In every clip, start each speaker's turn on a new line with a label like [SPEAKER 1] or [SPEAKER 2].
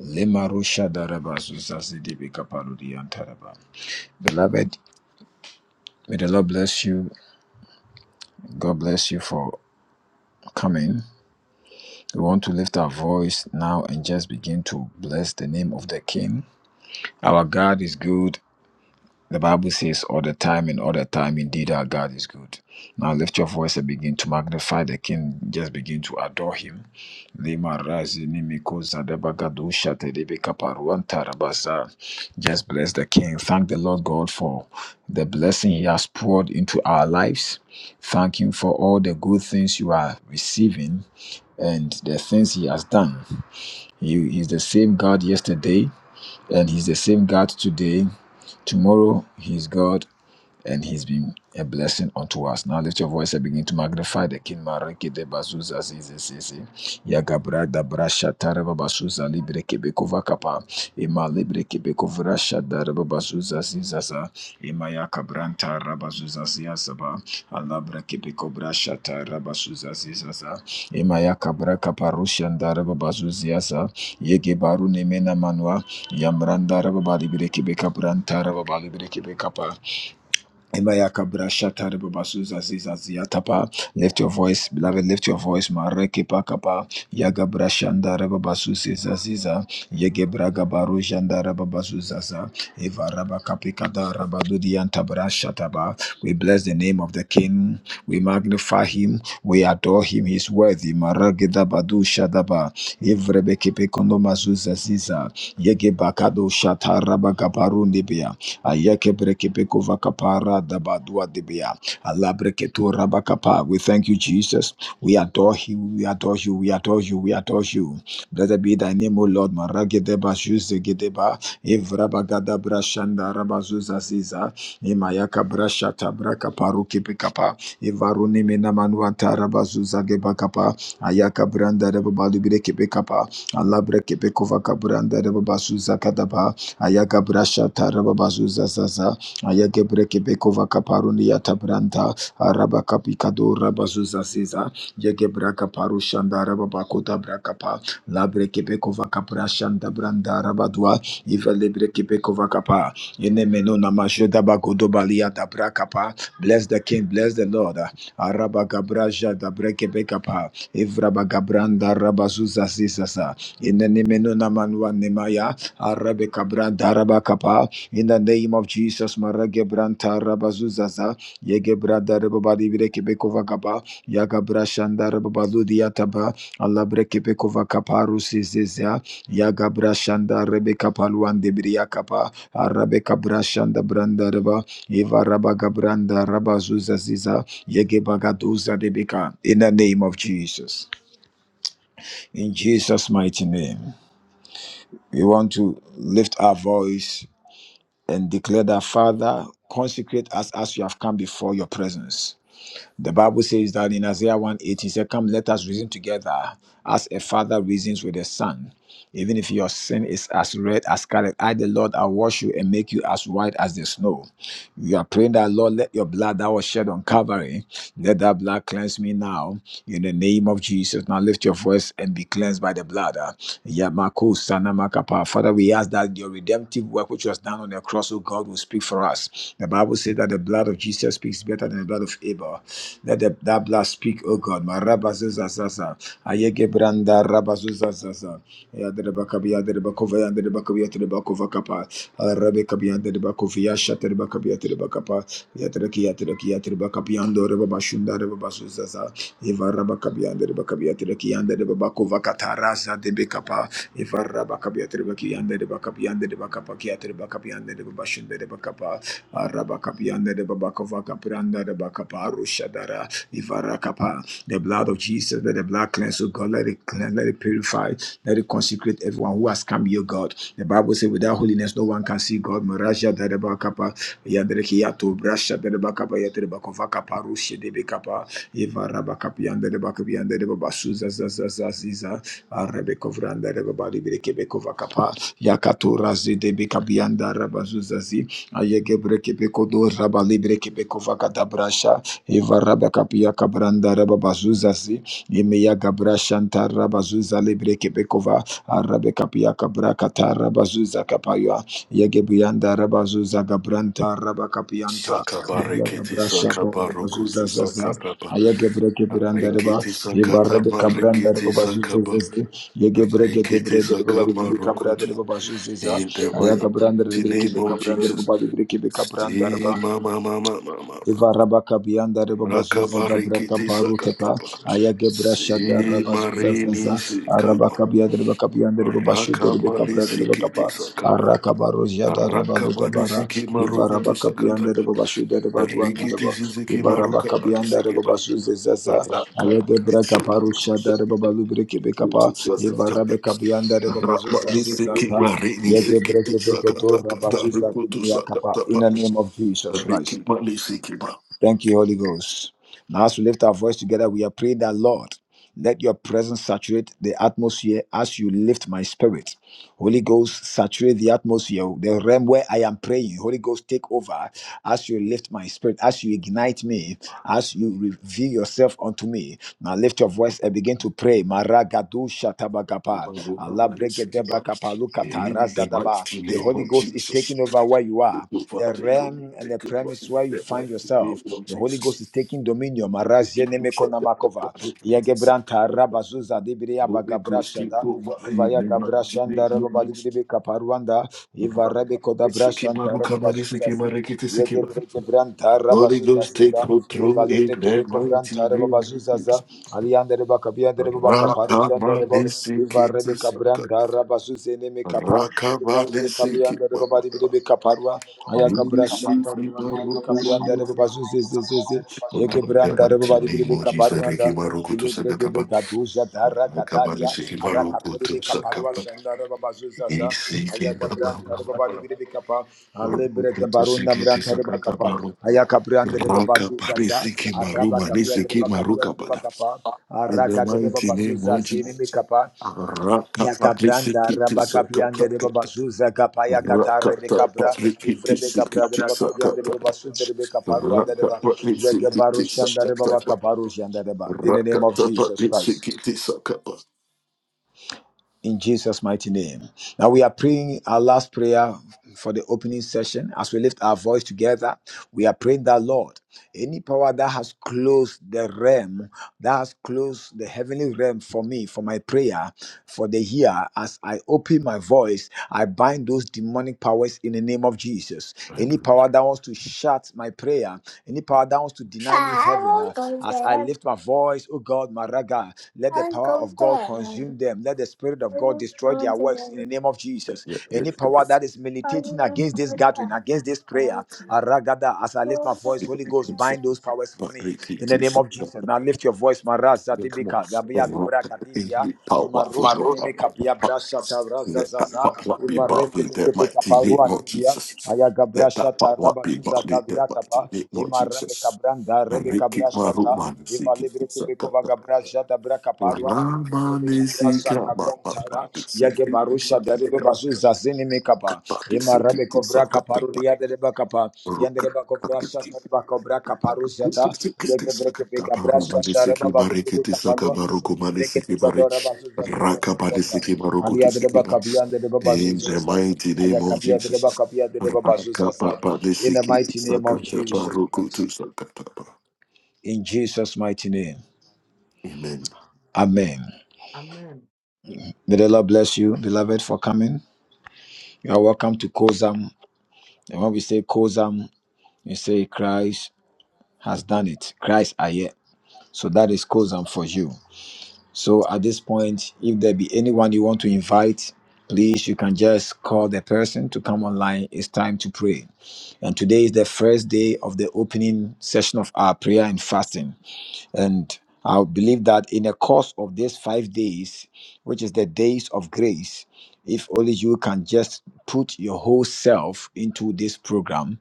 [SPEAKER 1] Lemarusha daraba zuzazidi bikapaludi antaraba. Beloved, may the Lord bless you. God bless you for coming. We want to lift our voice now and just begin to bless the name of the King. Our God is good The Bible says, all the time and all the time, indeed our God is good. Now lift your voice and begin to magnify the King. Just begin to adore him. Lima razi ni miko zadeba gadu shate debe kaparuan tarabasa. Just bless the King. Thank the Lord God for the blessing he has poured into our lives. Thank him for all the good things you are receiving and the things he has done. He is the same God yesterday and he's the same God today. Tomorrow, he's God and he's been a blessing unto us. Now lift your voice and begin to magnify the King Mariki de Bazuza Zizi Yagabra da Brasha Taraba Basuza Libre Kebekova Kapa. Ima Libre Kebekovra Shadaraba Basuza Zizaza. Ima Yakabranta Rabazuza Ziazaba. Alabra Kebekobra Shataraba Suza Zizaza. Ima Yakabra Kaparushan Daraba Bazuziaza. Yegebaru Nemena Manua. Yamranda Rababa Libre Kebekabranta Rababa Libre Kebekapa. Emayaka brashata rebobasuza ziza ziatapa. Lift your voice, beloved. Lift your voice. Mareke pakapa. Yaga brashanda rebobasuza ziza. Yege braga baru janda rebobasuza za. Eva rabakapikada rabadudianta brashataba. We bless the name of the King. We magnify him. We adore him. He's worthy. Marageda badu shadaba. Evrebeke pekondo mazuza ziza. Yege bakado shata rabakabaru nibia. Ayeke breke vakapara dabadua dibia. Alabreke rabakapa. We thank you, Jesus. We adore you. We adore you. We adore you. We adore you. Blessed be thy name, O Lord. Maragedeba shuzegedeba. Evrabagada brashanda rabazuza ziza. Imayaka brashata braka paruki pikapa. Ivaruni minamanuata rabazuza gebakapa. Ayaka branda rebabali breke bekapa. Alabreke beko vakabranda rebabazuza kadaba ayagabrasha tarababazuza zaza ayagebrekebekova kaparuni yatabranta Araba kapikado, rabazuza ziza yegebraka parushanda rababakota brakapa labrekebekova kaprashanda branda rabadwa ivelebrekebekova kapa enemenona majodabagodobalia dabrakapa bless the king bless the lord Araba arabagabraja dabrekebekapa evrabagabranda rabazuza zizaza enenemenona manwa nemaya Arabe kabran daraba kapa. In the name of Jesus, Marage Branta Rabazuzaza, Yegebra Darabadi Brekebekova Kapa, Yagabra Shandarabadu Diataba, Allah Brekebekova Kapa Rusi Zezia, Yagabra Shanda Rebeka Paluan de Bria Kapa, Arabe Kabra Shanda Brandaraba, Eva Rabagabranda Rabazuzaziza, Yegebagaduza Debeka. In the name of Jesus. In Jesus' mighty name. We want to lift our voice and declare that, Father, consecrate us as we have come before your presence. The Bible says that in Isaiah one eight, he said, Come, let us reason together as a father reasons with a son. Even if your sin is as red as scarlet, I, the Lord, i wash you and make you as white as the snow. You are praying that, Lord, let your blood that was shed on Calvary, let that blood cleanse me now. In the name of Jesus, now lift your voice and be cleansed by the blood. Ah, Yamako Sanamakapa. Father, we ask that your redemptive work which was done on the cross, oh God, will speak for us. The Bible says that the blood of Jesus speaks better than the blood of Abel. Let the, that blood speak, O God. Marabazuzazaza. Ayegebranda rabazuzazaza. Yaderebakabia, derebakova, yanderebakabia, terebakova kapa. Arabekabia, derebakovia, shaterebakabia, terebakapa. Yatereki, yatereki, yaterebakabia, ndorebabashunda, rebabazuzaza. Ivarabakabia, derebakabia, tereki, yanderebakova kataraza, debekapa. Ivarabakabia, terebaki, yanderebakabia, nderebakapa, kia, terebakabia, nderebabashunda, rebakapa. Arabakapianda de Babakova Kapranda de Bakaparu Shadara Ivarakapa. The blood of Jesus, let the blood cleanse, O God, let it cleanse, let it purify, let it consecrate everyone who has come, your God. The Bible says, without holiness, no one can see God. Maraja de Bakapa, Yandrekiato, Brasha de Bakapa, Yatrebakova Kaparu Shedebekapa, Ivarabakapianda de Bakapianda de Babasuza Zazazaziza, Arabekovranda de Babali Bekova Kapa, Yakatura Zedebekabianda Ayegebre kepeko do raba libre kepeko vakata brasha. Eva raba kapia kabranda raba bazuza zi. Emeya gabra shanta raba zuza libre kepeko va. Arabe kapia kabra kata raba zuza kapaya. Yegebrianda raba zuza gabranta raba kapianta. Emeya
[SPEAKER 2] Sakabarekiti
[SPEAKER 1] gabra shanta raba
[SPEAKER 2] sakabarokutu
[SPEAKER 1] bazuza zaza.
[SPEAKER 2] sakataba.
[SPEAKER 1] Ayagebreke brandareba,
[SPEAKER 2] Rekiti
[SPEAKER 1] Ivarebe
[SPEAKER 2] sakataba
[SPEAKER 1] cabrandareba
[SPEAKER 2] rekiti sakaba.
[SPEAKER 1] bazuzezi, Yegebreke de
[SPEAKER 2] Rekiti
[SPEAKER 1] brandareba baribi
[SPEAKER 2] sakamarokutu.
[SPEAKER 1] cabrandareba bazuzeza,
[SPEAKER 2] In the mighty
[SPEAKER 1] Ayagabrandareba
[SPEAKER 2] name
[SPEAKER 1] kibe
[SPEAKER 2] of
[SPEAKER 1] cabrandareba
[SPEAKER 2] Jesus.
[SPEAKER 1] baribi kibe cabrandareba,
[SPEAKER 2] See mama mama mama mama.
[SPEAKER 1] Ivarabaka biyanda reba bazuza gabra
[SPEAKER 2] Rakabarekiti
[SPEAKER 1] kaparu tepa
[SPEAKER 2] sakataba.
[SPEAKER 1] shada
[SPEAKER 2] See
[SPEAKER 1] raba zuza
[SPEAKER 2] marini sikama.
[SPEAKER 1] arabaka biyanda reba kabiyanda reba bashu derbe
[SPEAKER 2] Rakamani
[SPEAKER 1] kabra dereba
[SPEAKER 2] sikiti
[SPEAKER 1] kapa
[SPEAKER 2] sakaba.
[SPEAKER 1] araka baro jada raba do
[SPEAKER 2] Rakamani
[SPEAKER 1] dabara
[SPEAKER 2] sikimarokutu
[SPEAKER 1] ivarabaka
[SPEAKER 2] sakataba.
[SPEAKER 1] biyanda reba bashu dereba duanda
[SPEAKER 2] Rikiti
[SPEAKER 1] deba
[SPEAKER 2] Sisiki Maruka
[SPEAKER 1] ivarabaka biyanda reba
[SPEAKER 2] Balisikima.
[SPEAKER 1] bashu
[SPEAKER 2] Raka
[SPEAKER 1] kaparu shada reba breke be kapa ivarabaka biyanda reba bashu
[SPEAKER 2] Rabani Siki
[SPEAKER 1] zezaza
[SPEAKER 2] Marini
[SPEAKER 1] ya gebra
[SPEAKER 2] Sikiti
[SPEAKER 1] kebe
[SPEAKER 2] Sakata Kata Rukutu
[SPEAKER 1] kapa
[SPEAKER 2] Sakata
[SPEAKER 1] in the
[SPEAKER 2] Paris.
[SPEAKER 1] name of Jesus Christ.
[SPEAKER 2] Riki Malisikima.
[SPEAKER 1] Thank you, Holy Ghost. Now, as we lift our voice together, we are praying that, Lord, let your presence saturate the atmosphere as you lift my spirit. Holy Ghost, saturate the atmosphere, the realm where I am praying. Holy Ghost, take over as you lift my spirit, as you ignite me, as you reveal yourself unto me. Now lift your voice and begin to pray. Maragadu shatabagapa,
[SPEAKER 2] Maruka Malisikima.
[SPEAKER 1] alabregedebakapa,
[SPEAKER 2] In the
[SPEAKER 1] lukatarazadaba.
[SPEAKER 2] mighty
[SPEAKER 1] The
[SPEAKER 2] name
[SPEAKER 1] Holy
[SPEAKER 2] of
[SPEAKER 1] Ghost is
[SPEAKER 2] Jesus.
[SPEAKER 1] taking over where you
[SPEAKER 2] Take
[SPEAKER 1] are,
[SPEAKER 2] over,
[SPEAKER 1] the
[SPEAKER 2] take over,
[SPEAKER 1] realm and the
[SPEAKER 2] take over.
[SPEAKER 1] premise
[SPEAKER 2] That
[SPEAKER 1] where you
[SPEAKER 2] the
[SPEAKER 1] find
[SPEAKER 2] mighty name
[SPEAKER 1] yourself.
[SPEAKER 2] Lord
[SPEAKER 1] The Holy
[SPEAKER 2] Jesus.
[SPEAKER 1] Ghost is taking dominion.
[SPEAKER 2] Keep this up, that up,
[SPEAKER 1] Marazenemekonamakova,
[SPEAKER 2] that up, this up.
[SPEAKER 1] yegebranta rabazuza dibriya
[SPEAKER 2] Holy Ghost, take
[SPEAKER 1] bagabrashada.
[SPEAKER 2] over. In
[SPEAKER 1] Ivaya
[SPEAKER 2] the
[SPEAKER 1] Gabra
[SPEAKER 2] mighty
[SPEAKER 1] Shanda
[SPEAKER 2] name of
[SPEAKER 1] Rababa
[SPEAKER 2] Jesus.
[SPEAKER 1] Dibidibi Kaparwanda, Iva Rebeko Dabra
[SPEAKER 2] Sikima,
[SPEAKER 1] Shanta Rababa
[SPEAKER 2] Rukamani, Sikima,
[SPEAKER 1] Zuzazi,
[SPEAKER 2] Rekiti,
[SPEAKER 1] Yege
[SPEAKER 2] Sikima.
[SPEAKER 1] Breke Branta Rabba
[SPEAKER 2] Holy Ghost, take
[SPEAKER 1] Zuzaziza, Iva
[SPEAKER 2] control in
[SPEAKER 1] Libre
[SPEAKER 2] the
[SPEAKER 1] Kebeko
[SPEAKER 2] mighty
[SPEAKER 1] Vranta Rababa
[SPEAKER 2] name of
[SPEAKER 1] Zuzaza,
[SPEAKER 2] Jesus.
[SPEAKER 1] Alianda Reba Kabianda Reba Kaparu Shanda Rebo, Iva Rebeka
[SPEAKER 2] Rakamanesikitisakat.
[SPEAKER 1] Branda Rabba Zuzeneme Kapa, Iva Rebeka Bianda Rababa Dibidibi
[SPEAKER 2] Rakamanesikimama.
[SPEAKER 1] Kaparwa, Aya Gabra Shanta Rababa Dibidibi Kapianda Rababa Zuzizizi, Yege
[SPEAKER 2] the
[SPEAKER 1] Branda
[SPEAKER 2] mighty
[SPEAKER 1] Rababa
[SPEAKER 2] name
[SPEAKER 1] Dibidibi
[SPEAKER 2] of Jesus, Reki
[SPEAKER 1] Kaparwanda,
[SPEAKER 2] Maruku to Sakataba,
[SPEAKER 1] Ilegrebeka doja dara
[SPEAKER 2] Akabani
[SPEAKER 1] kataria
[SPEAKER 2] Siki Maruku
[SPEAKER 1] arakatori
[SPEAKER 2] to
[SPEAKER 1] beka parua
[SPEAKER 2] Sakapa,
[SPEAKER 1] shandara baba zuzaza
[SPEAKER 2] Isiki
[SPEAKER 1] ayaka
[SPEAKER 2] Baba,
[SPEAKER 1] branta de baba libire beka pa
[SPEAKER 2] Roku
[SPEAKER 1] alebreke
[SPEAKER 2] to
[SPEAKER 1] barunda
[SPEAKER 2] Siki
[SPEAKER 1] branta de baka pa
[SPEAKER 2] Sakatabaru,
[SPEAKER 1] ayaka branda de baba
[SPEAKER 2] Raka
[SPEAKER 1] zuzaza
[SPEAKER 2] Parisiki
[SPEAKER 1] araba
[SPEAKER 2] Maruma,
[SPEAKER 1] kapia de
[SPEAKER 2] Nisiki
[SPEAKER 1] baba kapia
[SPEAKER 2] Maruka
[SPEAKER 1] de
[SPEAKER 2] Bada,
[SPEAKER 1] baka pa
[SPEAKER 2] in the
[SPEAKER 1] araga de
[SPEAKER 2] mighty
[SPEAKER 1] baba
[SPEAKER 2] name of
[SPEAKER 1] zuzaza ni beka
[SPEAKER 2] Jesus,
[SPEAKER 1] pa
[SPEAKER 2] Raka
[SPEAKER 1] Yakabranda
[SPEAKER 2] Parisiki to
[SPEAKER 1] Rabakapiande de
[SPEAKER 2] Sakataka.
[SPEAKER 1] Babazuza Kapaya Kata Rebecca
[SPEAKER 2] Rakata
[SPEAKER 1] Bra
[SPEAKER 2] Pariki
[SPEAKER 1] Ivrebeca Bra de
[SPEAKER 2] Tikiti
[SPEAKER 1] Bacapiande de
[SPEAKER 2] Sakata
[SPEAKER 1] Babasu de Rebecca Paru and the
[SPEAKER 2] Rakata
[SPEAKER 1] Deba
[SPEAKER 2] Pariki
[SPEAKER 1] Yagabaru
[SPEAKER 2] Tikiti
[SPEAKER 1] Shanda de
[SPEAKER 2] Sakata
[SPEAKER 1] Babakabaru Shanda Deba in the name of
[SPEAKER 2] Rakata
[SPEAKER 1] Jesus
[SPEAKER 2] Pariki
[SPEAKER 1] Christ
[SPEAKER 2] Tikiti Sakata
[SPEAKER 1] in Jesus' mighty name. Now we are praying our last prayer for the opening session. As we lift our voice together, we are praying that Lord, any power that has closed the realm, that has closed the heavenly realm for me, for my prayer, for the year, as I open my voice, I bind those demonic powers in the name of Jesus. Any
[SPEAKER 2] Weinberg.
[SPEAKER 1] power that wants to shut my prayer, any power that wants to deny me
[SPEAKER 2] I
[SPEAKER 1] heaven, uh,
[SPEAKER 2] won't go
[SPEAKER 1] as I
[SPEAKER 2] there.
[SPEAKER 1] lift my voice, oh God, my raga, let the
[SPEAKER 2] I'll
[SPEAKER 1] power
[SPEAKER 2] go
[SPEAKER 1] of
[SPEAKER 2] there.
[SPEAKER 1] God
[SPEAKER 2] I
[SPEAKER 1] consume them. Let the Spirit of God
[SPEAKER 2] won't
[SPEAKER 1] destroy
[SPEAKER 2] go
[SPEAKER 1] their works in the
[SPEAKER 2] there.
[SPEAKER 1] name of Jesus.
[SPEAKER 2] Yeah, yeah,
[SPEAKER 1] Any power
[SPEAKER 2] yeah.
[SPEAKER 1] that is
[SPEAKER 2] I
[SPEAKER 1] militating
[SPEAKER 2] won't
[SPEAKER 1] against
[SPEAKER 2] go
[SPEAKER 1] this
[SPEAKER 2] there.
[SPEAKER 1] gathering, against this
[SPEAKER 2] I
[SPEAKER 1] prayer,
[SPEAKER 2] won't
[SPEAKER 1] Aragada, as I lift
[SPEAKER 2] go
[SPEAKER 1] my voice,
[SPEAKER 2] yeah.
[SPEAKER 1] Holy Ghost, bind those
[SPEAKER 2] there.
[SPEAKER 1] powers for
[SPEAKER 2] But
[SPEAKER 1] me in the name of
[SPEAKER 2] I
[SPEAKER 1] Jesus.
[SPEAKER 2] won't
[SPEAKER 1] Now lift your voice, Maraz,
[SPEAKER 2] go there. Come on.
[SPEAKER 1] Zatibika, Gabia,
[SPEAKER 2] Come on.
[SPEAKER 1] Dubra, Katibia,
[SPEAKER 2] Eat power, what food, what,
[SPEAKER 1] Imaruz, Enime, Kapia, Brasha, Tabra,
[SPEAKER 2] Let that
[SPEAKER 1] Zazaza,
[SPEAKER 2] power be about
[SPEAKER 1] Ivareke,
[SPEAKER 2] in that
[SPEAKER 1] Peke, Peka,
[SPEAKER 2] mighty name
[SPEAKER 1] Parua,
[SPEAKER 2] of
[SPEAKER 1] Tibia.
[SPEAKER 2] Jesus. Let that power
[SPEAKER 1] Ayagabrashata
[SPEAKER 2] be
[SPEAKER 1] Rabazuza
[SPEAKER 2] about in that mighty
[SPEAKER 1] Zaviatapa,
[SPEAKER 2] name of
[SPEAKER 1] Ema Rebecca
[SPEAKER 2] Jesus.
[SPEAKER 1] Branda,
[SPEAKER 2] And they
[SPEAKER 1] Rebecca
[SPEAKER 2] keep my room,
[SPEAKER 1] Brashata,
[SPEAKER 2] man. See,
[SPEAKER 1] Eva
[SPEAKER 2] keep
[SPEAKER 1] Libreke Bekova
[SPEAKER 2] it
[SPEAKER 1] Gabrashata
[SPEAKER 2] In the
[SPEAKER 1] Brakaparwa, Rebecca Brashata Brantara, Yagebarusha, Dereba Bazuza Zini Mekapa, Ema Rebecca Vrakaparu, Diadeba Kapa, Yandere bako brasha tare bako yeke breke beka brasha ndare babalu breke kapalwa yine breke beka dora bazu zazu zazu zazu ali yandere baka biyandere babazu zaza
[SPEAKER 2] mighty
[SPEAKER 1] aya
[SPEAKER 2] name of
[SPEAKER 1] kapiya dere
[SPEAKER 2] Jesus.
[SPEAKER 1] baka biyandere babazu zaza in the mighty name of Jesus Christ in Jesus mighty name
[SPEAKER 2] Amen.
[SPEAKER 1] amen may the Lord bless you beloved for coming you are welcome to Kozam and when we say Kozam we say Christ has done it Christ aye so that is Kozam for you So at this point, if there be anyone you want to invite, please you can just call the person to come online. It's time to pray. And today is the first day of the opening session of our prayer and fasting. And I believe that in the course of these five days, which is the days of grace, if only you can just put your whole self into this program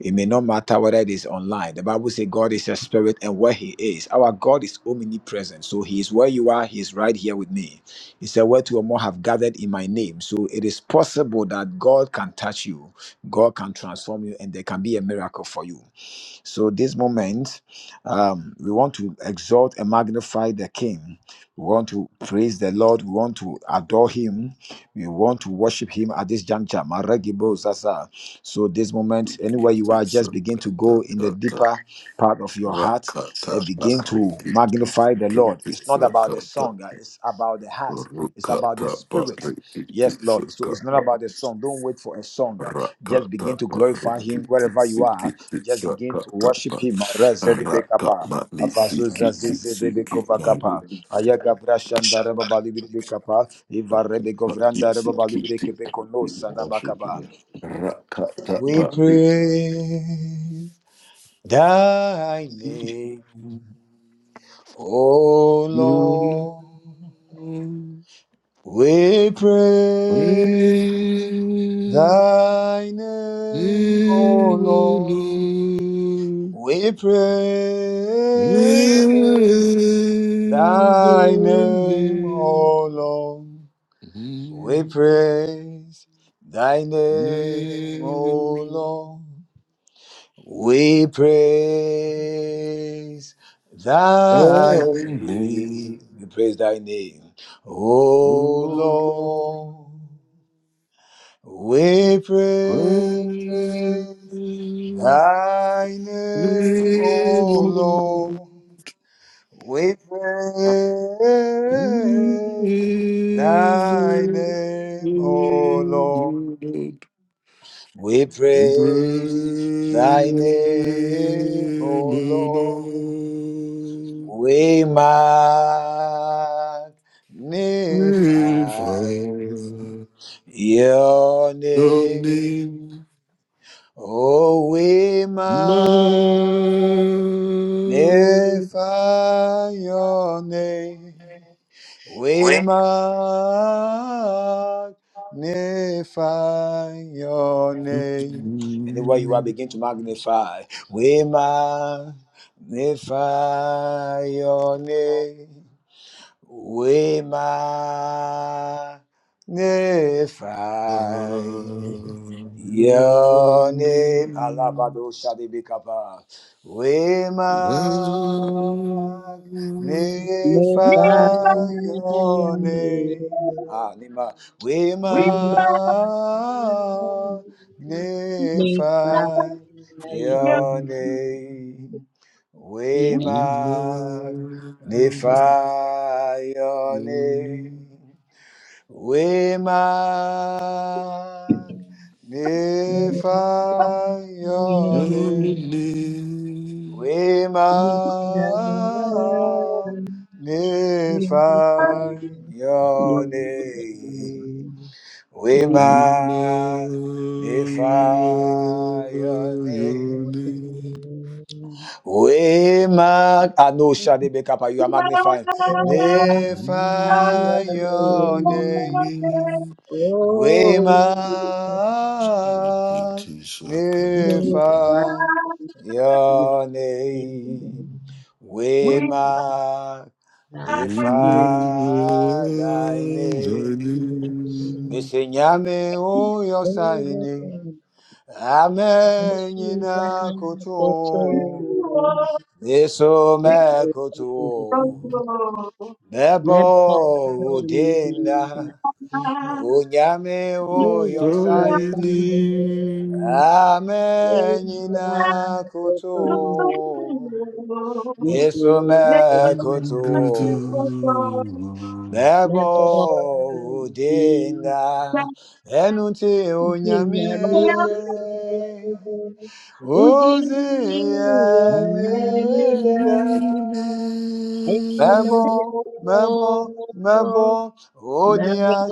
[SPEAKER 1] it may not matter whether it is online. The Bible says God is a spirit and where he is. Our God is omnipresent. So he is where you are. He is right here with me. He said, Where two or more have gathered in my name. So it is possible that God can touch you. God can transform you and there can be a miracle for you. So this moment, um, we want to exalt and magnify the King. We want to praise the Lord. We want to adore Him. We want to worship Him at this juncture. Maragibo Zaza. So this moment, anywhere you are, just begin to go in the deeper part of your
[SPEAKER 2] Rakata
[SPEAKER 1] heart and begin to magnify the Lord.
[SPEAKER 2] Kiti
[SPEAKER 1] It's not about the
[SPEAKER 2] sakata
[SPEAKER 1] song. uh, It's about the heart. It's about the
[SPEAKER 2] rukata
[SPEAKER 1] spirit.
[SPEAKER 2] pari kiti
[SPEAKER 1] Yes, Lord. So it's not
[SPEAKER 2] sakata
[SPEAKER 1] about the song. Don't wait for a song. Uh, Just
[SPEAKER 2] rakata
[SPEAKER 1] begin to
[SPEAKER 2] pari
[SPEAKER 1] glorify Him
[SPEAKER 2] kiti
[SPEAKER 1] wherever you are.
[SPEAKER 2] sikiti
[SPEAKER 1] Just begin to
[SPEAKER 2] sakata
[SPEAKER 1] worship
[SPEAKER 2] pa
[SPEAKER 1] Him. Razedebekapa,
[SPEAKER 2] rakamani sikiti sikiti maru
[SPEAKER 1] avazozazezedebekovakapa, ayagabrashandarababalibirebekapa,
[SPEAKER 2] sakata sikiti
[SPEAKER 1] ivarebegovrandarababalibirekebekonosanabakaba.
[SPEAKER 2] rakata
[SPEAKER 1] We
[SPEAKER 2] parikiti
[SPEAKER 1] praise Thy name, O
[SPEAKER 2] you
[SPEAKER 1] Lord.
[SPEAKER 2] know
[SPEAKER 1] We praise.
[SPEAKER 2] where
[SPEAKER 1] Thy name, O
[SPEAKER 2] we will
[SPEAKER 1] Lord,
[SPEAKER 2] know.
[SPEAKER 1] we
[SPEAKER 2] Is Praise
[SPEAKER 1] praise.
[SPEAKER 2] the
[SPEAKER 1] Thy name, O Lord, we praise. Thy name, O Lord, we praise. Thy name, we praise thy name, O
[SPEAKER 2] Lord.
[SPEAKER 1] Lord. We praise
[SPEAKER 2] praise
[SPEAKER 1] thy
[SPEAKER 2] is
[SPEAKER 1] name, O Lord. We praise thy
[SPEAKER 2] thy
[SPEAKER 1] name, O Lord.
[SPEAKER 2] name.
[SPEAKER 1] We
[SPEAKER 2] Thank
[SPEAKER 1] praise thy name, O Lord. We magnify your name. Oh, we magnify your name. We magnify your name. Anywhere you are, begin to magnify. We magnify your name we magnify your name. Alabado Shadibikapa. We magnify
[SPEAKER 3] If
[SPEAKER 4] We
[SPEAKER 3] I am with my hand,
[SPEAKER 4] love
[SPEAKER 1] your name. Ah, Nima. We
[SPEAKER 4] you.
[SPEAKER 3] if
[SPEAKER 4] We love
[SPEAKER 3] I
[SPEAKER 1] magnify
[SPEAKER 4] you. Yes,
[SPEAKER 3] am
[SPEAKER 1] your name.
[SPEAKER 3] in
[SPEAKER 4] We
[SPEAKER 1] We
[SPEAKER 3] the
[SPEAKER 1] Glorify your name.
[SPEAKER 2] you.
[SPEAKER 1] We magnify your
[SPEAKER 2] Only
[SPEAKER 1] name.
[SPEAKER 2] live
[SPEAKER 1] We magnify
[SPEAKER 4] love
[SPEAKER 1] your name. We
[SPEAKER 4] you.
[SPEAKER 2] in my
[SPEAKER 1] magnify your name.
[SPEAKER 2] journey.
[SPEAKER 1] We mag Anosha de Bekapa, you are magnifying.
[SPEAKER 3] Thank
[SPEAKER 1] Magnify your
[SPEAKER 3] you.
[SPEAKER 1] name.
[SPEAKER 2] Only
[SPEAKER 1] We
[SPEAKER 3] Oh,
[SPEAKER 1] magnify
[SPEAKER 2] Shanti
[SPEAKER 3] may
[SPEAKER 2] Sakatapa.
[SPEAKER 3] God bless
[SPEAKER 1] your
[SPEAKER 3] your
[SPEAKER 1] name.
[SPEAKER 3] name.
[SPEAKER 1] We
[SPEAKER 3] We
[SPEAKER 4] We
[SPEAKER 1] magnify
[SPEAKER 3] are
[SPEAKER 2] Anjali
[SPEAKER 1] thy
[SPEAKER 3] with
[SPEAKER 1] name.
[SPEAKER 3] you.
[SPEAKER 1] Mesenyame o yosaini. Amen yina kutu. Isso
[SPEAKER 4] Thank
[SPEAKER 1] me kutu
[SPEAKER 3] Thank
[SPEAKER 1] bebo udinda unyame uyo saini
[SPEAKER 2] Saini
[SPEAKER 1] kutu Isso me
[SPEAKER 3] you.
[SPEAKER 2] Guru
[SPEAKER 1] kutu
[SPEAKER 3] Thank
[SPEAKER 1] bebo
[SPEAKER 3] you.
[SPEAKER 1] udinda enuti unyame Ozeameda Mebo, Mebo, Mebo, Odia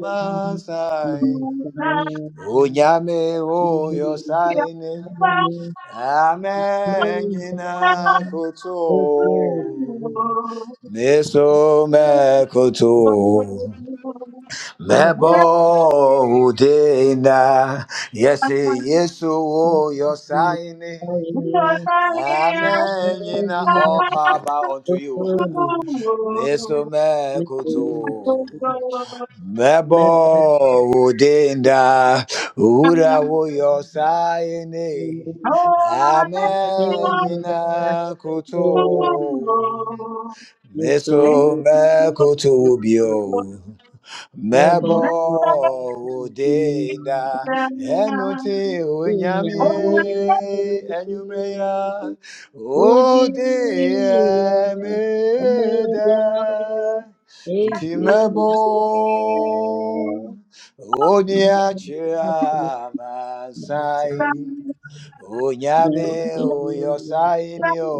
[SPEAKER 1] Masai, Unyame Oyo Saine, Amen Gina Koto, Meso
[SPEAKER 4] you.
[SPEAKER 1] me
[SPEAKER 4] Oh,
[SPEAKER 1] kutu, Mebo Udina, yesi Yesu Oyo Saine. Amen. Yina all power unto
[SPEAKER 3] Thank
[SPEAKER 1] you. Meso me kutu. Mebo udinda. Ura wo yosaini.
[SPEAKER 3] you.
[SPEAKER 1] Amen. Yina kutu. Meso me kutu bio. Mebo Deda Enuti Unyami Enumeya Ode Meda Intimebo Odia Chia Masai Unyame
[SPEAKER 3] Hallelujah.
[SPEAKER 1] uyosainio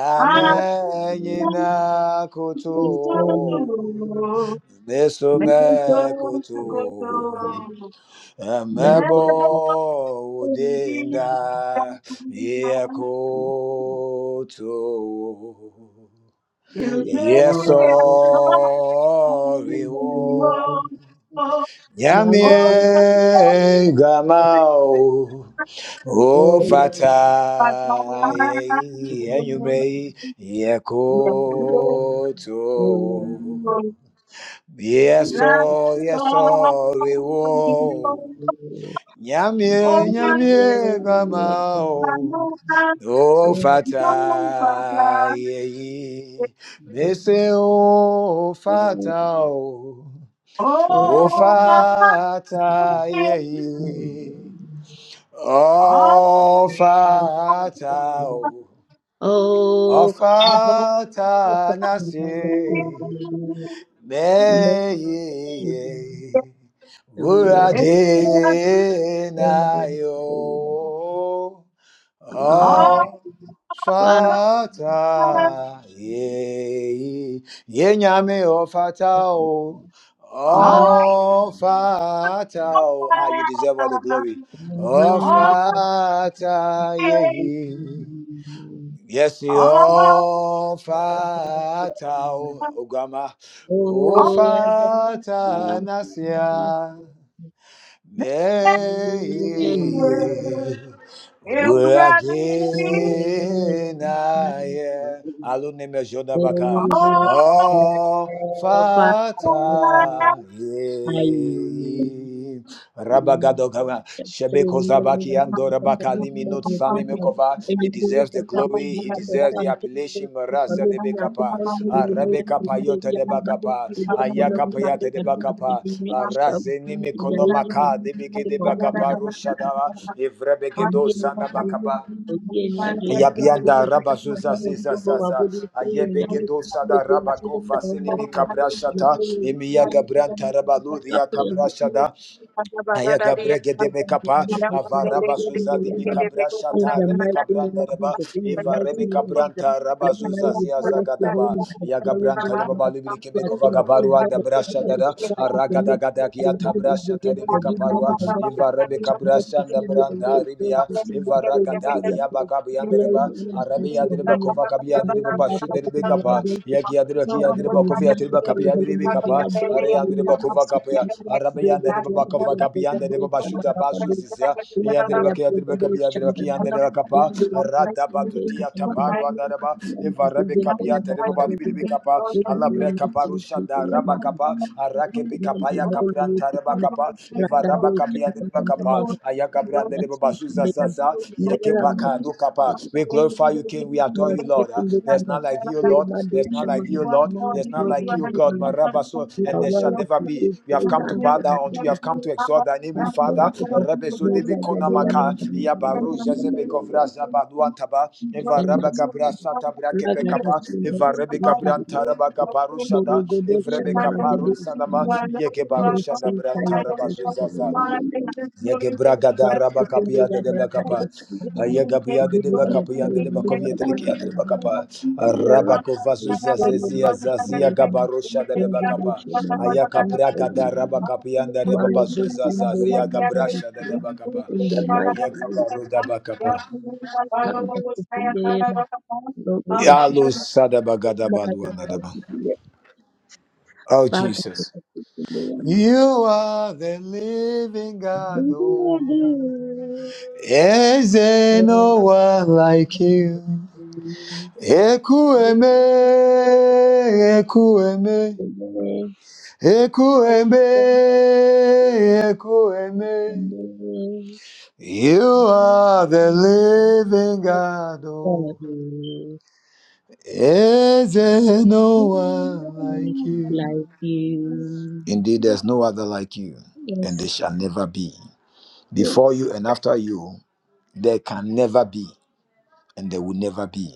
[SPEAKER 1] amenyina kutu
[SPEAKER 3] Praise your name. Most
[SPEAKER 1] nesume
[SPEAKER 4] Oh,
[SPEAKER 1] kutu
[SPEAKER 3] high. My
[SPEAKER 1] amebo
[SPEAKER 3] God,
[SPEAKER 1] udinda ye
[SPEAKER 3] my
[SPEAKER 1] yeso
[SPEAKER 3] God.
[SPEAKER 1] viwo nyame
[SPEAKER 3] Yummy.
[SPEAKER 1] gamao O fata ye enyume yekoto yeso yeso rewo nyamie nyamie
[SPEAKER 3] You
[SPEAKER 1] mama
[SPEAKER 3] are
[SPEAKER 1] o
[SPEAKER 3] Oh,
[SPEAKER 1] o fata yeyi mese o fata oh o
[SPEAKER 3] oh,
[SPEAKER 1] fata yeyi
[SPEAKER 4] Thank
[SPEAKER 1] Ọfata o, ọfata nasi, meyeye,
[SPEAKER 4] you.
[SPEAKER 1] urade na yo. Oh, fata, ye, ye nyame o fata o. Oh, fata o. Ah, you deserve all the glory. Oh, fata, ye. Yes, you oh, fata o. Ogama, oh, fata
[SPEAKER 3] God,
[SPEAKER 1] nasia. Nay,
[SPEAKER 3] Thank
[SPEAKER 1] where again I am. Aluneme Oh, Father.
[SPEAKER 3] you.
[SPEAKER 1] Rabagadogava, Shebeko Zabaki Andora Bakalimi Not Sani Mikova. He deserves the glory, he deserves the appellation, Maraza de Bekapa, Arabeka Payota de Bakapa, Ayaka Payata de Bakapa, Arazeni
[SPEAKER 4] Thank
[SPEAKER 1] Mikonomaka, de Beke de Bakapa, Rushadava, Evrebegedo Sana Bakapa.
[SPEAKER 3] Oyinyade yapapa
[SPEAKER 1] Yabianda Rabazuza
[SPEAKER 3] yadikama
[SPEAKER 1] Ziza
[SPEAKER 3] otubo
[SPEAKER 1] Zaza
[SPEAKER 3] wabudi kuyo yami
[SPEAKER 1] Ayebegedo Sada
[SPEAKER 3] okunjia
[SPEAKER 1] Rabako
[SPEAKER 3] taombo
[SPEAKER 1] Vasilimi
[SPEAKER 3] po
[SPEAKER 1] Kabrashata
[SPEAKER 3] yopuni
[SPEAKER 1] Emiya Gabranta Rabaludia Kabrashada Aya
[SPEAKER 3] in
[SPEAKER 1] gabre
[SPEAKER 4] you.
[SPEAKER 1] gede
[SPEAKER 3] the
[SPEAKER 1] me
[SPEAKER 3] mighty
[SPEAKER 1] kapa
[SPEAKER 3] name of
[SPEAKER 4] Thank
[SPEAKER 3] Jesus,
[SPEAKER 1] avara
[SPEAKER 3] in
[SPEAKER 1] basuza di mi kabra
[SPEAKER 3] the
[SPEAKER 1] shata rebe kabranda reba eva
[SPEAKER 3] mighty
[SPEAKER 1] rebe
[SPEAKER 3] name of Jesus,
[SPEAKER 1] kabranta
[SPEAKER 3] we
[SPEAKER 1] raba
[SPEAKER 3] honor
[SPEAKER 1] zuza
[SPEAKER 3] you,
[SPEAKER 1] azagadaba.
[SPEAKER 3] bless
[SPEAKER 1] zaga
[SPEAKER 3] your holy
[SPEAKER 1] daba
[SPEAKER 3] name, and
[SPEAKER 1] ya
[SPEAKER 3] acknowledge
[SPEAKER 1] gabranta
[SPEAKER 3] you,
[SPEAKER 1] reba
[SPEAKER 3] Lord.
[SPEAKER 1] balu bile
[SPEAKER 3] You
[SPEAKER 1] keme
[SPEAKER 3] are
[SPEAKER 1] kova
[SPEAKER 3] King of Kings,
[SPEAKER 1] gabaru
[SPEAKER 3] Lord
[SPEAKER 1] anda
[SPEAKER 3] of
[SPEAKER 1] brasha
[SPEAKER 3] Lords, El
[SPEAKER 1] dada
[SPEAKER 3] Shaddai is your
[SPEAKER 1] araga
[SPEAKER 3] name,
[SPEAKER 1] gada kia
[SPEAKER 3] Elohim is
[SPEAKER 1] tabra
[SPEAKER 3] your
[SPEAKER 1] shata
[SPEAKER 3] name. I give you all the
[SPEAKER 1] kaparua
[SPEAKER 3] worship.
[SPEAKER 1] eva rebe kabra
[SPEAKER 3] Tonight we
[SPEAKER 1] shanda
[SPEAKER 3] feel your
[SPEAKER 1] branda
[SPEAKER 3] way, Lord,
[SPEAKER 1] ribia
[SPEAKER 3] we feel your
[SPEAKER 1] eva
[SPEAKER 3] praise,
[SPEAKER 1] raga
[SPEAKER 3] we
[SPEAKER 1] da
[SPEAKER 3] feel your
[SPEAKER 1] dia
[SPEAKER 3] praise.
[SPEAKER 1] baka bianda
[SPEAKER 3] Glory
[SPEAKER 1] reba
[SPEAKER 3] and honor be
[SPEAKER 1] arabe
[SPEAKER 3] unto
[SPEAKER 1] ya
[SPEAKER 3] your
[SPEAKER 1] reba
[SPEAKER 3] holy name.
[SPEAKER 1] kova
[SPEAKER 3] The
[SPEAKER 1] kabia
[SPEAKER 3] Lord
[SPEAKER 1] reba
[SPEAKER 3] is our
[SPEAKER 1] bashu
[SPEAKER 3] God, the
[SPEAKER 1] rebe
[SPEAKER 3] Lord
[SPEAKER 4] you.
[SPEAKER 1] kapa
[SPEAKER 3] is our God.
[SPEAKER 1] ya kia dereba kia
[SPEAKER 3] Father,
[SPEAKER 1] dereba
[SPEAKER 3] we
[SPEAKER 4] Thank
[SPEAKER 1] bakovia tiri
[SPEAKER 3] magnify your
[SPEAKER 1] bakapia
[SPEAKER 3] holy
[SPEAKER 1] diri
[SPEAKER 3] name. We
[SPEAKER 1] bikapa
[SPEAKER 3] adore
[SPEAKER 1] are
[SPEAKER 3] you,
[SPEAKER 1] yandiri
[SPEAKER 3] Lord, by
[SPEAKER 1] bakova kapia
[SPEAKER 3] seeking
[SPEAKER 1] arabe
[SPEAKER 3] greater
[SPEAKER 1] yandiri
[SPEAKER 3] strength,
[SPEAKER 1] bakova
[SPEAKER 3] greater
[SPEAKER 1] kapia yandiri
[SPEAKER 3] breakthrough,
[SPEAKER 1] bashuta
[SPEAKER 3] Shamarabadu,
[SPEAKER 1] bazuzizia yandiri
[SPEAKER 3] Ulkaya,
[SPEAKER 1] bakia diri
[SPEAKER 3] Breakthrough,
[SPEAKER 1] bakapia diri bakia
[SPEAKER 3] Shamarabadu.
[SPEAKER 1] yandiri
[SPEAKER 3] In
[SPEAKER 1] bakapa
[SPEAKER 3] the words,
[SPEAKER 1] rada
[SPEAKER 3] in the
[SPEAKER 1] badutia
[SPEAKER 3] Yamama,
[SPEAKER 1] taparu andara ba
[SPEAKER 3] Yamas, in
[SPEAKER 1] evarabe
[SPEAKER 3] the
[SPEAKER 1] kapia tiri
[SPEAKER 3] Yamama,
[SPEAKER 1] babali bili
[SPEAKER 3] Yagudu,
[SPEAKER 1] bikapa
[SPEAKER 3] in the
[SPEAKER 1] ala bre
[SPEAKER 4] you.
[SPEAKER 3] Yamas,
[SPEAKER 1] kaparu
[SPEAKER 3] in the
[SPEAKER 1] shada
[SPEAKER 4] Thank
[SPEAKER 1] raba
[SPEAKER 3] Yamama,
[SPEAKER 1] kapa arake
[SPEAKER 3] in
[SPEAKER 1] bikapa
[SPEAKER 3] the
[SPEAKER 1] ya kapran
[SPEAKER 3] Mori,
[SPEAKER 1] taraba
[SPEAKER 3] in the
[SPEAKER 1] kapa evaraba
[SPEAKER 3] Ragadu,
[SPEAKER 1] kapia diri bakapa
[SPEAKER 3] Shamarabama,
[SPEAKER 1] ayaka brandere
[SPEAKER 3] Yamas, in
[SPEAKER 1] babazuza
[SPEAKER 3] the Yam,
[SPEAKER 1] sasa yeke
[SPEAKER 3] Nera,
[SPEAKER 1] pakadu
[SPEAKER 3] Masu,
[SPEAKER 1] kapa
[SPEAKER 3] the
[SPEAKER 1] we glorify you, King. We adore
[SPEAKER 3] must
[SPEAKER 1] you,
[SPEAKER 3] you
[SPEAKER 1] Lord. Uh,
[SPEAKER 3] feel
[SPEAKER 1] There's
[SPEAKER 3] that
[SPEAKER 1] none like you, Lord. There's none like you, Lord. There's none like you, God. Marabaso, and there shall never be. We have come to bow down unto you. We have come to exalt thy name, Father. Rebeso debe konamaka. Yabaru jazebe kovra zaba duantaba. Eva raba gabra sata bra kepe kapa. Eva rebe gabran taraba gabaru
[SPEAKER 4] you
[SPEAKER 1] shada. Evrebe
[SPEAKER 4] by your
[SPEAKER 1] kaparun
[SPEAKER 4] mercy,
[SPEAKER 1] sanama.
[SPEAKER 4] you are Lord,
[SPEAKER 1] Yeke baru shanda bran taraba zuzaza. Yeke braga raba kapia de deba
[SPEAKER 3] brother,
[SPEAKER 1] kapa.
[SPEAKER 3] don't you, mama?
[SPEAKER 1] Ayega pia de
[SPEAKER 3] Give you
[SPEAKER 1] deba
[SPEAKER 3] all the
[SPEAKER 1] kapia de
[SPEAKER 3] praise,
[SPEAKER 1] deba
[SPEAKER 3] give you
[SPEAKER 1] kovia
[SPEAKER 3] all the
[SPEAKER 1] de kia de
[SPEAKER 3] honor,
[SPEAKER 1] deba
[SPEAKER 3] give
[SPEAKER 1] kapa. Raba
[SPEAKER 3] Deus, que
[SPEAKER 1] kovasu
[SPEAKER 3] mistério da
[SPEAKER 1] zazia zazia
[SPEAKER 3] Sicília,
[SPEAKER 1] gabarosha de
[SPEAKER 3] eu
[SPEAKER 1] deba kapa.
[SPEAKER 3] deboche da
[SPEAKER 1] Ayaka
[SPEAKER 3] Matinha,
[SPEAKER 1] braga raba kapia de
[SPEAKER 4] so
[SPEAKER 1] deba
[SPEAKER 3] Mario
[SPEAKER 1] basu
[SPEAKER 4] so
[SPEAKER 3] Gostin de la
[SPEAKER 1] zazia gabrasha de
[SPEAKER 3] Gadadita,
[SPEAKER 1] deba
[SPEAKER 4] so
[SPEAKER 1] kapa.
[SPEAKER 3] In the mighty
[SPEAKER 1] Yaka
[SPEAKER 3] name
[SPEAKER 1] baro da kapa.
[SPEAKER 4] so
[SPEAKER 3] of Mama,
[SPEAKER 1] Yalu sada bagada baluanda deba.
[SPEAKER 3] Maradhiria
[SPEAKER 1] Oh
[SPEAKER 3] mpaka
[SPEAKER 1] Jesus. You are the living God, oh. Eh, Is there no one like you? Ekueme, ekueme, ekueme, ekueme.
[SPEAKER 3] tukafikiria
[SPEAKER 1] You are the living God. Oh, is there no one like you?
[SPEAKER 3] Like you.
[SPEAKER 1] Indeed, there's no other like you,
[SPEAKER 3] Yes,
[SPEAKER 1] and there shall never be. Before
[SPEAKER 3] yes,
[SPEAKER 1] you and after you, there can never be. and there will never be.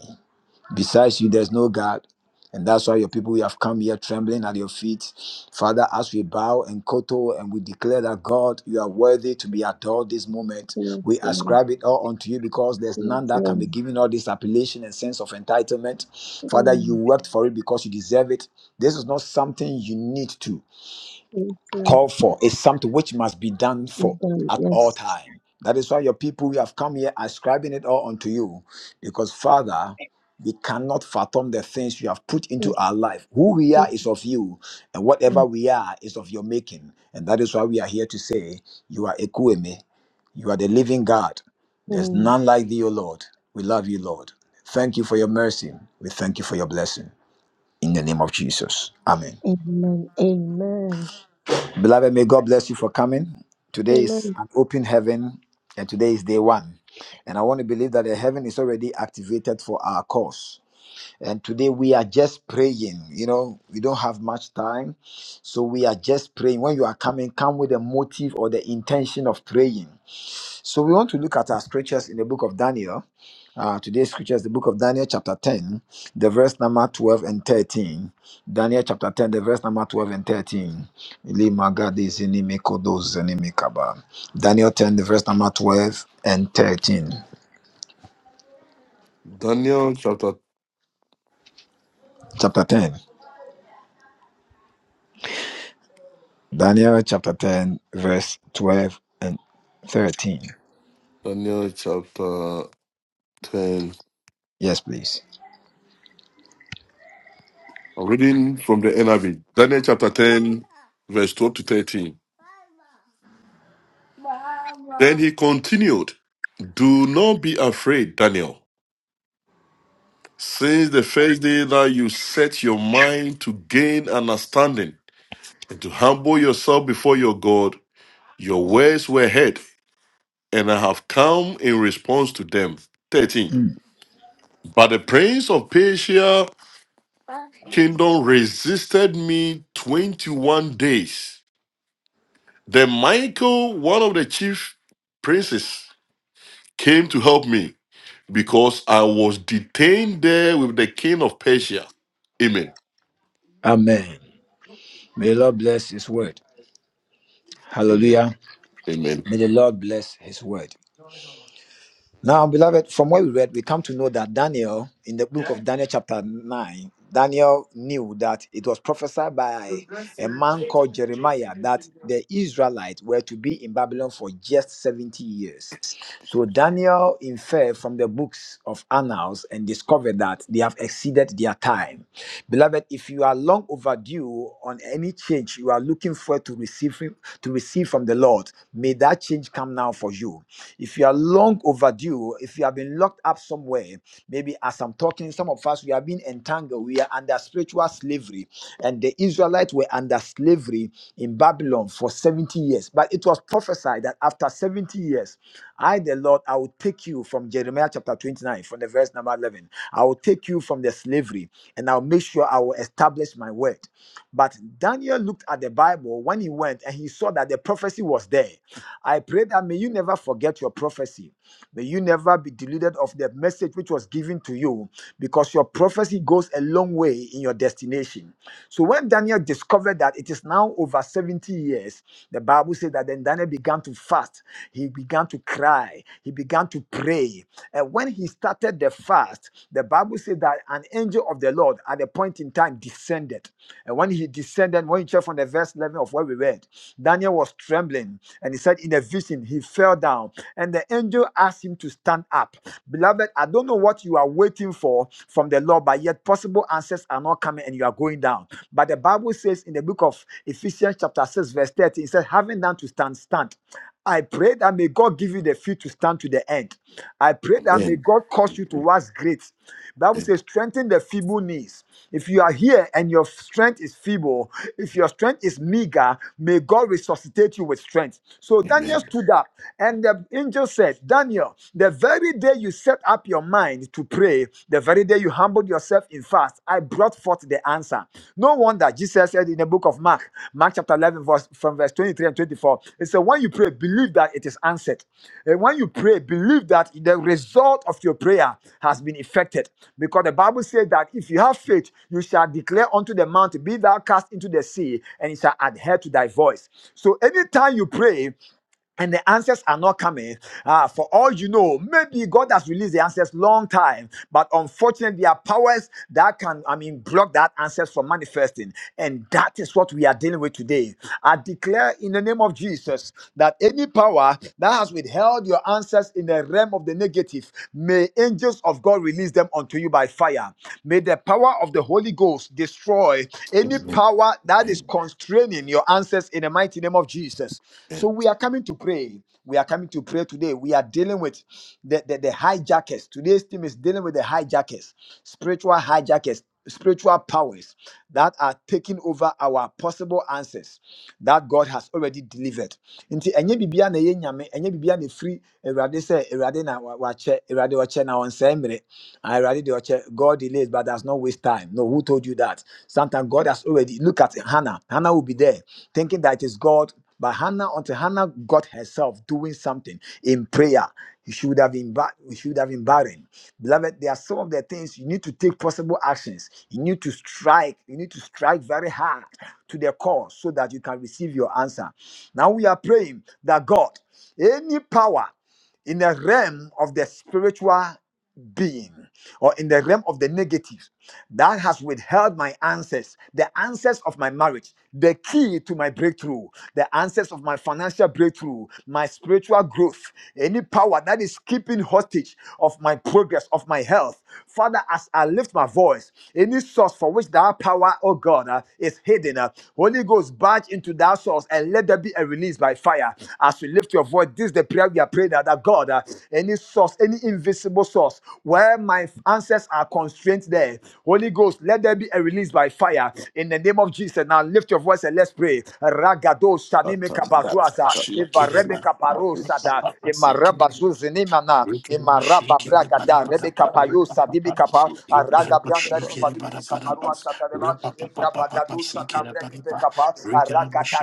[SPEAKER 1] Besides you, there's no God. And that's why your people we have come here trembling at your feet. Father, as we bow and koto and we declare that God, you are worthy to be adored this moment. We
[SPEAKER 3] yes, Lord,
[SPEAKER 1] ascribe it all unto you because there's none
[SPEAKER 3] yes,
[SPEAKER 1] that can
[SPEAKER 3] Lord.
[SPEAKER 1] be given all this appellation and sense of entitlement. Father, you
[SPEAKER 3] Mm,
[SPEAKER 1] worked for it because you deserve it. This is not something you need to
[SPEAKER 3] yes, Lord.
[SPEAKER 1] called for is something which must be done
[SPEAKER 3] We
[SPEAKER 1] for
[SPEAKER 3] done.
[SPEAKER 1] at all
[SPEAKER 3] Yes,
[SPEAKER 1] time. That is why your people who have come here are ascribing it all unto you, because Father, we cannot fathom the things you have put into
[SPEAKER 3] yes,
[SPEAKER 1] our life. Who we are
[SPEAKER 3] yes,
[SPEAKER 1] is of you, and
[SPEAKER 3] yes.
[SPEAKER 1] whatever we are is of your making. And that is why we are here to say, You are Ekueme, you are the living God. There's
[SPEAKER 3] Mm.
[SPEAKER 1] none like thee, O Lord. We love you, Lord. Thank you for your mercy. We thank you for your blessing. In the name of Jesus. Amen.
[SPEAKER 3] Amen, amen,
[SPEAKER 1] Beloved, may God bless you for coming. Today is
[SPEAKER 3] amen.
[SPEAKER 1] an open heaven, and today is day one. And I want to believe that the heaven is already activated for our cause. And today we are just praying. You know, we don't have much time. So we are just praying. When you are coming, come with a motive or the intention of praying. So we want to look at our scriptures in the book of Daniel. Uh, today's scripture is the book of Daniel, chapter 10, the verse number 12 and 13. Daniel chapter 10, the verse number 12 and 13. Eli magadi zini mikodo zini mikaba. Daniel 10, the verse number 12 and 13.
[SPEAKER 2] Daniel chapter
[SPEAKER 1] Chapter 10. Daniel chapter 10, verse 12 and 13.
[SPEAKER 2] Daniel chapter ten.
[SPEAKER 1] Yes, please.
[SPEAKER 2] I'm reading from the NIV. Daniel chapter ten, verse twelve to thirteen. Then he continued, Do not be afraid, Daniel. Since the first day that you set your mind to gain understanding and to humble yourself before your God, your words were heard, and I have come in response to them. 13.
[SPEAKER 1] Mm.
[SPEAKER 2] But the prince of Persia kingdom resisted me 21 days. Then Michael, one of the chief princes, came to help me because I was detained there with the king of Persia. Amen.
[SPEAKER 1] Amen. May the Lord bless his word.
[SPEAKER 2] Amen.
[SPEAKER 1] Hallelujah.
[SPEAKER 2] Amen.
[SPEAKER 1] May the Lord bless his word. Now, beloved, from what we read, we come to know that Daniel, in the book of Daniel, chapter 9, Daniel knew that it was prophesied by a man called Jeremiah that the Israelites were to be in Babylon for just 70 years. So Daniel inferred from the books of Annals and discovered that they have exceeded their time. Beloved, if you are long overdue on any change you are looking for to receive, to receive from the Lord, may that change come now for you. If you are long overdue, if you have been locked up somewhere, maybe as I'm talking, some of us we have been entangled, we are under spiritual slavery. And the Israelites were under slavery in Babylon for 70 years. But it was prophesied that after 70 years, I, the Lord, I will take you from Jeremiah chapter 29, from the verse number 11. I will take you from the slavery and I'll make sure I will establish my word. But Daniel looked at the Bible when he went and he saw that the prophecy was there. I pray that may you never forget your prophecy. May you never be deluded of the message which was given to you because your prophecy goes a long way in your destination. So when Daniel discovered that it is now over 70 years, the Bible says that then Daniel began to fast. He began to cry. He began to pray. And when he started the fast, the Bible says that an angel of the Lord at a point in time descended. And when he descended, when you check from the verse 11 of what we read, Daniel was trembling and he said, David in a vision, he fell down, and the angel asked him to stand up. Beloved, I don't know what you are waiting for from the Lord, but yet possible answers are not coming and you are going down. But the Bible says in the book of Ephesians, chapter 6, verse 13, it says, having done to stand, stand. I pray that may God give you the feet to stand to the end. I pray that may
[SPEAKER 2] Amen.
[SPEAKER 1] God cause you to
[SPEAKER 2] Amen.
[SPEAKER 1] wax great. Bible says, strengthen the feeble knees. If you are here and your strength is feeble, if your strength is meager, may God resuscitate you with strength. So Daniel
[SPEAKER 2] Amen.
[SPEAKER 1] stood up, and the angel said, Daniel, the very day you set up your mind to pray, the very day you humbled yourself in in fast, I brought forth the answer. No wonder Jesus said in the book of Mark, Mark chapter 11, verse, from verse 23 and 24, it said, When you pray, believe that it is answered. And when you pray, believe that the result of your prayer has been effected. Because the Bible says that if you have faith, you shall declare unto the mountain, Be thou cast into the sea, and it shall adhere to thy voice. So anytime you pray, and the answers are not coming uh, for all you know maybe god has released the answers long time but unfortunately there are powers that can i mean block that answers from manifesting and that is what we are dealing with today i declare in the name of jesus that any power that has withheld your answers in the realm of the negative may angels of god release them unto you by fire may the power of the holy ghost destroy any
[SPEAKER 2] Amen.
[SPEAKER 1] power that that is
[SPEAKER 2] Amen.
[SPEAKER 1] constraining your answers in the mighty name of Jesus. So
[SPEAKER 2] Amen.
[SPEAKER 1] we are coming to pray. We are coming to pray today. We are dealing with the, the, the hijackers. Today's team is dealing with the hijackers, spiritual hijackers, spiritual powers that are taking over our possible answers that God has already delivered. Nti enye bibia na ye nyame, enye bibia na e free Awurade sɛ Awurade na wa- wakyɛ, Awurade ɔkyɛ na ɔnsɛe mmere church, eh, God delays, but that's not waste time. No, who told you that? Sometimes God has already look at Hannah. Hannah will be there thinking that it is God. But Hannah, until Hannah got herself doing something in prayer, she would have been ba- she would have been barren. Beloved, there are some of the things you need to take possible actions. You need to strike. You need to strike very hard to the call so that you can receive your answer. Now we are praying that God, any power in the realm of the spiritual being or in the realm of the negative that has withheld my answers, the answers of my marriage, the key to my breakthrough, the answers of my financial breakthrough, my spiritual growth, any power that is keeping hostage of my progress, of my health. Father, as I lift my voice, any source for which that power, oh God, uh, is hidden, uh, Holy Ghost, barge into that source and let there be a release by fire. As we lift lift your voice. This is the prayer we are praying that, that God, uh, any source, any invisible source, where my answers are constrained there. Holy Ghost, let there be a release by fire in the name of Jesus. Now lift your voice and let's pray. Ragado shanime kabazuaza,
[SPEAKER 5] Shake
[SPEAKER 1] ivarebe kaparo sada, imaraba zuzinimana, imaraba bragada, rebe kapayo sadimi kapa, araga branda rebe kaparua satareba evra bagadu satabrekete kapa arakata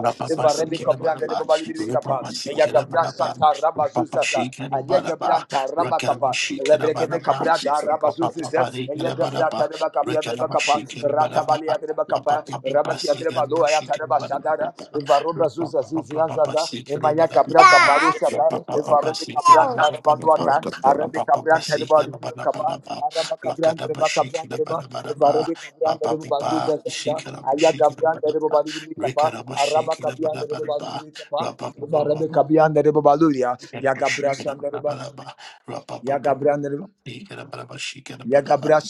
[SPEAKER 5] papa Sikila Manaba, Rapapa Sikila Manaba, Papa Shika Manaba, Rakala Shika Manaba, Papa Papa Rika Manaba, Rakala Shika
[SPEAKER 1] ratabali
[SPEAKER 5] Manaba, Papa Papa Sika
[SPEAKER 1] Rabakiatreba ya
[SPEAKER 5] Shika
[SPEAKER 1] Tareba
[SPEAKER 5] Manaba,
[SPEAKER 1] Shadara, Evaroba
[SPEAKER 5] Papa
[SPEAKER 1] Zuza
[SPEAKER 5] Papa Papa
[SPEAKER 1] Zizianzaza,
[SPEAKER 5] Sika
[SPEAKER 1] Emaya Cabra
[SPEAKER 5] Manaba.
[SPEAKER 1] Caparusata,
[SPEAKER 5] Papa papa
[SPEAKER 1] Evarebe
[SPEAKER 5] sika la
[SPEAKER 1] Cabran
[SPEAKER 5] bana bana bana.
[SPEAKER 1] Tarabaluata, Arabe
[SPEAKER 5] Papa papa
[SPEAKER 1] Cabran Tereba
[SPEAKER 5] sika la bana bana
[SPEAKER 1] Capa,
[SPEAKER 5] bana.
[SPEAKER 1] Araba Cabran
[SPEAKER 5] Lakada
[SPEAKER 1] Reba
[SPEAKER 5] bashika
[SPEAKER 1] Cabran
[SPEAKER 5] la
[SPEAKER 1] Reba,
[SPEAKER 5] bana bana bana.
[SPEAKER 1] Evarebe Cabran
[SPEAKER 5] Papa
[SPEAKER 1] Reba
[SPEAKER 5] papa
[SPEAKER 1] Zuza Zaza,
[SPEAKER 5] sika la
[SPEAKER 1] Aya Cabran
[SPEAKER 5] bashika
[SPEAKER 1] Reba Balibi Capa, Araba
[SPEAKER 5] Rikarabashiki
[SPEAKER 1] Cabian Reba
[SPEAKER 5] Labarabara,
[SPEAKER 1] Balibi Capa,
[SPEAKER 5] Rabba
[SPEAKER 1] Evarebe Cabian Reba Baluria,
[SPEAKER 5] our
[SPEAKER 1] Yagabra
[SPEAKER 5] prayers are
[SPEAKER 1] Sandereba, Yagabra Yagabra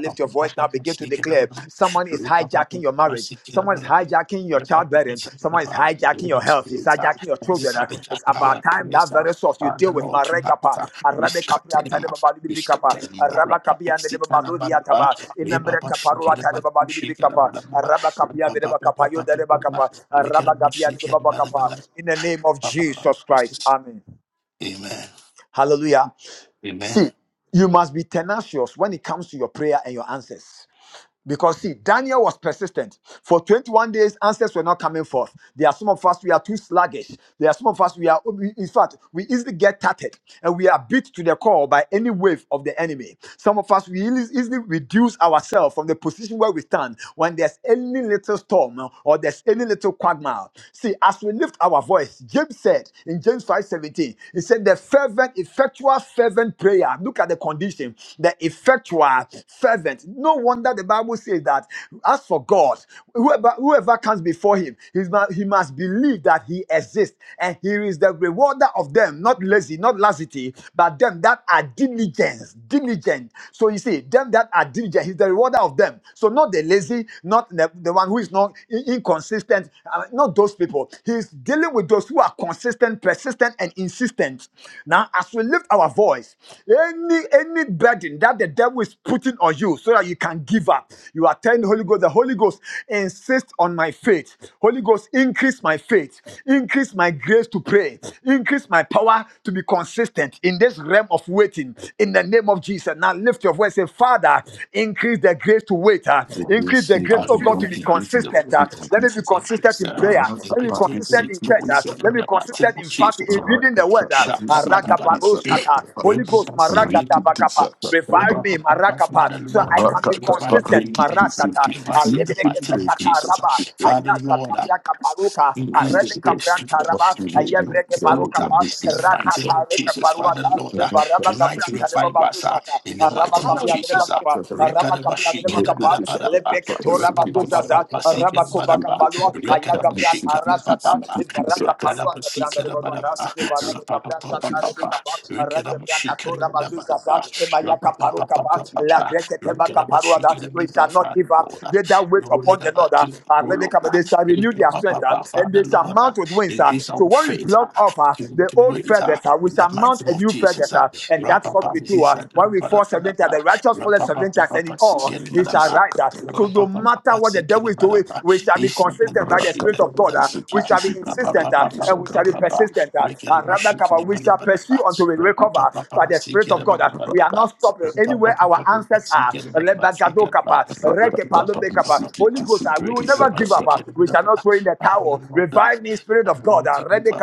[SPEAKER 1] Lift your voice now. Begin to declare. Someone is hijacking your marriage. Someone is hijacking your childbearing. Someone is hijacking your health. It's hijacking your children. Uh, It's about time that very source you
[SPEAKER 5] Father
[SPEAKER 1] deal with.
[SPEAKER 5] Lord to
[SPEAKER 1] Marekapa,
[SPEAKER 5] Rakita. We scatter
[SPEAKER 1] Arabekapia,
[SPEAKER 5] them up. We
[SPEAKER 1] Tadebabadibidibikapa,
[SPEAKER 5] scatter them up. Rapa
[SPEAKER 1] Arabakabia,
[SPEAKER 5] Pasika Rabba.
[SPEAKER 1] Dedebabaludiataba,
[SPEAKER 5] We Baba
[SPEAKER 1] Inambrekaparua,
[SPEAKER 5] Shikara Baba Shikara
[SPEAKER 1] Tadebabadibidibikapa, Arabakapia, Dedebakapa,
[SPEAKER 5] Baba.
[SPEAKER 1] Yodedebakapa,
[SPEAKER 5] We can much
[SPEAKER 1] Arabagabia,
[SPEAKER 5] live here, brother,
[SPEAKER 1] Dedebabakapa.
[SPEAKER 5] brother,
[SPEAKER 1] In the name of
[SPEAKER 5] Papa,
[SPEAKER 1] Jesus Christ.
[SPEAKER 5] Jesus.
[SPEAKER 1] Amen.
[SPEAKER 5] Amen.
[SPEAKER 1] Hallelujah.
[SPEAKER 5] Amen.
[SPEAKER 1] See, you must be tenacious when it comes to your prayer and your answers. Because see, Daniel was persistent. For 21 days, answers were not coming forth. There are some of us, we are too sluggish. There are some of us, we are, we- in fact, we easily get tattered and we are beat to the core by any wave of the enemy. Some of us, we eas- easily reduce ourselves from the position where we stand when there's any little storm or there's any little quagmire. See, as we lift our voice, James said in James 5:17, he said, The fervent, effectual, fervent prayer. Look at the condition. The effectual, fervent. No wonder the Bible says that as for God, whoever whoever comes before him, he's mu- he must believe that he exists and he is the rewarder of them, not lazy, not lassity, but them that are diligent, diligent. So you see, them that are diligent, he's the rewarder of them. So not the lazy, not the, the one who is not in- inconsistent, uh, not those people. He's dealing with those who are consistent, persistent, and insistent. Now, as we lift our voice, any any burden that the devil is putting on you so that you can give up. You are telling the Holy Ghost, the Holy Ghost insist on my faith. Holy Ghost, increase my faith, increase my grace to pray, increase my power to be consistent in this realm of waiting. In the name of Jesus. Now lift your voice and say, Father, increase the grace to wait. uh, increase the grace, oh God, to
[SPEAKER 5] Hallelujah.
[SPEAKER 1] be
[SPEAKER 5] Increase the
[SPEAKER 1] consistent. uh,
[SPEAKER 5] wisdom.
[SPEAKER 1] let me be
[SPEAKER 5] Increase
[SPEAKER 1] consistent in
[SPEAKER 5] the heart.
[SPEAKER 1] prayer. Let me be
[SPEAKER 5] increase the
[SPEAKER 1] consistent
[SPEAKER 5] grace
[SPEAKER 1] in
[SPEAKER 5] to
[SPEAKER 1] church. uh,
[SPEAKER 5] wisdom
[SPEAKER 1] let
[SPEAKER 5] in
[SPEAKER 1] me be
[SPEAKER 5] the
[SPEAKER 2] Dad.
[SPEAKER 5] mighty name
[SPEAKER 1] consistent
[SPEAKER 5] of
[SPEAKER 1] in fasting,
[SPEAKER 5] Jesus.
[SPEAKER 2] Rakata
[SPEAKER 1] in
[SPEAKER 5] So,
[SPEAKER 1] reading the word. Uh,
[SPEAKER 5] shaka bada bada.
[SPEAKER 1] Arakabaroshata. Holy
[SPEAKER 5] Remember,
[SPEAKER 1] Ghost,
[SPEAKER 5] see,
[SPEAKER 1] Maragata
[SPEAKER 5] remember,
[SPEAKER 1] Bakapa, revive me,
[SPEAKER 5] remember,
[SPEAKER 1] Marakapa,
[SPEAKER 5] Father,
[SPEAKER 1] so
[SPEAKER 5] Lord,
[SPEAKER 1] I
[SPEAKER 5] to me,
[SPEAKER 1] can be
[SPEAKER 5] to me, Father, for
[SPEAKER 1] consistent,
[SPEAKER 5] me.
[SPEAKER 1] Marasata,
[SPEAKER 5] Revive us in the mighty name of
[SPEAKER 1] Alebrekepekata
[SPEAKER 5] Jesus.
[SPEAKER 1] Raba,
[SPEAKER 5] Father, Lord,
[SPEAKER 1] Ayazata Brakaparuka,
[SPEAKER 5] Increase the
[SPEAKER 1] Arebeka
[SPEAKER 5] grace to,
[SPEAKER 1] Branta Raba,
[SPEAKER 5] to, to, to
[SPEAKER 1] Ayebreke
[SPEAKER 5] wait up
[SPEAKER 1] Barukapa,
[SPEAKER 5] in the mighty name of
[SPEAKER 1] Rasata Reka
[SPEAKER 5] Jesus, Father
[SPEAKER 1] Paruata,
[SPEAKER 5] Lord. Uh,
[SPEAKER 1] Baraba
[SPEAKER 5] tonight,
[SPEAKER 1] Gabranta Reba
[SPEAKER 5] revive us uh,
[SPEAKER 1] Bazuzata,
[SPEAKER 5] in the
[SPEAKER 1] Araba
[SPEAKER 5] mighty name of
[SPEAKER 1] Kapia Reba
[SPEAKER 5] Jesus. Uh,
[SPEAKER 1] Kapa, Araba Kapia Reba Kapa,
[SPEAKER 5] Rekadabashikadabadabadaba,
[SPEAKER 1] Lebreke Tora Bazuzaza, Araba Kova
[SPEAKER 5] repapapapapasikadabadaba,
[SPEAKER 1] Kapalua, Ayagabrata
[SPEAKER 5] rekadabashikabababa,
[SPEAKER 1] Rasata, Ivaraka Parua, Branda Reba Reba,
[SPEAKER 5] lakadabasikadabadaba,
[SPEAKER 1] Ivaraka Branta
[SPEAKER 5] rapapapapapa, rekadabashikadabadabadaba, rapapapapapapa,
[SPEAKER 1] we shall
[SPEAKER 5] rekadabashikadabadaba,
[SPEAKER 1] not
[SPEAKER 5] Father
[SPEAKER 1] give up
[SPEAKER 5] Lord.
[SPEAKER 1] they that wait upon the
[SPEAKER 5] Uh,
[SPEAKER 1] Lord ah, ah,
[SPEAKER 5] Oh Lord,
[SPEAKER 1] rebeka pa, they
[SPEAKER 5] thank
[SPEAKER 1] shall renew
[SPEAKER 5] you,
[SPEAKER 1] their
[SPEAKER 5] Papa,
[SPEAKER 1] strength ah,
[SPEAKER 5] Papa,
[SPEAKER 1] and
[SPEAKER 5] Father,
[SPEAKER 1] they shall
[SPEAKER 5] Lord. uh,
[SPEAKER 1] mount with wings ah.
[SPEAKER 5] Increase our
[SPEAKER 1] so when we
[SPEAKER 5] faith uh,
[SPEAKER 1] pluck off ah,
[SPEAKER 5] to,
[SPEAKER 1] the
[SPEAKER 5] to
[SPEAKER 1] old
[SPEAKER 5] wait uh,
[SPEAKER 1] feathers ah, we
[SPEAKER 5] in the
[SPEAKER 1] shall mount
[SPEAKER 5] mighty
[SPEAKER 1] a
[SPEAKER 5] name of
[SPEAKER 1] new feather,
[SPEAKER 5] Jesus. uh,
[SPEAKER 1] ah, and that's
[SPEAKER 5] Rapa,
[SPEAKER 1] what
[SPEAKER 5] Papa,
[SPEAKER 1] we do
[SPEAKER 5] Jesus,
[SPEAKER 1] ah.
[SPEAKER 5] uh,
[SPEAKER 1] when we
[SPEAKER 5] bada,
[SPEAKER 1] fall
[SPEAKER 5] bada,
[SPEAKER 1] seven times
[SPEAKER 5] ba.
[SPEAKER 1] the righteous fall
[SPEAKER 5] Rapapa,
[SPEAKER 1] seven
[SPEAKER 5] Papa,
[SPEAKER 1] times and
[SPEAKER 5] Papa,
[SPEAKER 1] in all
[SPEAKER 5] Sikin,
[SPEAKER 1] he shall
[SPEAKER 5] Badaba.
[SPEAKER 1] rise ah. so no
[SPEAKER 5] Rapapa, Papa,
[SPEAKER 1] matter
[SPEAKER 5] Papa,
[SPEAKER 1] what the devil
[SPEAKER 5] Sikin,
[SPEAKER 1] is doing
[SPEAKER 5] Badaba.
[SPEAKER 1] we shall be
[SPEAKER 5] Isla,
[SPEAKER 2] Rakata
[SPEAKER 1] consistent
[SPEAKER 5] Badaba,
[SPEAKER 1] by the spirit
[SPEAKER 5] Shikin,
[SPEAKER 1] of God ah. we
[SPEAKER 5] Badaba.
[SPEAKER 1] shall be insistent
[SPEAKER 5] Rapapa,
[SPEAKER 1] ah,
[SPEAKER 5] Papa,
[SPEAKER 1] and we shall
[SPEAKER 5] Papa,
[SPEAKER 1] be persistent
[SPEAKER 5] Papa.
[SPEAKER 1] consistent. Uh, uh,
[SPEAKER 5] Rikin, Bashikin,
[SPEAKER 1] we shall pursue
[SPEAKER 5] Badaba.
[SPEAKER 1] until we
[SPEAKER 5] Rapapa,
[SPEAKER 1] recover
[SPEAKER 5] Papa,
[SPEAKER 1] by
[SPEAKER 5] Papa,
[SPEAKER 1] the Spirit
[SPEAKER 5] Sikin,
[SPEAKER 1] of God. Uh, we are
[SPEAKER 5] Badaba.
[SPEAKER 1] not stopping
[SPEAKER 5] Rapapa,
[SPEAKER 1] anywhere
[SPEAKER 5] Papa,
[SPEAKER 1] our
[SPEAKER 5] Papa,
[SPEAKER 1] answers are.
[SPEAKER 5] Sikin, Badaba.
[SPEAKER 1] Lebagado
[SPEAKER 5] Sikin,
[SPEAKER 1] Kaba, Reke Palome
[SPEAKER 5] Badaba.
[SPEAKER 1] Holy Ghost, uh, we will
[SPEAKER 5] Revive
[SPEAKER 1] never give up. uh, we shall not throw in the towel. Revive me, Spirit of God. Uh, Rebe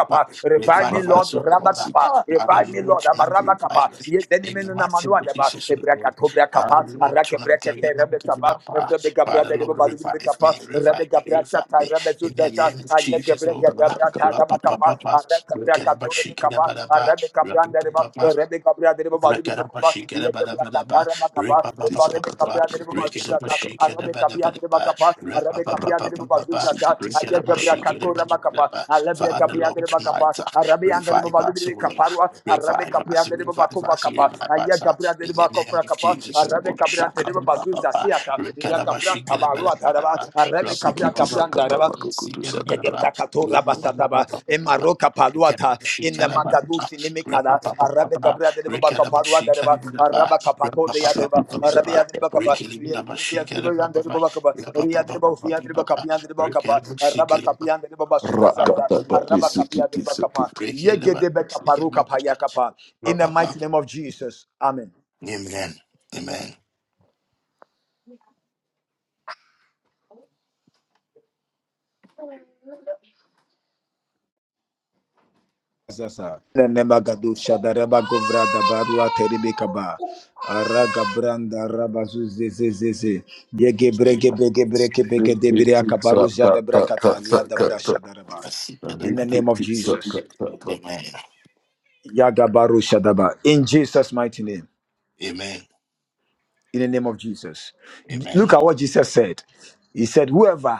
[SPEAKER 1] Revive me, Lord.
[SPEAKER 5] us, oh
[SPEAKER 1] Rabba
[SPEAKER 5] Lord.
[SPEAKER 1] Kaba.
[SPEAKER 5] Father,
[SPEAKER 1] Revive me,
[SPEAKER 5] Lord,
[SPEAKER 1] Lord.
[SPEAKER 5] to have
[SPEAKER 1] Ama Rabba
[SPEAKER 5] revived
[SPEAKER 1] Kaba.
[SPEAKER 5] me
[SPEAKER 1] Yes,
[SPEAKER 5] in the mighty name of Jesus, oh Lord. Father, Lord, to have the you know, giving up. uh, Father, Lord, revive me, revive me, revive me. In the name of Jesus, O
[SPEAKER 1] Arabe
[SPEAKER 5] Lord. Rapa papa, we can bash it, never, never. Rekarabashikarabadabadaba, repapapapapa, rekarabashikarabadabadaba, repapapapapa, rekarabashikarabadabadaba. Father, Lord, tonight, uh, revive us, O Lord. Revive us, revive us, revive us. uh, In the name of Jesus, we will shaka papa. Rekarabashikarabadabadaba,
[SPEAKER 1] Cabra Cabranda,
[SPEAKER 5] rapapapapapa,
[SPEAKER 1] Yegebrakatora basataba,
[SPEAKER 5] repapapapapa,
[SPEAKER 1] emaroka paluata, in ine makadu sinimikada, arabe
[SPEAKER 5] rekarabashikarabadaba,
[SPEAKER 1] kabra de
[SPEAKER 5] Amen.
[SPEAKER 1] baba kaparua de baba, araba kapako de yadreba, arabe yadreba kapa, yadreba yadreba yandreba baba kapa, yadreba ufi yadreba kapi yandreba kapa, araba kapi yandreba baba suza zaza, araba kapi yandreba kapa, yegedebe kaparu kapa yakapa. In the mighty name of Jesus, Amen. Zasa. Nemagadu Shadareba Govra Dabarua Terebekaba. Araga Branda Rabazu Zezeze. Yege Brege Brege Brege Brege Debrea Kabaru Jadabra Katalia Dabra Shadareba. In
[SPEAKER 2] Very
[SPEAKER 1] the name of
[SPEAKER 2] petite
[SPEAKER 1] Jesus.
[SPEAKER 2] shortcut shortcut.
[SPEAKER 5] Amen.
[SPEAKER 1] Yagabaru Shadaba. In Jesus' mighty name.
[SPEAKER 5] Amen. Amen.
[SPEAKER 1] In the name of Jesus.
[SPEAKER 5] Amen.
[SPEAKER 1] Look at what Jesus said. He said, Whoever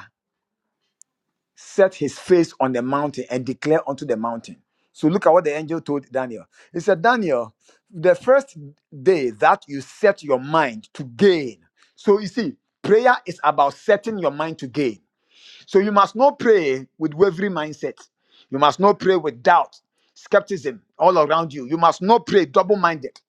[SPEAKER 1] set his face on the mountain and declare unto the mountain. So look at what the angel told Daniel. He said, Daniel, the first day that you set your mind to gain. So you see, prayer is about setting your mind to gain. So you must not pray with wavering mindset. You must not pray with doubt, skepticism all around you. You must not pray double minded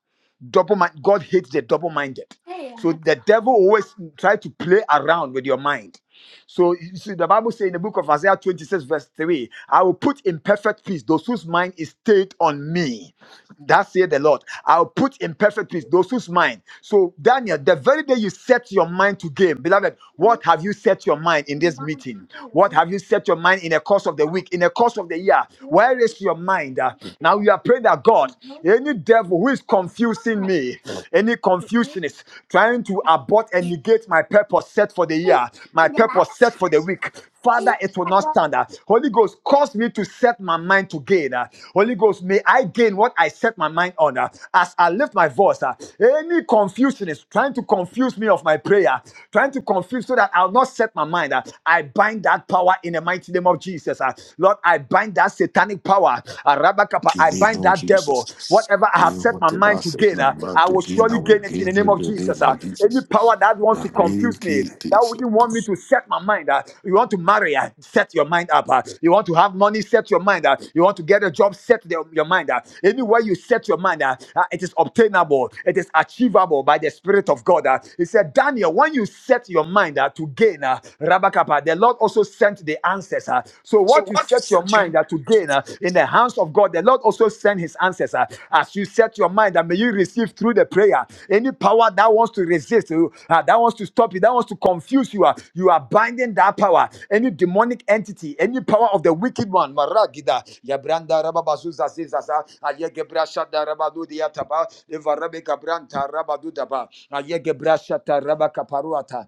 [SPEAKER 1] double mind god hates the double minded
[SPEAKER 2] Hey,
[SPEAKER 1] so
[SPEAKER 2] I'm
[SPEAKER 1] the devil always try to play around with your mind so you see the bible says in the book of isaiah 26 verse 3 i will put in perfect peace those whose mind is stayed on me that said the Lord. I'll put in perfect peace those whose mind. So, Daniel, the very day you set your mind to game, beloved,
[SPEAKER 2] to
[SPEAKER 1] what have you set your mind in this
[SPEAKER 2] my
[SPEAKER 1] meeting? What have you set your mind in the course of the week, in the course of the year? Where is your mind? Uh, now you are praying that God, any devil who is confusing me, any confusionist trying to abort and negate my purpose set for the year, my purpose set for the week, Father,
[SPEAKER 2] Thank
[SPEAKER 1] it will not stand. Uh, Holy Ghost, cause me to set my mind to gain. Uh, Holy Ghost, may I gain what I set my mind on. Uh, As I lift my voice, uh, any confusion is trying to confuse me of my prayer, trying to confuse so that I'll not set my mind. Uh, I bind that power in the mighty name of Jesus. Uh, Lord, I bind that satanic power. Uh, Rabakapa,
[SPEAKER 2] you,
[SPEAKER 1] I
[SPEAKER 2] name
[SPEAKER 1] bind
[SPEAKER 2] of
[SPEAKER 1] that devil.
[SPEAKER 2] Jesus.
[SPEAKER 1] Whatever I
[SPEAKER 2] Eh,
[SPEAKER 1] have set my
[SPEAKER 2] Whatever
[SPEAKER 1] mind
[SPEAKER 2] I
[SPEAKER 1] to
[SPEAKER 2] said,
[SPEAKER 1] gain, uh,
[SPEAKER 2] I'm about
[SPEAKER 1] I
[SPEAKER 2] to
[SPEAKER 1] will
[SPEAKER 2] gain, I
[SPEAKER 1] surely
[SPEAKER 2] will
[SPEAKER 1] gain it in the
[SPEAKER 2] gain
[SPEAKER 1] name
[SPEAKER 2] in
[SPEAKER 1] of
[SPEAKER 2] the
[SPEAKER 1] Jesus.
[SPEAKER 2] name
[SPEAKER 1] ah.
[SPEAKER 2] of
[SPEAKER 1] Any
[SPEAKER 2] Jesus.
[SPEAKER 1] power that wants to confuse me,
[SPEAKER 2] Rinky
[SPEAKER 1] that
[SPEAKER 2] tisa,
[SPEAKER 1] wouldn't want me to set my mind. ah. You want to marry, ah, set your mind up. ah. You want to have money, set your mind. ah. You want to get a job, set the- your mind. ah. Anywhere you set your mind, ah, ah, it is obtainable, it is achievable by the Spirit of God. ah. He said, Daniel, when you set your mind ah, to gain, ah, Rabakapa, the Lord also sent the answers. ah. So what you set your mind uh, to gain uh, in the hands of God, the Lord also send his answers. uh, as you set your mind, that may you receive through the prayer. Any power that wants to resist you, uh, that wants to stop you, that wants to confuse you, uh, you are binding that power. Any demonic entity, any power of the wicked one, Maragida, Yabranda Rababazuza Zizaza, Ayegebra Shada Rabadu Diataba, Evarabe Gabranta Rabadu Daba, Ayegebra Shata Rabakaparuata.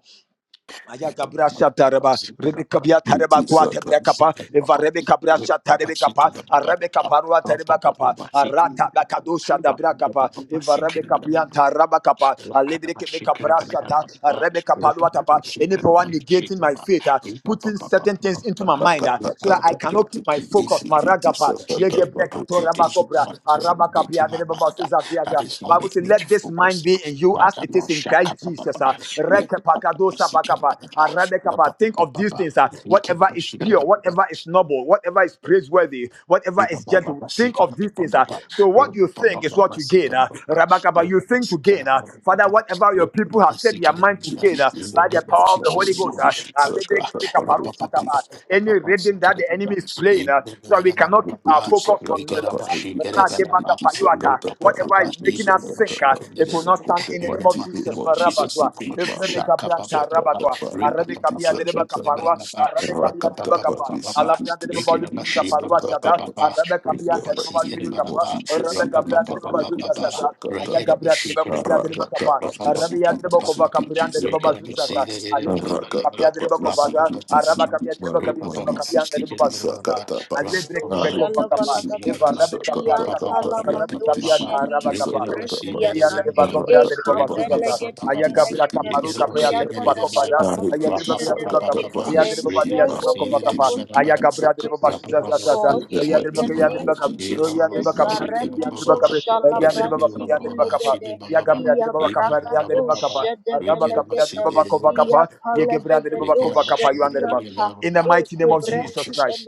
[SPEAKER 1] Maya Gabra Shatareba, Rebecca Tareba Quate Brecapa, Eva Rebecca Brasha Tarebecapa, a Rebecca Parua Terebacapa, a Rata Bacadosha da Bracapa, Eva Rebecca Pianta Rabacapa, a
[SPEAKER 5] Something my
[SPEAKER 1] Lebrica Brashata, a Rebecca Paluatapa, anyone negating my faith, ah, putting certain things into my mind ah, so that I cannot keep my focus. Maragapa, Yege Brecato Rabacopra, a
[SPEAKER 2] Sakata
[SPEAKER 1] Rabacapia, the Baba
[SPEAKER 5] mind that,
[SPEAKER 1] Susa
[SPEAKER 5] that is not
[SPEAKER 1] Bible says,
[SPEAKER 5] making me
[SPEAKER 1] Let
[SPEAKER 5] to
[SPEAKER 1] this mind
[SPEAKER 5] focus.
[SPEAKER 1] be in you as
[SPEAKER 5] Rather,
[SPEAKER 1] it
[SPEAKER 5] no
[SPEAKER 1] is in in
[SPEAKER 5] shaka.
[SPEAKER 1] Christ
[SPEAKER 5] papa.
[SPEAKER 1] Jesus. ah.
[SPEAKER 5] Rip papa,
[SPEAKER 1] Rekepakadosa
[SPEAKER 5] seeking
[SPEAKER 1] bakapa,
[SPEAKER 5] papa.
[SPEAKER 1] ah, radekapa. Think of
[SPEAKER 5] Papa,
[SPEAKER 1] these things. ah. Whatever is pure,
[SPEAKER 5] papa,
[SPEAKER 1] whatever is noble, whatever is praiseworthy, whatever
[SPEAKER 5] in
[SPEAKER 1] is
[SPEAKER 5] the
[SPEAKER 1] gentle. Think of these things. ah. So what you think is what you gain. ah. Rabakapa, you think to gain. ah. Father, whatever your people have set their mind to gain ah, by the
[SPEAKER 5] name of
[SPEAKER 1] power of the
[SPEAKER 5] Jesus,
[SPEAKER 1] Holy
[SPEAKER 5] we
[SPEAKER 1] Ghost.
[SPEAKER 5] go
[SPEAKER 1] ah,
[SPEAKER 5] shake
[SPEAKER 1] ah,
[SPEAKER 5] up. In
[SPEAKER 1] lebrekepekaparosataba. Any reading that the enemy is playing, ah, so that we cannot keep our
[SPEAKER 2] Rukutu
[SPEAKER 1] focus on
[SPEAKER 2] sakata
[SPEAKER 1] the Lord. ah.
[SPEAKER 2] parikiti sikiti sakata
[SPEAKER 1] Whatever is
[SPEAKER 2] parukutu
[SPEAKER 1] making us
[SPEAKER 2] sakata
[SPEAKER 1] sink, uh,
[SPEAKER 2] pa.
[SPEAKER 1] it will not
[SPEAKER 2] In
[SPEAKER 1] stand
[SPEAKER 2] the
[SPEAKER 1] in the name
[SPEAKER 5] the
[SPEAKER 1] of
[SPEAKER 2] mighty name
[SPEAKER 5] mighty name
[SPEAKER 1] Jesus.
[SPEAKER 2] of
[SPEAKER 5] of Jesus,
[SPEAKER 2] Jesus,
[SPEAKER 5] we
[SPEAKER 1] Marabaswa.
[SPEAKER 2] sikiti
[SPEAKER 5] go
[SPEAKER 2] marukutu
[SPEAKER 5] shaka papa
[SPEAKER 1] Evrebegabranta
[SPEAKER 2] sakata
[SPEAKER 5] papa.
[SPEAKER 1] rabakwa.
[SPEAKER 5] Ripa
[SPEAKER 2] parikiti sakata pa.
[SPEAKER 1] Arabekabiadelebakaparwa.
[SPEAKER 5] papa.
[SPEAKER 2] Rakata
[SPEAKER 1] Arabekabiadelebakapa.
[SPEAKER 2] pari
[SPEAKER 5] Rapapapapapapa.
[SPEAKER 2] sikiti sikiti
[SPEAKER 5] Lekinamashi.
[SPEAKER 1] Alabriandelebabalubikaparwa
[SPEAKER 2] sakata
[SPEAKER 1] shada.
[SPEAKER 2] pa.
[SPEAKER 5] Bababababa.
[SPEAKER 2] In the mighty name of
[SPEAKER 1] Arabekabiantelebabalubikapa.
[SPEAKER 5] Rapapasikinibaba.
[SPEAKER 2] Jesus, sikiti marukutu
[SPEAKER 5] Rapapapapapapa.
[SPEAKER 1] Arabekabriandelebabazuzazaza.
[SPEAKER 2] sakata pa.
[SPEAKER 5] Rakinamashi. Kiribaba.
[SPEAKER 2] Rakata
[SPEAKER 1] Ayagabriandelebakubiadelebakapa.
[SPEAKER 2] pari sikiti
[SPEAKER 5] Rapapapapapapa.
[SPEAKER 2] sikiti sakata pa.
[SPEAKER 5] Lekinamasi.
[SPEAKER 1] Arabiandelebakovakapriandelebabazuzaza.
[SPEAKER 5] Kiribaba.
[SPEAKER 2] Arakata
[SPEAKER 1] Alebrekemikabiadelebakova.
[SPEAKER 2] sikiti
[SPEAKER 5] Rapapapapapapa.
[SPEAKER 2] siki maru mani sikiti
[SPEAKER 5] Ripapapapasikinibaba.
[SPEAKER 2] sakata pa
[SPEAKER 1] Arabakabiadelebakabiadelebakabiandelebabazuzaza
[SPEAKER 2] arikiti
[SPEAKER 1] kovakapa
[SPEAKER 6] Shalabalagada,
[SPEAKER 1] eva
[SPEAKER 2] sikiti
[SPEAKER 5] Rapapapapapasikinibaba.
[SPEAKER 1] rabeka
[SPEAKER 2] sakata
[SPEAKER 1] brasata
[SPEAKER 2] tata
[SPEAKER 6] Iantalamando
[SPEAKER 1] rabeka
[SPEAKER 2] rikiti
[SPEAKER 5] Rapapapapapapapa.
[SPEAKER 1] biata
[SPEAKER 6] Shali
[SPEAKER 2] sikiti
[SPEAKER 1] rabakapa
[SPEAKER 2] sakata
[SPEAKER 5] Rikinamasi.
[SPEAKER 1] ine
[SPEAKER 2] pa
[SPEAKER 1] melia
[SPEAKER 6] Kubreskiatai,
[SPEAKER 1] ndere bako
[SPEAKER 5] Kiribaba.
[SPEAKER 1] brada de
[SPEAKER 2] arakata
[SPEAKER 6] Eka
[SPEAKER 1] baba
[SPEAKER 2] pa ni
[SPEAKER 1] suzasa
[SPEAKER 6] Belegete
[SPEAKER 1] aya
[SPEAKER 2] sikiti
[SPEAKER 5] Ripapapapapapa.
[SPEAKER 1] gabra
[SPEAKER 6] Belegete,
[SPEAKER 2] sikiti
[SPEAKER 1] kaparu kapaya
[SPEAKER 5] Rikinamasi.
[SPEAKER 2] sakata
[SPEAKER 1] tere
[SPEAKER 2] pa
[SPEAKER 1] baba
[SPEAKER 6] Iagada
[SPEAKER 1] kofaya
[SPEAKER 6] Balagado
[SPEAKER 1] aya tere
[SPEAKER 2] arikiti
[SPEAKER 1] baba tere baba
[SPEAKER 6] Shadebe.
[SPEAKER 2] sakata
[SPEAKER 1] kabu
[SPEAKER 2] pa
[SPEAKER 5] Kiribaba.
[SPEAKER 6] We
[SPEAKER 1] aya
[SPEAKER 2] ni
[SPEAKER 1] tere
[SPEAKER 5] Jesus.
[SPEAKER 1] baba
[SPEAKER 2] sikiti
[SPEAKER 1] aya
[SPEAKER 6] enjoy
[SPEAKER 1] tere baba
[SPEAKER 2] maru
[SPEAKER 6] only the
[SPEAKER 2] tu
[SPEAKER 1] kovakapa
[SPEAKER 6] goodness
[SPEAKER 1] aya
[SPEAKER 2] sikiti
[SPEAKER 6] and the
[SPEAKER 1] gabra tere baba
[SPEAKER 2] sakata
[SPEAKER 6] mercies
[SPEAKER 2] pa
[SPEAKER 6] of
[SPEAKER 1] suzasa sasa
[SPEAKER 6] God
[SPEAKER 2] in the
[SPEAKER 1] aya tere
[SPEAKER 6] in
[SPEAKER 2] mighty
[SPEAKER 6] the
[SPEAKER 2] name
[SPEAKER 6] name
[SPEAKER 2] of
[SPEAKER 6] of
[SPEAKER 2] Jesus sikiti
[SPEAKER 6] Jesus.
[SPEAKER 2] maru tu
[SPEAKER 6] Aremeno
[SPEAKER 2] sakata pa rikita
[SPEAKER 6] Shalabranti Vilegede, Iabragado Shadebe Legede, Iapalevegedosha Ianta.
[SPEAKER 1] in the
[SPEAKER 6] E
[SPEAKER 1] mighty name of Jesus
[SPEAKER 6] cobresi
[SPEAKER 1] Christ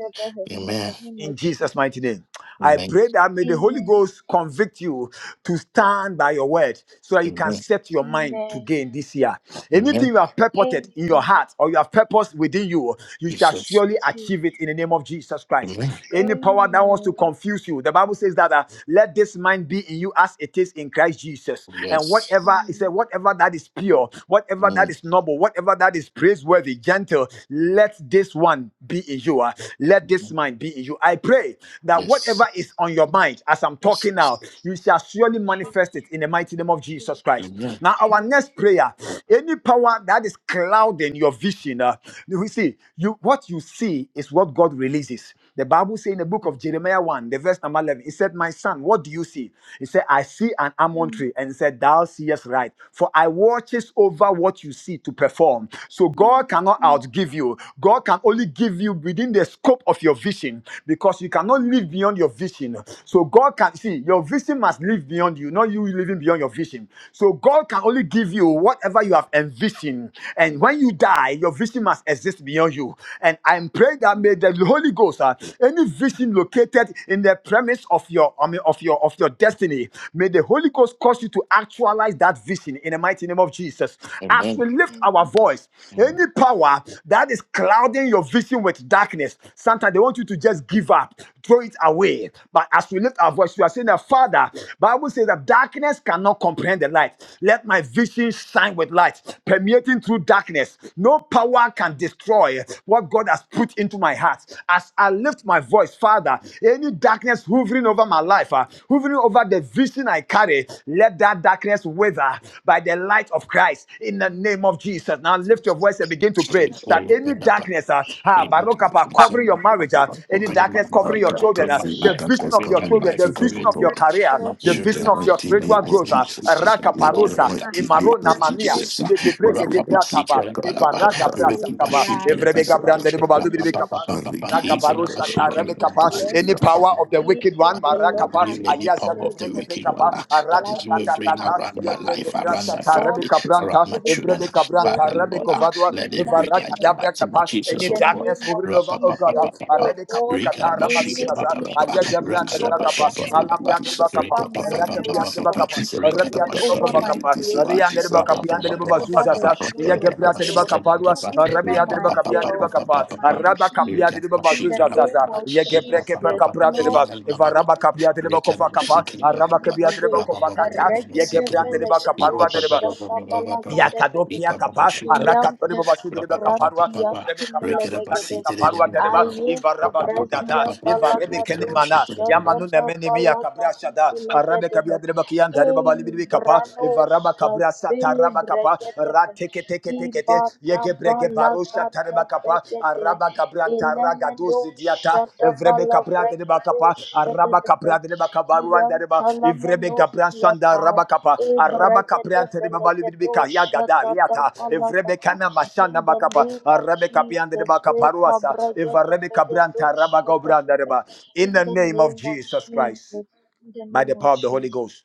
[SPEAKER 6] in the
[SPEAKER 5] Amen.
[SPEAKER 6] name of
[SPEAKER 1] in Jesus' mighty
[SPEAKER 6] Jesus.
[SPEAKER 1] name. I
[SPEAKER 5] Amen.
[SPEAKER 1] pray that may the Holy
[SPEAKER 6] Amen.
[SPEAKER 1] Ghost convict you to stand by your word so that you can set your mind to
[SPEAKER 6] Amen.
[SPEAKER 1] gain this year.
[SPEAKER 5] Amen.
[SPEAKER 1] Anything
[SPEAKER 5] Amen.
[SPEAKER 1] you have purported in your
[SPEAKER 6] Amen.
[SPEAKER 1] heart or you have purpose within you, you shall
[SPEAKER 5] Jesus.
[SPEAKER 1] surely achieve it
[SPEAKER 6] Jesus.
[SPEAKER 1] in the name of Jesus Christ.
[SPEAKER 5] Amen.
[SPEAKER 1] Any power that wants to
[SPEAKER 6] Amen.
[SPEAKER 1] confuse you, the Bible says that uh, let this mind be in you as it is in Christ Jesus. And
[SPEAKER 5] Yes.
[SPEAKER 1] whatever it said,
[SPEAKER 6] Mm.
[SPEAKER 1] whatever that is pure, whatever that
[SPEAKER 5] Amen.
[SPEAKER 1] is noble, whatever that is praiseworthy, gentle, let this one be in you. uh, let this
[SPEAKER 5] Amen.
[SPEAKER 1] mind be in you. I pray that
[SPEAKER 5] Yes.
[SPEAKER 1] whatever is on your mind as I'm
[SPEAKER 5] Yes.
[SPEAKER 1] talking
[SPEAKER 5] yes.
[SPEAKER 1] now, you shall surely manifest
[SPEAKER 6] Jesus.
[SPEAKER 1] it in the mighty name of Jesus
[SPEAKER 6] Jesus.
[SPEAKER 1] Christ.
[SPEAKER 5] Amen.
[SPEAKER 1] Now, our
[SPEAKER 6] Jesus.
[SPEAKER 1] next prayer any power that is clouding your vision, uh, you see, you what you see is what God releases. The Bible says in the book of Jeremiah 1, the verse number 11, it said, My son, what do you see? He said, I see an almond
[SPEAKER 6] Mm.
[SPEAKER 1] tree. And he said, Thou seest right. For I watches over what you see to perform. So
[SPEAKER 6] Mm.
[SPEAKER 1] God cannot
[SPEAKER 6] Mm.
[SPEAKER 1] outgive you. God can only give you within the scope of your vision because you
[SPEAKER 6] Mm.
[SPEAKER 1] cannot
[SPEAKER 6] Mm.
[SPEAKER 1] live beyond your vision. So God can see your vision must live beyond you, not you living beyond your vision. So God can only give you whatever you have envisioned. And when you die, your vision must exist beyond you. And I'm praying that
[SPEAKER 6] Mm.
[SPEAKER 1] may the Holy Ghost, uh, any vision located in the premise of your, I mean, of your, of your destiny, may the Holy Ghost cause you to actualize that vision in the mighty name of Jesus. As
[SPEAKER 5] Amen.
[SPEAKER 1] we lift our
[SPEAKER 6] Amen.
[SPEAKER 1] voice,
[SPEAKER 5] Mm.
[SPEAKER 1] any power that is clouding your vision with darkness, sometimes they want you to just give up, throw it away. But as we lift our voice, we are saying that Father, Bible says that darkness cannot cannot comprehend the light. Let my vision shine with light, permeating through darkness. No power can destroy what God has put into my heart. As I lift my voice, Father, any darkness hovering over my life, uh, hovering over the vision I carry, let that darkness wither by the light of Christ in the name of Jesus. Now lift your voice and begin to pray
[SPEAKER 6] So
[SPEAKER 1] that
[SPEAKER 6] does the
[SPEAKER 1] any darkness, uh,
[SPEAKER 6] revolution
[SPEAKER 1] ah,
[SPEAKER 6] of the ocean of bright
[SPEAKER 1] Barokapa,
[SPEAKER 6] and
[SPEAKER 1] covering
[SPEAKER 6] the
[SPEAKER 1] your
[SPEAKER 6] light of
[SPEAKER 1] marriage,
[SPEAKER 6] the
[SPEAKER 1] uh, any
[SPEAKER 5] Covering my
[SPEAKER 1] darkness
[SPEAKER 6] In the
[SPEAKER 2] That,
[SPEAKER 1] covering your
[SPEAKER 5] marriage,
[SPEAKER 2] that,
[SPEAKER 6] name
[SPEAKER 1] children,
[SPEAKER 5] covering
[SPEAKER 6] of
[SPEAKER 5] my
[SPEAKER 1] uh,
[SPEAKER 2] that, that
[SPEAKER 1] the
[SPEAKER 5] life,
[SPEAKER 6] Jesus.
[SPEAKER 1] vision
[SPEAKER 2] darkness
[SPEAKER 1] of
[SPEAKER 5] covering
[SPEAKER 1] your
[SPEAKER 5] my
[SPEAKER 2] covering my
[SPEAKER 1] children, the
[SPEAKER 5] life,
[SPEAKER 2] children,
[SPEAKER 6] The
[SPEAKER 1] vision
[SPEAKER 2] O
[SPEAKER 1] of
[SPEAKER 5] covering
[SPEAKER 1] your
[SPEAKER 6] Spirit
[SPEAKER 2] Lord.
[SPEAKER 5] my,
[SPEAKER 6] of
[SPEAKER 1] career,
[SPEAKER 5] my
[SPEAKER 6] God
[SPEAKER 1] the
[SPEAKER 6] is
[SPEAKER 2] In
[SPEAKER 5] children
[SPEAKER 1] vision
[SPEAKER 2] the
[SPEAKER 5] uh,
[SPEAKER 1] of your
[SPEAKER 6] light.
[SPEAKER 2] mighty
[SPEAKER 5] in the
[SPEAKER 2] name
[SPEAKER 1] spiritual
[SPEAKER 2] of
[SPEAKER 5] mighty
[SPEAKER 1] growth.
[SPEAKER 5] name of
[SPEAKER 1] ah,
[SPEAKER 5] Jesus.
[SPEAKER 2] Jesus.
[SPEAKER 1] Raka
[SPEAKER 5] I'm
[SPEAKER 2] In
[SPEAKER 5] letting
[SPEAKER 6] What
[SPEAKER 2] the
[SPEAKER 5] go
[SPEAKER 1] parusa,
[SPEAKER 5] that
[SPEAKER 6] has
[SPEAKER 2] mighty
[SPEAKER 5] in the
[SPEAKER 2] name
[SPEAKER 1] imaro
[SPEAKER 2] of
[SPEAKER 5] mighty name of
[SPEAKER 1] namania,
[SPEAKER 6] darkness
[SPEAKER 2] Jesus.
[SPEAKER 5] Jesus. uh,
[SPEAKER 2] Siki
[SPEAKER 1] yeke breke de
[SPEAKER 5] Rapapa
[SPEAKER 2] marukiti
[SPEAKER 5] seek
[SPEAKER 1] brataba,
[SPEAKER 5] her
[SPEAKER 2] sakata
[SPEAKER 5] balaba,
[SPEAKER 6] to
[SPEAKER 2] kata
[SPEAKER 1] evaraka
[SPEAKER 6] do with
[SPEAKER 5] Rapapa
[SPEAKER 2] rikiti
[SPEAKER 1] brasakaba,
[SPEAKER 5] she can a
[SPEAKER 6] light?
[SPEAKER 2] sikiti
[SPEAKER 1] evrebega
[SPEAKER 5] balaba,
[SPEAKER 1] brande de
[SPEAKER 2] sakata
[SPEAKER 6] In
[SPEAKER 2] pa.
[SPEAKER 6] the
[SPEAKER 1] babalu
[SPEAKER 6] name of
[SPEAKER 5] Rapapa
[SPEAKER 1] biribikapa.
[SPEAKER 6] Jesus,
[SPEAKER 5] papa
[SPEAKER 6] I
[SPEAKER 2] Rikiti
[SPEAKER 5] he can a
[SPEAKER 2] sakata
[SPEAKER 5] she
[SPEAKER 6] decree
[SPEAKER 2] pa
[SPEAKER 1] Ragabarushata,
[SPEAKER 5] can
[SPEAKER 6] and
[SPEAKER 5] even a
[SPEAKER 2] rikiti
[SPEAKER 5] balaba,
[SPEAKER 1] Rebekapa,
[SPEAKER 6] declare
[SPEAKER 1] Any
[SPEAKER 2] sikiti
[SPEAKER 5] Rapapa.
[SPEAKER 1] power
[SPEAKER 6] that
[SPEAKER 1] of the wicked one,
[SPEAKER 6] anything the Lord
[SPEAKER 1] Marakapa,
[SPEAKER 6] has
[SPEAKER 5] Renew any
[SPEAKER 6] not
[SPEAKER 1] Ayaza
[SPEAKER 5] power
[SPEAKER 1] de
[SPEAKER 6] said
[SPEAKER 5] of the wicked one
[SPEAKER 6] concerning
[SPEAKER 5] uh,
[SPEAKER 1] Brekepekapa,
[SPEAKER 6] my
[SPEAKER 5] that
[SPEAKER 6] life
[SPEAKER 5] is
[SPEAKER 6] will not
[SPEAKER 5] hovering
[SPEAKER 6] come
[SPEAKER 1] Aratatatata,
[SPEAKER 6] to
[SPEAKER 5] around my
[SPEAKER 6] pass.
[SPEAKER 1] Yebreke
[SPEAKER 2] pa
[SPEAKER 5] life,
[SPEAKER 2] de
[SPEAKER 5] around my
[SPEAKER 1] Brasata,
[SPEAKER 6] God
[SPEAKER 2] sikiti
[SPEAKER 5] family,
[SPEAKER 6] has
[SPEAKER 1] Rebeka
[SPEAKER 6] not
[SPEAKER 5] around
[SPEAKER 1] Branta,
[SPEAKER 5] my
[SPEAKER 6] given
[SPEAKER 5] children.
[SPEAKER 6] us
[SPEAKER 1] Evrebeka
[SPEAKER 6] fear,
[SPEAKER 1] Branta,
[SPEAKER 5] Father, Lord,
[SPEAKER 1] Rebeko
[SPEAKER 5] ah,
[SPEAKER 1] Vadua,
[SPEAKER 5] let
[SPEAKER 6] timidity,
[SPEAKER 5] it read like the
[SPEAKER 6] darkness.
[SPEAKER 5] mighty name
[SPEAKER 1] Evaraka
[SPEAKER 5] of
[SPEAKER 6] In
[SPEAKER 5] Jesus,
[SPEAKER 1] any
[SPEAKER 6] the
[SPEAKER 5] oh
[SPEAKER 2] sakata.
[SPEAKER 5] God.
[SPEAKER 1] darkness
[SPEAKER 6] name of
[SPEAKER 1] hovering over, oh God,
[SPEAKER 6] Jesus,
[SPEAKER 5] Ra-pa-pa-pa-pa-pa-pa.
[SPEAKER 6] oh
[SPEAKER 1] Arabic
[SPEAKER 6] God,
[SPEAKER 1] Capricata,
[SPEAKER 2] Iti
[SPEAKER 1] Ramakasa,
[SPEAKER 2] sakata
[SPEAKER 6] anything
[SPEAKER 2] pa
[SPEAKER 5] Rikadabashiki-ba-ba-ba-ba.
[SPEAKER 6] in the
[SPEAKER 2] rikiti
[SPEAKER 1] Ayagabra,
[SPEAKER 6] form of
[SPEAKER 2] sakata
[SPEAKER 1] Telemacapa,
[SPEAKER 2] pa
[SPEAKER 6] darkness
[SPEAKER 5] Rakadabashiki-ba-ba-ba.
[SPEAKER 1] Alabra,
[SPEAKER 2] rikiti
[SPEAKER 6] hovering
[SPEAKER 1] Telemacapa,
[SPEAKER 2] sakata
[SPEAKER 6] over
[SPEAKER 2] pa
[SPEAKER 6] my
[SPEAKER 2] rikiti
[SPEAKER 1] Rakapia,
[SPEAKER 5] Ripapapapapapapa.
[SPEAKER 6] miracles,
[SPEAKER 1] Telemacapa,
[SPEAKER 2] sikiti sakata
[SPEAKER 1] Arabia,
[SPEAKER 6] hovering
[SPEAKER 2] kata
[SPEAKER 6] over my
[SPEAKER 1] Telemacapa,
[SPEAKER 2] rikiti
[SPEAKER 5] Rikadabashiki-ba-ba-ba-ba.
[SPEAKER 1] Ria,
[SPEAKER 2] sikiti
[SPEAKER 6] greatness,
[SPEAKER 2] sakata
[SPEAKER 1] Telemacapia,
[SPEAKER 6] hovering over the
[SPEAKER 5] Ra-pa-pa-pa-pa-pa-pa-pa.
[SPEAKER 1] Telemacapa,
[SPEAKER 6] joy of the
[SPEAKER 1] Yagabra,
[SPEAKER 6] Lord,
[SPEAKER 1] Telemacapa,
[SPEAKER 5] Rakadabashiki-ba-ba-ba.
[SPEAKER 6] hovering
[SPEAKER 2] pa.
[SPEAKER 6] over
[SPEAKER 1] Arabia,
[SPEAKER 6] my
[SPEAKER 1] Telemacapia,
[SPEAKER 6] health,
[SPEAKER 1] Telemacapa,
[SPEAKER 6] my
[SPEAKER 5] Ra-pa-pa-pa-pa-pa-pa-pa.
[SPEAKER 1] Araba
[SPEAKER 6] peace.
[SPEAKER 1] Capia,
[SPEAKER 6] In the name
[SPEAKER 1] Telemacapa,
[SPEAKER 5] Rikadabashiki-ba-ba-ba.
[SPEAKER 6] of
[SPEAKER 1] Yagabra,
[SPEAKER 6] Jesus,
[SPEAKER 1] Capra,
[SPEAKER 6] Lord
[SPEAKER 1] Telemacapa, if
[SPEAKER 5] Ripapapapapa.
[SPEAKER 1] Araba Capia,
[SPEAKER 5] Rikadababa.
[SPEAKER 6] can
[SPEAKER 1] Telemacapa,
[SPEAKER 6] you take
[SPEAKER 1] Araba
[SPEAKER 6] him
[SPEAKER 5] Rikadabashiki-ba-ba-ba.
[SPEAKER 1] Capia,
[SPEAKER 6] away?
[SPEAKER 5] Ra-pa-pa-pa-pa-pa.
[SPEAKER 1] Telemacapa, Yagabra,
[SPEAKER 6] Regadevelagado
[SPEAKER 1] Telemacapa,
[SPEAKER 5] ba ba ba
[SPEAKER 1] Yakadokia
[SPEAKER 6] shatabalagadelegade.
[SPEAKER 1] kapa,
[SPEAKER 5] Jesus,
[SPEAKER 6] Iam
[SPEAKER 1] arakatori baba shudiri be kaparua,
[SPEAKER 6] pescoprantias
[SPEAKER 1] evrebe kapra sotari be
[SPEAKER 6] cumelevegede.
[SPEAKER 1] kaparua tereba,
[SPEAKER 6] Aye
[SPEAKER 1] ivarabadu
[SPEAKER 6] cobrazia
[SPEAKER 1] dada, ivarebe
[SPEAKER 6] valagado
[SPEAKER 1] kenemana, yamanu nemeni miya kabra
[SPEAKER 6] shatabalagadi
[SPEAKER 1] shada, arabe
[SPEAKER 6] filegade.
[SPEAKER 1] kabia dereba kiyan dare
[SPEAKER 6] Ei
[SPEAKER 1] baba libiri be kapa, ivaraba
[SPEAKER 6] branosa
[SPEAKER 1] kabra
[SPEAKER 6] vele
[SPEAKER 1] sataraba kapa,
[SPEAKER 6] bregedeve.
[SPEAKER 1] rateke teke teke te,
[SPEAKER 6] Ibata
[SPEAKER 1] yegebrege barusha
[SPEAKER 6] balagade
[SPEAKER 1] tareba
[SPEAKER 6] vegede.
[SPEAKER 1] kapa, Abranta
[SPEAKER 6] Elemendo
[SPEAKER 1] ragadosi diata, evrebe
[SPEAKER 6] shatabala
[SPEAKER 1] caprate de
[SPEAKER 6] bregedo
[SPEAKER 1] bacapa, araba
[SPEAKER 6] shadadebe.
[SPEAKER 1] caprate de bacabaruanda deba, evrebe gabransanda
[SPEAKER 6] Yantalamenosciata,
[SPEAKER 1] rabacapa, araba
[SPEAKER 6] Ebregete
[SPEAKER 1] capriante de
[SPEAKER 6] Velegeto
[SPEAKER 1] babalibica, yagada,
[SPEAKER 6] Shatata
[SPEAKER 1] liata, evrebe
[SPEAKER 6] Palagata.
[SPEAKER 1] cana
[SPEAKER 6] In
[SPEAKER 1] machana
[SPEAKER 6] the
[SPEAKER 1] bacapa,
[SPEAKER 6] name of
[SPEAKER 1] arabe capiante de
[SPEAKER 6] Jesus,
[SPEAKER 1] bacaparuasa,
[SPEAKER 6] Rekabregete
[SPEAKER 1] evrebe
[SPEAKER 6] Vegeto
[SPEAKER 1] cabranta rabagobranda
[SPEAKER 6] Shatata.
[SPEAKER 1] deba. In
[SPEAKER 6] In
[SPEAKER 1] the
[SPEAKER 6] the
[SPEAKER 1] name of
[SPEAKER 6] name of
[SPEAKER 1] Jesus Christ,
[SPEAKER 6] Jesus, in the
[SPEAKER 1] by
[SPEAKER 6] name
[SPEAKER 1] the
[SPEAKER 6] of
[SPEAKER 1] power of the Holy
[SPEAKER 6] Jesus.
[SPEAKER 1] Ghost,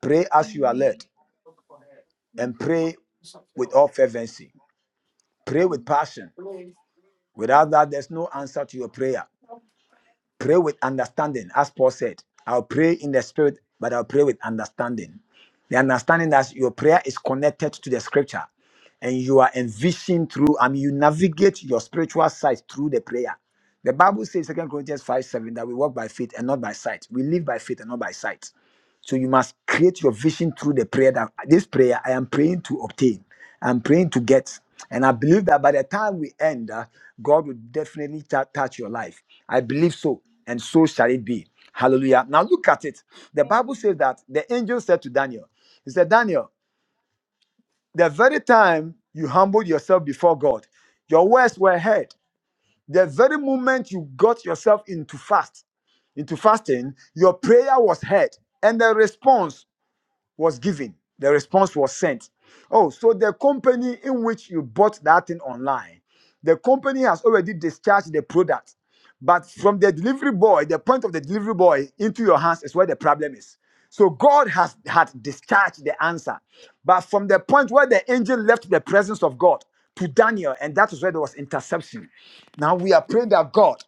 [SPEAKER 1] pray as you are led
[SPEAKER 6] Amen.
[SPEAKER 1] and
[SPEAKER 6] Amen.
[SPEAKER 1] pray with all fervency. Pray with passion. Without that, there's no answer to your prayer. Pray with understanding, as Paul said. I'll pray in the spirit, but I'll pray with understanding. The understanding that your prayer is connected to the scripture and you are envisioned through, I mean, you navigate your spiritual sight through the prayer. The Bible says, Second Corinthians 5 7, that we walk by faith and not by sight. We live by faith and not by sight. So you must create your vision through the prayer that this prayer I am praying to obtain, I'm praying to get. And I believe that by the time we end, uh, God will definitely ta- touch your life. I believe so, and so shall it be. Hallelujah. Now look at it. The Bible
[SPEAKER 6] Amen.
[SPEAKER 1] says that the angel said to Daniel, He said, Daniel, the very time you humbled yourself before God, your words were heard. The very moment you got yourself into fast, into fasting, your prayer was heard. And the response was given, the response was sent. Oh, so the company in which you bought that thing online, the company has already discharged the product. But from the delivery boy, the point of the delivery boy into your hands is where the problem is. So God has had discharged the answer. But from the point where the angel left the presence of God to Daniel, and that is where there was interception. Now we are praying that God,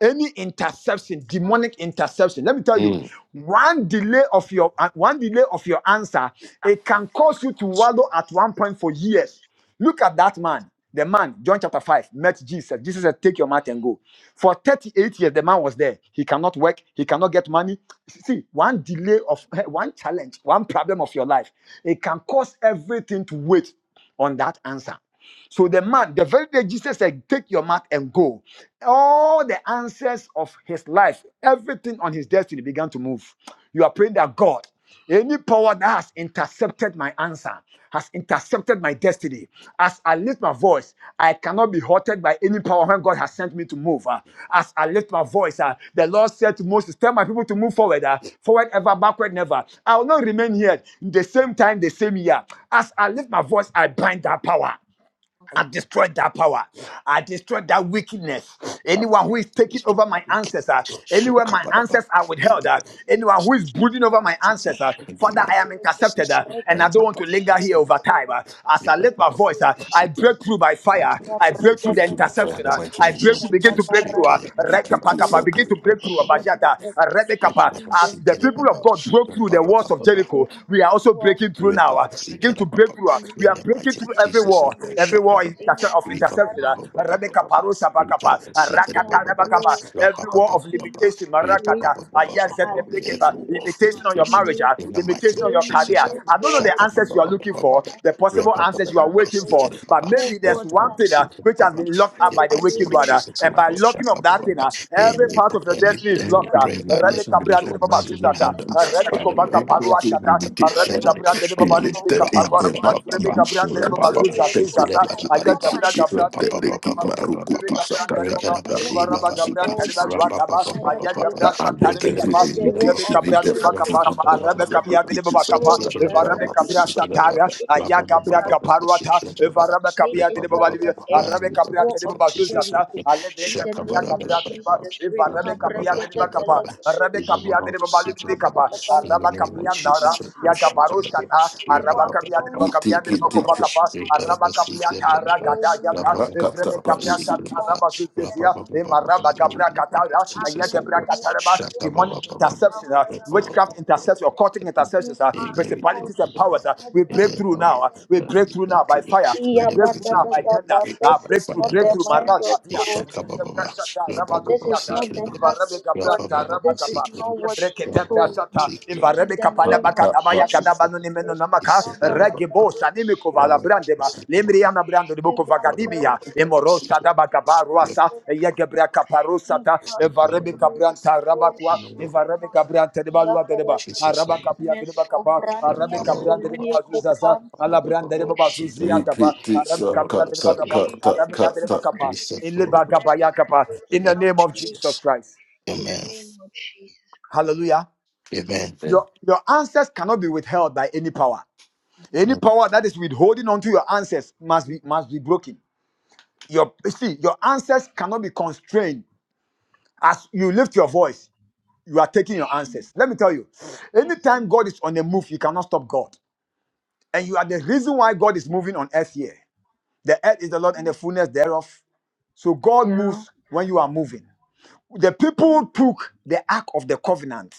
[SPEAKER 1] any interception, demonic interception. Let me tell you,
[SPEAKER 2] Mm.
[SPEAKER 1] one delay of your uh, one delay of your answer, it can cause you to wallow at one point for years. Look at that man. The man, John chapter 5, met Jesus. Jesus said, Take your mat and go. For 38 years, the man was there. He cannot work. He cannot get money. See, one delay of one challenge, one problem of your life, it can cause everything to wait on that answer. So the man, the very day Jesus said, Take your mat and go, all the answers of his life, everything on his destiny began to move. You are praying that God, any power that has intercepted my answer, has intercepted my destiny. As I lift my voice, I cannot be halted by any power when God has sent me to move. Uh, As I lift my voice, uh, the Lord said to Moses, Tell my people to move forward, uh, forward ever, backward never. I will not remain here the same time, the same year. As I lift my voice, I bind that power. I destroy that power. I destroy that wickedness. Anyone who is taking over my ancestor, anywhere my ancestors are withheld, uh, anyone who is brooding over my
[SPEAKER 6] In
[SPEAKER 1] ancestor, Father, I am intercepted, uh, and I don't want to linger here over time. uh. as I lift my voice, uh, I break through by fire. I break through the
[SPEAKER 2] Break through the fire,
[SPEAKER 1] interception.
[SPEAKER 2] the
[SPEAKER 1] uh.
[SPEAKER 2] mighty
[SPEAKER 1] I
[SPEAKER 2] name
[SPEAKER 1] break
[SPEAKER 2] of
[SPEAKER 1] through, begin to
[SPEAKER 2] Jesus.
[SPEAKER 1] break through.
[SPEAKER 5] shake
[SPEAKER 1] Uh,
[SPEAKER 5] it,
[SPEAKER 2] Break
[SPEAKER 5] whatever,
[SPEAKER 2] it to
[SPEAKER 1] Rekapakapa, begin
[SPEAKER 2] Saka.
[SPEAKER 1] to
[SPEAKER 5] Rick
[SPEAKER 1] break
[SPEAKER 5] up, up,
[SPEAKER 1] through. uh,
[SPEAKER 5] up, up, up.
[SPEAKER 1] Bajata, uh,
[SPEAKER 5] Rick it
[SPEAKER 1] Rebekapa.
[SPEAKER 5] up,
[SPEAKER 1] As
[SPEAKER 6] the
[SPEAKER 5] sink
[SPEAKER 1] the
[SPEAKER 5] it,
[SPEAKER 1] people
[SPEAKER 5] up,
[SPEAKER 6] name
[SPEAKER 1] of
[SPEAKER 5] up,
[SPEAKER 6] of
[SPEAKER 1] God broke through
[SPEAKER 5] Rip,
[SPEAKER 1] the
[SPEAKER 5] up,
[SPEAKER 6] Jesus,
[SPEAKER 5] up,
[SPEAKER 1] walls
[SPEAKER 5] up,
[SPEAKER 1] of
[SPEAKER 5] up, up.
[SPEAKER 1] Jericho,
[SPEAKER 6] anyone
[SPEAKER 1] we are also
[SPEAKER 6] who has
[SPEAKER 1] breaking through now.
[SPEAKER 6] come
[SPEAKER 1] uh. begin to break
[SPEAKER 5] Re-pa-pa-si-ka-da-pa-pa.
[SPEAKER 1] through. uh.
[SPEAKER 6] to
[SPEAKER 1] We
[SPEAKER 5] In
[SPEAKER 1] we are
[SPEAKER 6] me
[SPEAKER 5] the
[SPEAKER 1] breaking
[SPEAKER 5] mighty name
[SPEAKER 1] through
[SPEAKER 5] of
[SPEAKER 6] and
[SPEAKER 1] every
[SPEAKER 6] my
[SPEAKER 5] Jesus, oh
[SPEAKER 1] wall,
[SPEAKER 5] God, sha
[SPEAKER 1] every
[SPEAKER 6] glory,
[SPEAKER 5] pa
[SPEAKER 1] wall
[SPEAKER 5] pa
[SPEAKER 1] is interse- of
[SPEAKER 6] anyone that
[SPEAKER 1] interception. uh,
[SPEAKER 6] has
[SPEAKER 1] Radeka paro sabakapa, uh,
[SPEAKER 6] come a
[SPEAKER 1] rakata
[SPEAKER 6] war
[SPEAKER 1] rabakapa, Every wall of
[SPEAKER 6] against
[SPEAKER 1] limitation.
[SPEAKER 6] my
[SPEAKER 1] marakata, uh,
[SPEAKER 6] greatness,
[SPEAKER 1] yes, that they break it,
[SPEAKER 5] every
[SPEAKER 1] uh,
[SPEAKER 6] against
[SPEAKER 5] wall of
[SPEAKER 6] my
[SPEAKER 1] Limitation on your
[SPEAKER 5] limitation,
[SPEAKER 1] marriage, uh,
[SPEAKER 5] in
[SPEAKER 6] glory.
[SPEAKER 5] the mighty
[SPEAKER 1] limitation
[SPEAKER 5] name
[SPEAKER 1] on
[SPEAKER 5] of
[SPEAKER 1] your
[SPEAKER 5] Jesus,
[SPEAKER 1] career.
[SPEAKER 5] ah.
[SPEAKER 6] Any
[SPEAKER 1] I don't know the
[SPEAKER 6] war
[SPEAKER 1] answers you are
[SPEAKER 6] being
[SPEAKER 1] looking
[SPEAKER 6] planted
[SPEAKER 5] Sha-pa-pa-pa-pa-pa-pa-pa.
[SPEAKER 1] for, the
[SPEAKER 6] against
[SPEAKER 1] possible
[SPEAKER 6] us,
[SPEAKER 1] answers you are
[SPEAKER 5] pa
[SPEAKER 1] waiting
[SPEAKER 6] tackle.
[SPEAKER 1] for, but
[SPEAKER 6] Oh
[SPEAKER 1] maybe there's
[SPEAKER 6] God, that
[SPEAKER 1] one
[SPEAKER 6] has
[SPEAKER 1] thing uh, which has been locked
[SPEAKER 6] affected
[SPEAKER 1] up
[SPEAKER 5] In the
[SPEAKER 1] by
[SPEAKER 6] the
[SPEAKER 1] the
[SPEAKER 5] mighty name
[SPEAKER 1] wicked
[SPEAKER 5] of
[SPEAKER 1] one.
[SPEAKER 6] glory of
[SPEAKER 1] uh,
[SPEAKER 5] Jesus,
[SPEAKER 6] God
[SPEAKER 1] And
[SPEAKER 5] oh
[SPEAKER 2] But
[SPEAKER 1] by
[SPEAKER 5] God,
[SPEAKER 1] locking of
[SPEAKER 6] am
[SPEAKER 1] that thing,
[SPEAKER 5] sha-pa-pa-pa-pa.
[SPEAKER 1] uh,
[SPEAKER 6] breaking the spell
[SPEAKER 1] every
[SPEAKER 6] of
[SPEAKER 5] Any
[SPEAKER 1] part
[SPEAKER 6] the
[SPEAKER 1] of your
[SPEAKER 6] devil.
[SPEAKER 5] any-
[SPEAKER 1] destiny is
[SPEAKER 5] any
[SPEAKER 1] locked.
[SPEAKER 2] Every
[SPEAKER 1] uh,
[SPEAKER 6] Shaka taka
[SPEAKER 5] that the
[SPEAKER 2] limitation
[SPEAKER 1] Radeka
[SPEAKER 2] be
[SPEAKER 1] bra-
[SPEAKER 2] lifted
[SPEAKER 5] Lord
[SPEAKER 6] balaka.
[SPEAKER 5] has
[SPEAKER 2] mighty name
[SPEAKER 6] In the
[SPEAKER 5] heard,
[SPEAKER 2] of Jesus.
[SPEAKER 6] name of
[SPEAKER 5] Father Lord,
[SPEAKER 6] Jesus,
[SPEAKER 5] ah,
[SPEAKER 2] Every
[SPEAKER 5] tonight,
[SPEAKER 6] between me
[SPEAKER 1] Rabbi
[SPEAKER 6] and
[SPEAKER 5] let
[SPEAKER 2] limitation
[SPEAKER 6] my
[SPEAKER 5] them
[SPEAKER 1] Gabriel
[SPEAKER 5] catch
[SPEAKER 1] de de
[SPEAKER 5] fire.
[SPEAKER 2] be
[SPEAKER 6] destiny,
[SPEAKER 1] babali bi
[SPEAKER 6] of
[SPEAKER 1] bi
[SPEAKER 2] lifted in
[SPEAKER 1] kaparwa
[SPEAKER 2] the
[SPEAKER 6] between
[SPEAKER 1] vrebe
[SPEAKER 2] mighty
[SPEAKER 5] Ra-pa-pa-pa-pa-pa.
[SPEAKER 2] name
[SPEAKER 6] me
[SPEAKER 1] kapran
[SPEAKER 2] of
[SPEAKER 1] de
[SPEAKER 6] and
[SPEAKER 1] de
[SPEAKER 6] the
[SPEAKER 1] baba
[SPEAKER 2] Jesus.
[SPEAKER 5] Ra-pa-pa-pa.
[SPEAKER 1] zu
[SPEAKER 6] glory
[SPEAKER 1] za
[SPEAKER 6] of
[SPEAKER 1] ze
[SPEAKER 2] Every
[SPEAKER 6] God, I
[SPEAKER 1] aya
[SPEAKER 6] come
[SPEAKER 5] Shikadabadabadaba.
[SPEAKER 2] limitation
[SPEAKER 1] kapra
[SPEAKER 2] be
[SPEAKER 1] kapra de
[SPEAKER 6] against
[SPEAKER 1] de
[SPEAKER 2] lifted.
[SPEAKER 6] it
[SPEAKER 2] They
[SPEAKER 1] vrebe
[SPEAKER 2] keep
[SPEAKER 1] kapa
[SPEAKER 2] my
[SPEAKER 6] in the name
[SPEAKER 2] roku
[SPEAKER 6] of
[SPEAKER 1] vrebe
[SPEAKER 2] to
[SPEAKER 5] Ra-pa-pa-pa-pa-pa-pa-pa-pa.
[SPEAKER 1] kapran de
[SPEAKER 6] Jesus.
[SPEAKER 1] de baba
[SPEAKER 6] Let
[SPEAKER 2] sakakakaka
[SPEAKER 6] it
[SPEAKER 2] roku
[SPEAKER 1] evara ba
[SPEAKER 2] to
[SPEAKER 1] kapran
[SPEAKER 5] Rekadabashiba-ba-ba-ba.
[SPEAKER 2] siki
[SPEAKER 1] de
[SPEAKER 2] to
[SPEAKER 6] fall
[SPEAKER 1] de ba
[SPEAKER 6] by
[SPEAKER 1] wa
[SPEAKER 2] siki.
[SPEAKER 1] taba
[SPEAKER 6] fire,
[SPEAKER 1] aya
[SPEAKER 6] by
[SPEAKER 5] Ra-pa-pa-pa-pa-pa-pa-pa.
[SPEAKER 1] kapra
[SPEAKER 2] Father, I
[SPEAKER 1] sha
[SPEAKER 6] thunder,
[SPEAKER 1] de
[SPEAKER 2] lift
[SPEAKER 1] de
[SPEAKER 2] every
[SPEAKER 6] as
[SPEAKER 1] kapa
[SPEAKER 6] the wall
[SPEAKER 1] vrebe
[SPEAKER 2] limitation
[SPEAKER 6] of
[SPEAKER 2] in
[SPEAKER 5] Rekadabashikadababa.
[SPEAKER 1] kapra
[SPEAKER 2] the
[SPEAKER 1] de de ba
[SPEAKER 2] mighty
[SPEAKER 6] Jericho
[SPEAKER 1] kapa
[SPEAKER 2] name of
[SPEAKER 1] arabe
[SPEAKER 6] fell
[SPEAKER 2] Jesus.
[SPEAKER 1] kapya
[SPEAKER 6] down.
[SPEAKER 5] Ra-pa-pa-pa-pa-pa-pa-pa.
[SPEAKER 1] de
[SPEAKER 2] Roku
[SPEAKER 1] de
[SPEAKER 2] to
[SPEAKER 1] baba
[SPEAKER 6] Oh,
[SPEAKER 1] kapa
[SPEAKER 6] the
[SPEAKER 1] evara
[SPEAKER 2] sakakakaka
[SPEAKER 1] be
[SPEAKER 5] Shikadababa.
[SPEAKER 2] roku
[SPEAKER 6] record,
[SPEAKER 2] to
[SPEAKER 1] kapra sha
[SPEAKER 5] Shikadaba.
[SPEAKER 1] tara
[SPEAKER 2] sakakakaka.
[SPEAKER 1] aya
[SPEAKER 6] anything
[SPEAKER 1] kapra
[SPEAKER 6] that has
[SPEAKER 5] Ra-pa-pa-pa-pa-pa-pa.
[SPEAKER 1] kaparwa ta
[SPEAKER 5] Shikadababa.
[SPEAKER 1] evara be
[SPEAKER 6] made
[SPEAKER 1] kapya de de
[SPEAKER 6] itself
[SPEAKER 1] babali bi
[SPEAKER 6] like
[SPEAKER 5] Ra-pa-pa-pa-pa-pa.
[SPEAKER 6] a
[SPEAKER 5] In
[SPEAKER 1] arabe
[SPEAKER 5] the
[SPEAKER 1] kapra de
[SPEAKER 6] wall
[SPEAKER 5] mighty
[SPEAKER 1] de
[SPEAKER 5] name
[SPEAKER 6] of
[SPEAKER 5] of
[SPEAKER 1] baba zu za
[SPEAKER 5] Jesus.
[SPEAKER 1] za
[SPEAKER 6] Jericho.
[SPEAKER 1] ale de
[SPEAKER 6] In the
[SPEAKER 1] kapa aya
[SPEAKER 6] name of
[SPEAKER 1] kapra de de ba
[SPEAKER 6] Jesus, we
[SPEAKER 1] evara be
[SPEAKER 6] come break
[SPEAKER 1] kapya de
[SPEAKER 6] it
[SPEAKER 1] de ba
[SPEAKER 6] up,
[SPEAKER 1] kapa
[SPEAKER 5] Shakabalabalabalaba.
[SPEAKER 6] like it do,
[SPEAKER 1] arabe
[SPEAKER 5] We love our
[SPEAKER 1] kapya
[SPEAKER 6] shaka,
[SPEAKER 5] Lord,
[SPEAKER 1] de de babali
[SPEAKER 5] seek
[SPEAKER 1] bi
[SPEAKER 5] your
[SPEAKER 1] bi
[SPEAKER 5] love.
[SPEAKER 6] baraka,
[SPEAKER 1] kapa
[SPEAKER 6] da, ba,
[SPEAKER 5] In the
[SPEAKER 1] araba
[SPEAKER 5] name of
[SPEAKER 6] you
[SPEAKER 1] kapiandara
[SPEAKER 5] Jesus, we
[SPEAKER 6] have
[SPEAKER 5] worship and
[SPEAKER 6] gentle,
[SPEAKER 5] adore.
[SPEAKER 1] yagabarushata
[SPEAKER 5] We love
[SPEAKER 6] you
[SPEAKER 5] our
[SPEAKER 1] araba
[SPEAKER 6] are
[SPEAKER 5] Lord, we
[SPEAKER 1] kapiandriba
[SPEAKER 6] fallen
[SPEAKER 2] It
[SPEAKER 6] by
[SPEAKER 2] take
[SPEAKER 6] the
[SPEAKER 5] love
[SPEAKER 1] kapiandriba
[SPEAKER 2] it
[SPEAKER 5] our
[SPEAKER 2] take
[SPEAKER 5] Lord.
[SPEAKER 6] fire in
[SPEAKER 1] kovakapa
[SPEAKER 5] We
[SPEAKER 6] our
[SPEAKER 5] care
[SPEAKER 1] araba
[SPEAKER 5] about seek your love.
[SPEAKER 1] kapiatara
[SPEAKER 6] prayer.
[SPEAKER 1] gada
[SPEAKER 5] We love
[SPEAKER 6] Amen.
[SPEAKER 1] yata
[SPEAKER 5] our
[SPEAKER 1] evrebe
[SPEAKER 2] rakata
[SPEAKER 6] Against
[SPEAKER 2] pa
[SPEAKER 5] Lord,
[SPEAKER 6] the
[SPEAKER 5] seek
[SPEAKER 1] kabrasa
[SPEAKER 5] your
[SPEAKER 2] nisiki.
[SPEAKER 5] love.
[SPEAKER 6] God
[SPEAKER 1] taraba
[SPEAKER 5] We
[SPEAKER 6] in
[SPEAKER 5] love
[SPEAKER 6] the
[SPEAKER 5] our
[SPEAKER 1] zuzezia
[SPEAKER 6] name
[SPEAKER 5] Lord, we
[SPEAKER 6] of
[SPEAKER 5] love our Lord. In
[SPEAKER 1] emaraba
[SPEAKER 6] Jesus.
[SPEAKER 1] gabra
[SPEAKER 5] the name of
[SPEAKER 1] katara
[SPEAKER 5] Jesus, we
[SPEAKER 1] yagebra kataraba
[SPEAKER 5] worship and
[SPEAKER 1] demonic
[SPEAKER 5] adore.
[SPEAKER 1] interception uh,
[SPEAKER 5] We love our
[SPEAKER 1] witchcraft
[SPEAKER 5] Lord.
[SPEAKER 1] interception occultic
[SPEAKER 5] In the name of the Lord.
[SPEAKER 1] interceptions uh,
[SPEAKER 5] In the name of
[SPEAKER 1] principalities and
[SPEAKER 5] the
[SPEAKER 1] powers uh, we break through
[SPEAKER 5] Lord.
[SPEAKER 1] now uh, we break through now by fire we
[SPEAKER 5] In
[SPEAKER 6] Yeah,
[SPEAKER 5] the
[SPEAKER 1] break
[SPEAKER 6] but
[SPEAKER 1] through
[SPEAKER 5] mighty
[SPEAKER 6] that,
[SPEAKER 5] name
[SPEAKER 1] now
[SPEAKER 5] of
[SPEAKER 6] that,
[SPEAKER 1] by
[SPEAKER 5] the Lord.
[SPEAKER 6] that,
[SPEAKER 5] we
[SPEAKER 1] thunder
[SPEAKER 6] but
[SPEAKER 5] pray to
[SPEAKER 1] uh,
[SPEAKER 6] this
[SPEAKER 5] By
[SPEAKER 6] is
[SPEAKER 1] breakthrough
[SPEAKER 6] not
[SPEAKER 5] fire, by
[SPEAKER 6] the
[SPEAKER 1] breakthrough
[SPEAKER 5] fire.
[SPEAKER 6] mind of
[SPEAKER 1] marazadia
[SPEAKER 6] God.
[SPEAKER 5] Ishakababa,
[SPEAKER 1] Emorosa
[SPEAKER 5] Jesus, we go on the
[SPEAKER 6] This is not the heart of God. This is not what He told me. In the name of Jesus.
[SPEAKER 1] da bagabaruasa, Yegebra Sata, Evarebe Cabranta, Rabacua, Evarebe Cabranta de Balua de Deba, Araba Capia de Bacapa, Arabe
[SPEAKER 6] Mescobrania
[SPEAKER 1] Cabranda de
[SPEAKER 6] solie
[SPEAKER 1] Bazuzaza,
[SPEAKER 6] copanti di
[SPEAKER 1] Alabranda de
[SPEAKER 5] the
[SPEAKER 1] Bazuzia
[SPEAKER 2] Tick,
[SPEAKER 6] cosciente.
[SPEAKER 1] Capa,
[SPEAKER 5] runs.
[SPEAKER 2] tick, tick,
[SPEAKER 5] We
[SPEAKER 6] In
[SPEAKER 1] Arabe
[SPEAKER 6] the
[SPEAKER 2] suck, cut,
[SPEAKER 1] Cabranda
[SPEAKER 6] name
[SPEAKER 1] de
[SPEAKER 6] of
[SPEAKER 2] cut,
[SPEAKER 1] Bacapa,
[SPEAKER 2] cut, cut,
[SPEAKER 1] Arabe
[SPEAKER 6] Jesus,
[SPEAKER 2] cut,
[SPEAKER 1] de
[SPEAKER 6] we
[SPEAKER 2] cut.
[SPEAKER 1] Bacapa,
[SPEAKER 6] decree
[SPEAKER 1] in
[SPEAKER 6] and
[SPEAKER 1] Lebacapa
[SPEAKER 6] declare
[SPEAKER 1] Yakapa,
[SPEAKER 6] breakthrough
[SPEAKER 1] in the name of
[SPEAKER 6] somebody.
[SPEAKER 1] Jesus
[SPEAKER 5] Jesus.
[SPEAKER 1] Christ.
[SPEAKER 6] In the
[SPEAKER 5] Amen.
[SPEAKER 6] name of Jesus Christ.
[SPEAKER 1] Hallelujah.
[SPEAKER 5] Amen.
[SPEAKER 2] Then
[SPEAKER 1] Your, your answers cannot be withheld by any power. Any
[SPEAKER 5] Amen.
[SPEAKER 1] power that is withholding onto your answers must be must be broken. Your you see, your answers cannot be constrained as you lift your voice. you are taking your answers. Let me tell you,
[SPEAKER 6] Yes,
[SPEAKER 1] anytime
[SPEAKER 6] yeah.
[SPEAKER 1] God is on a move, you cannot stop God. And you are the reason why God is moving on earth here. The earth is the Lord and the fullness thereof. So God
[SPEAKER 6] Daryl.
[SPEAKER 1] moves when you are moving. The people took the ark of the covenant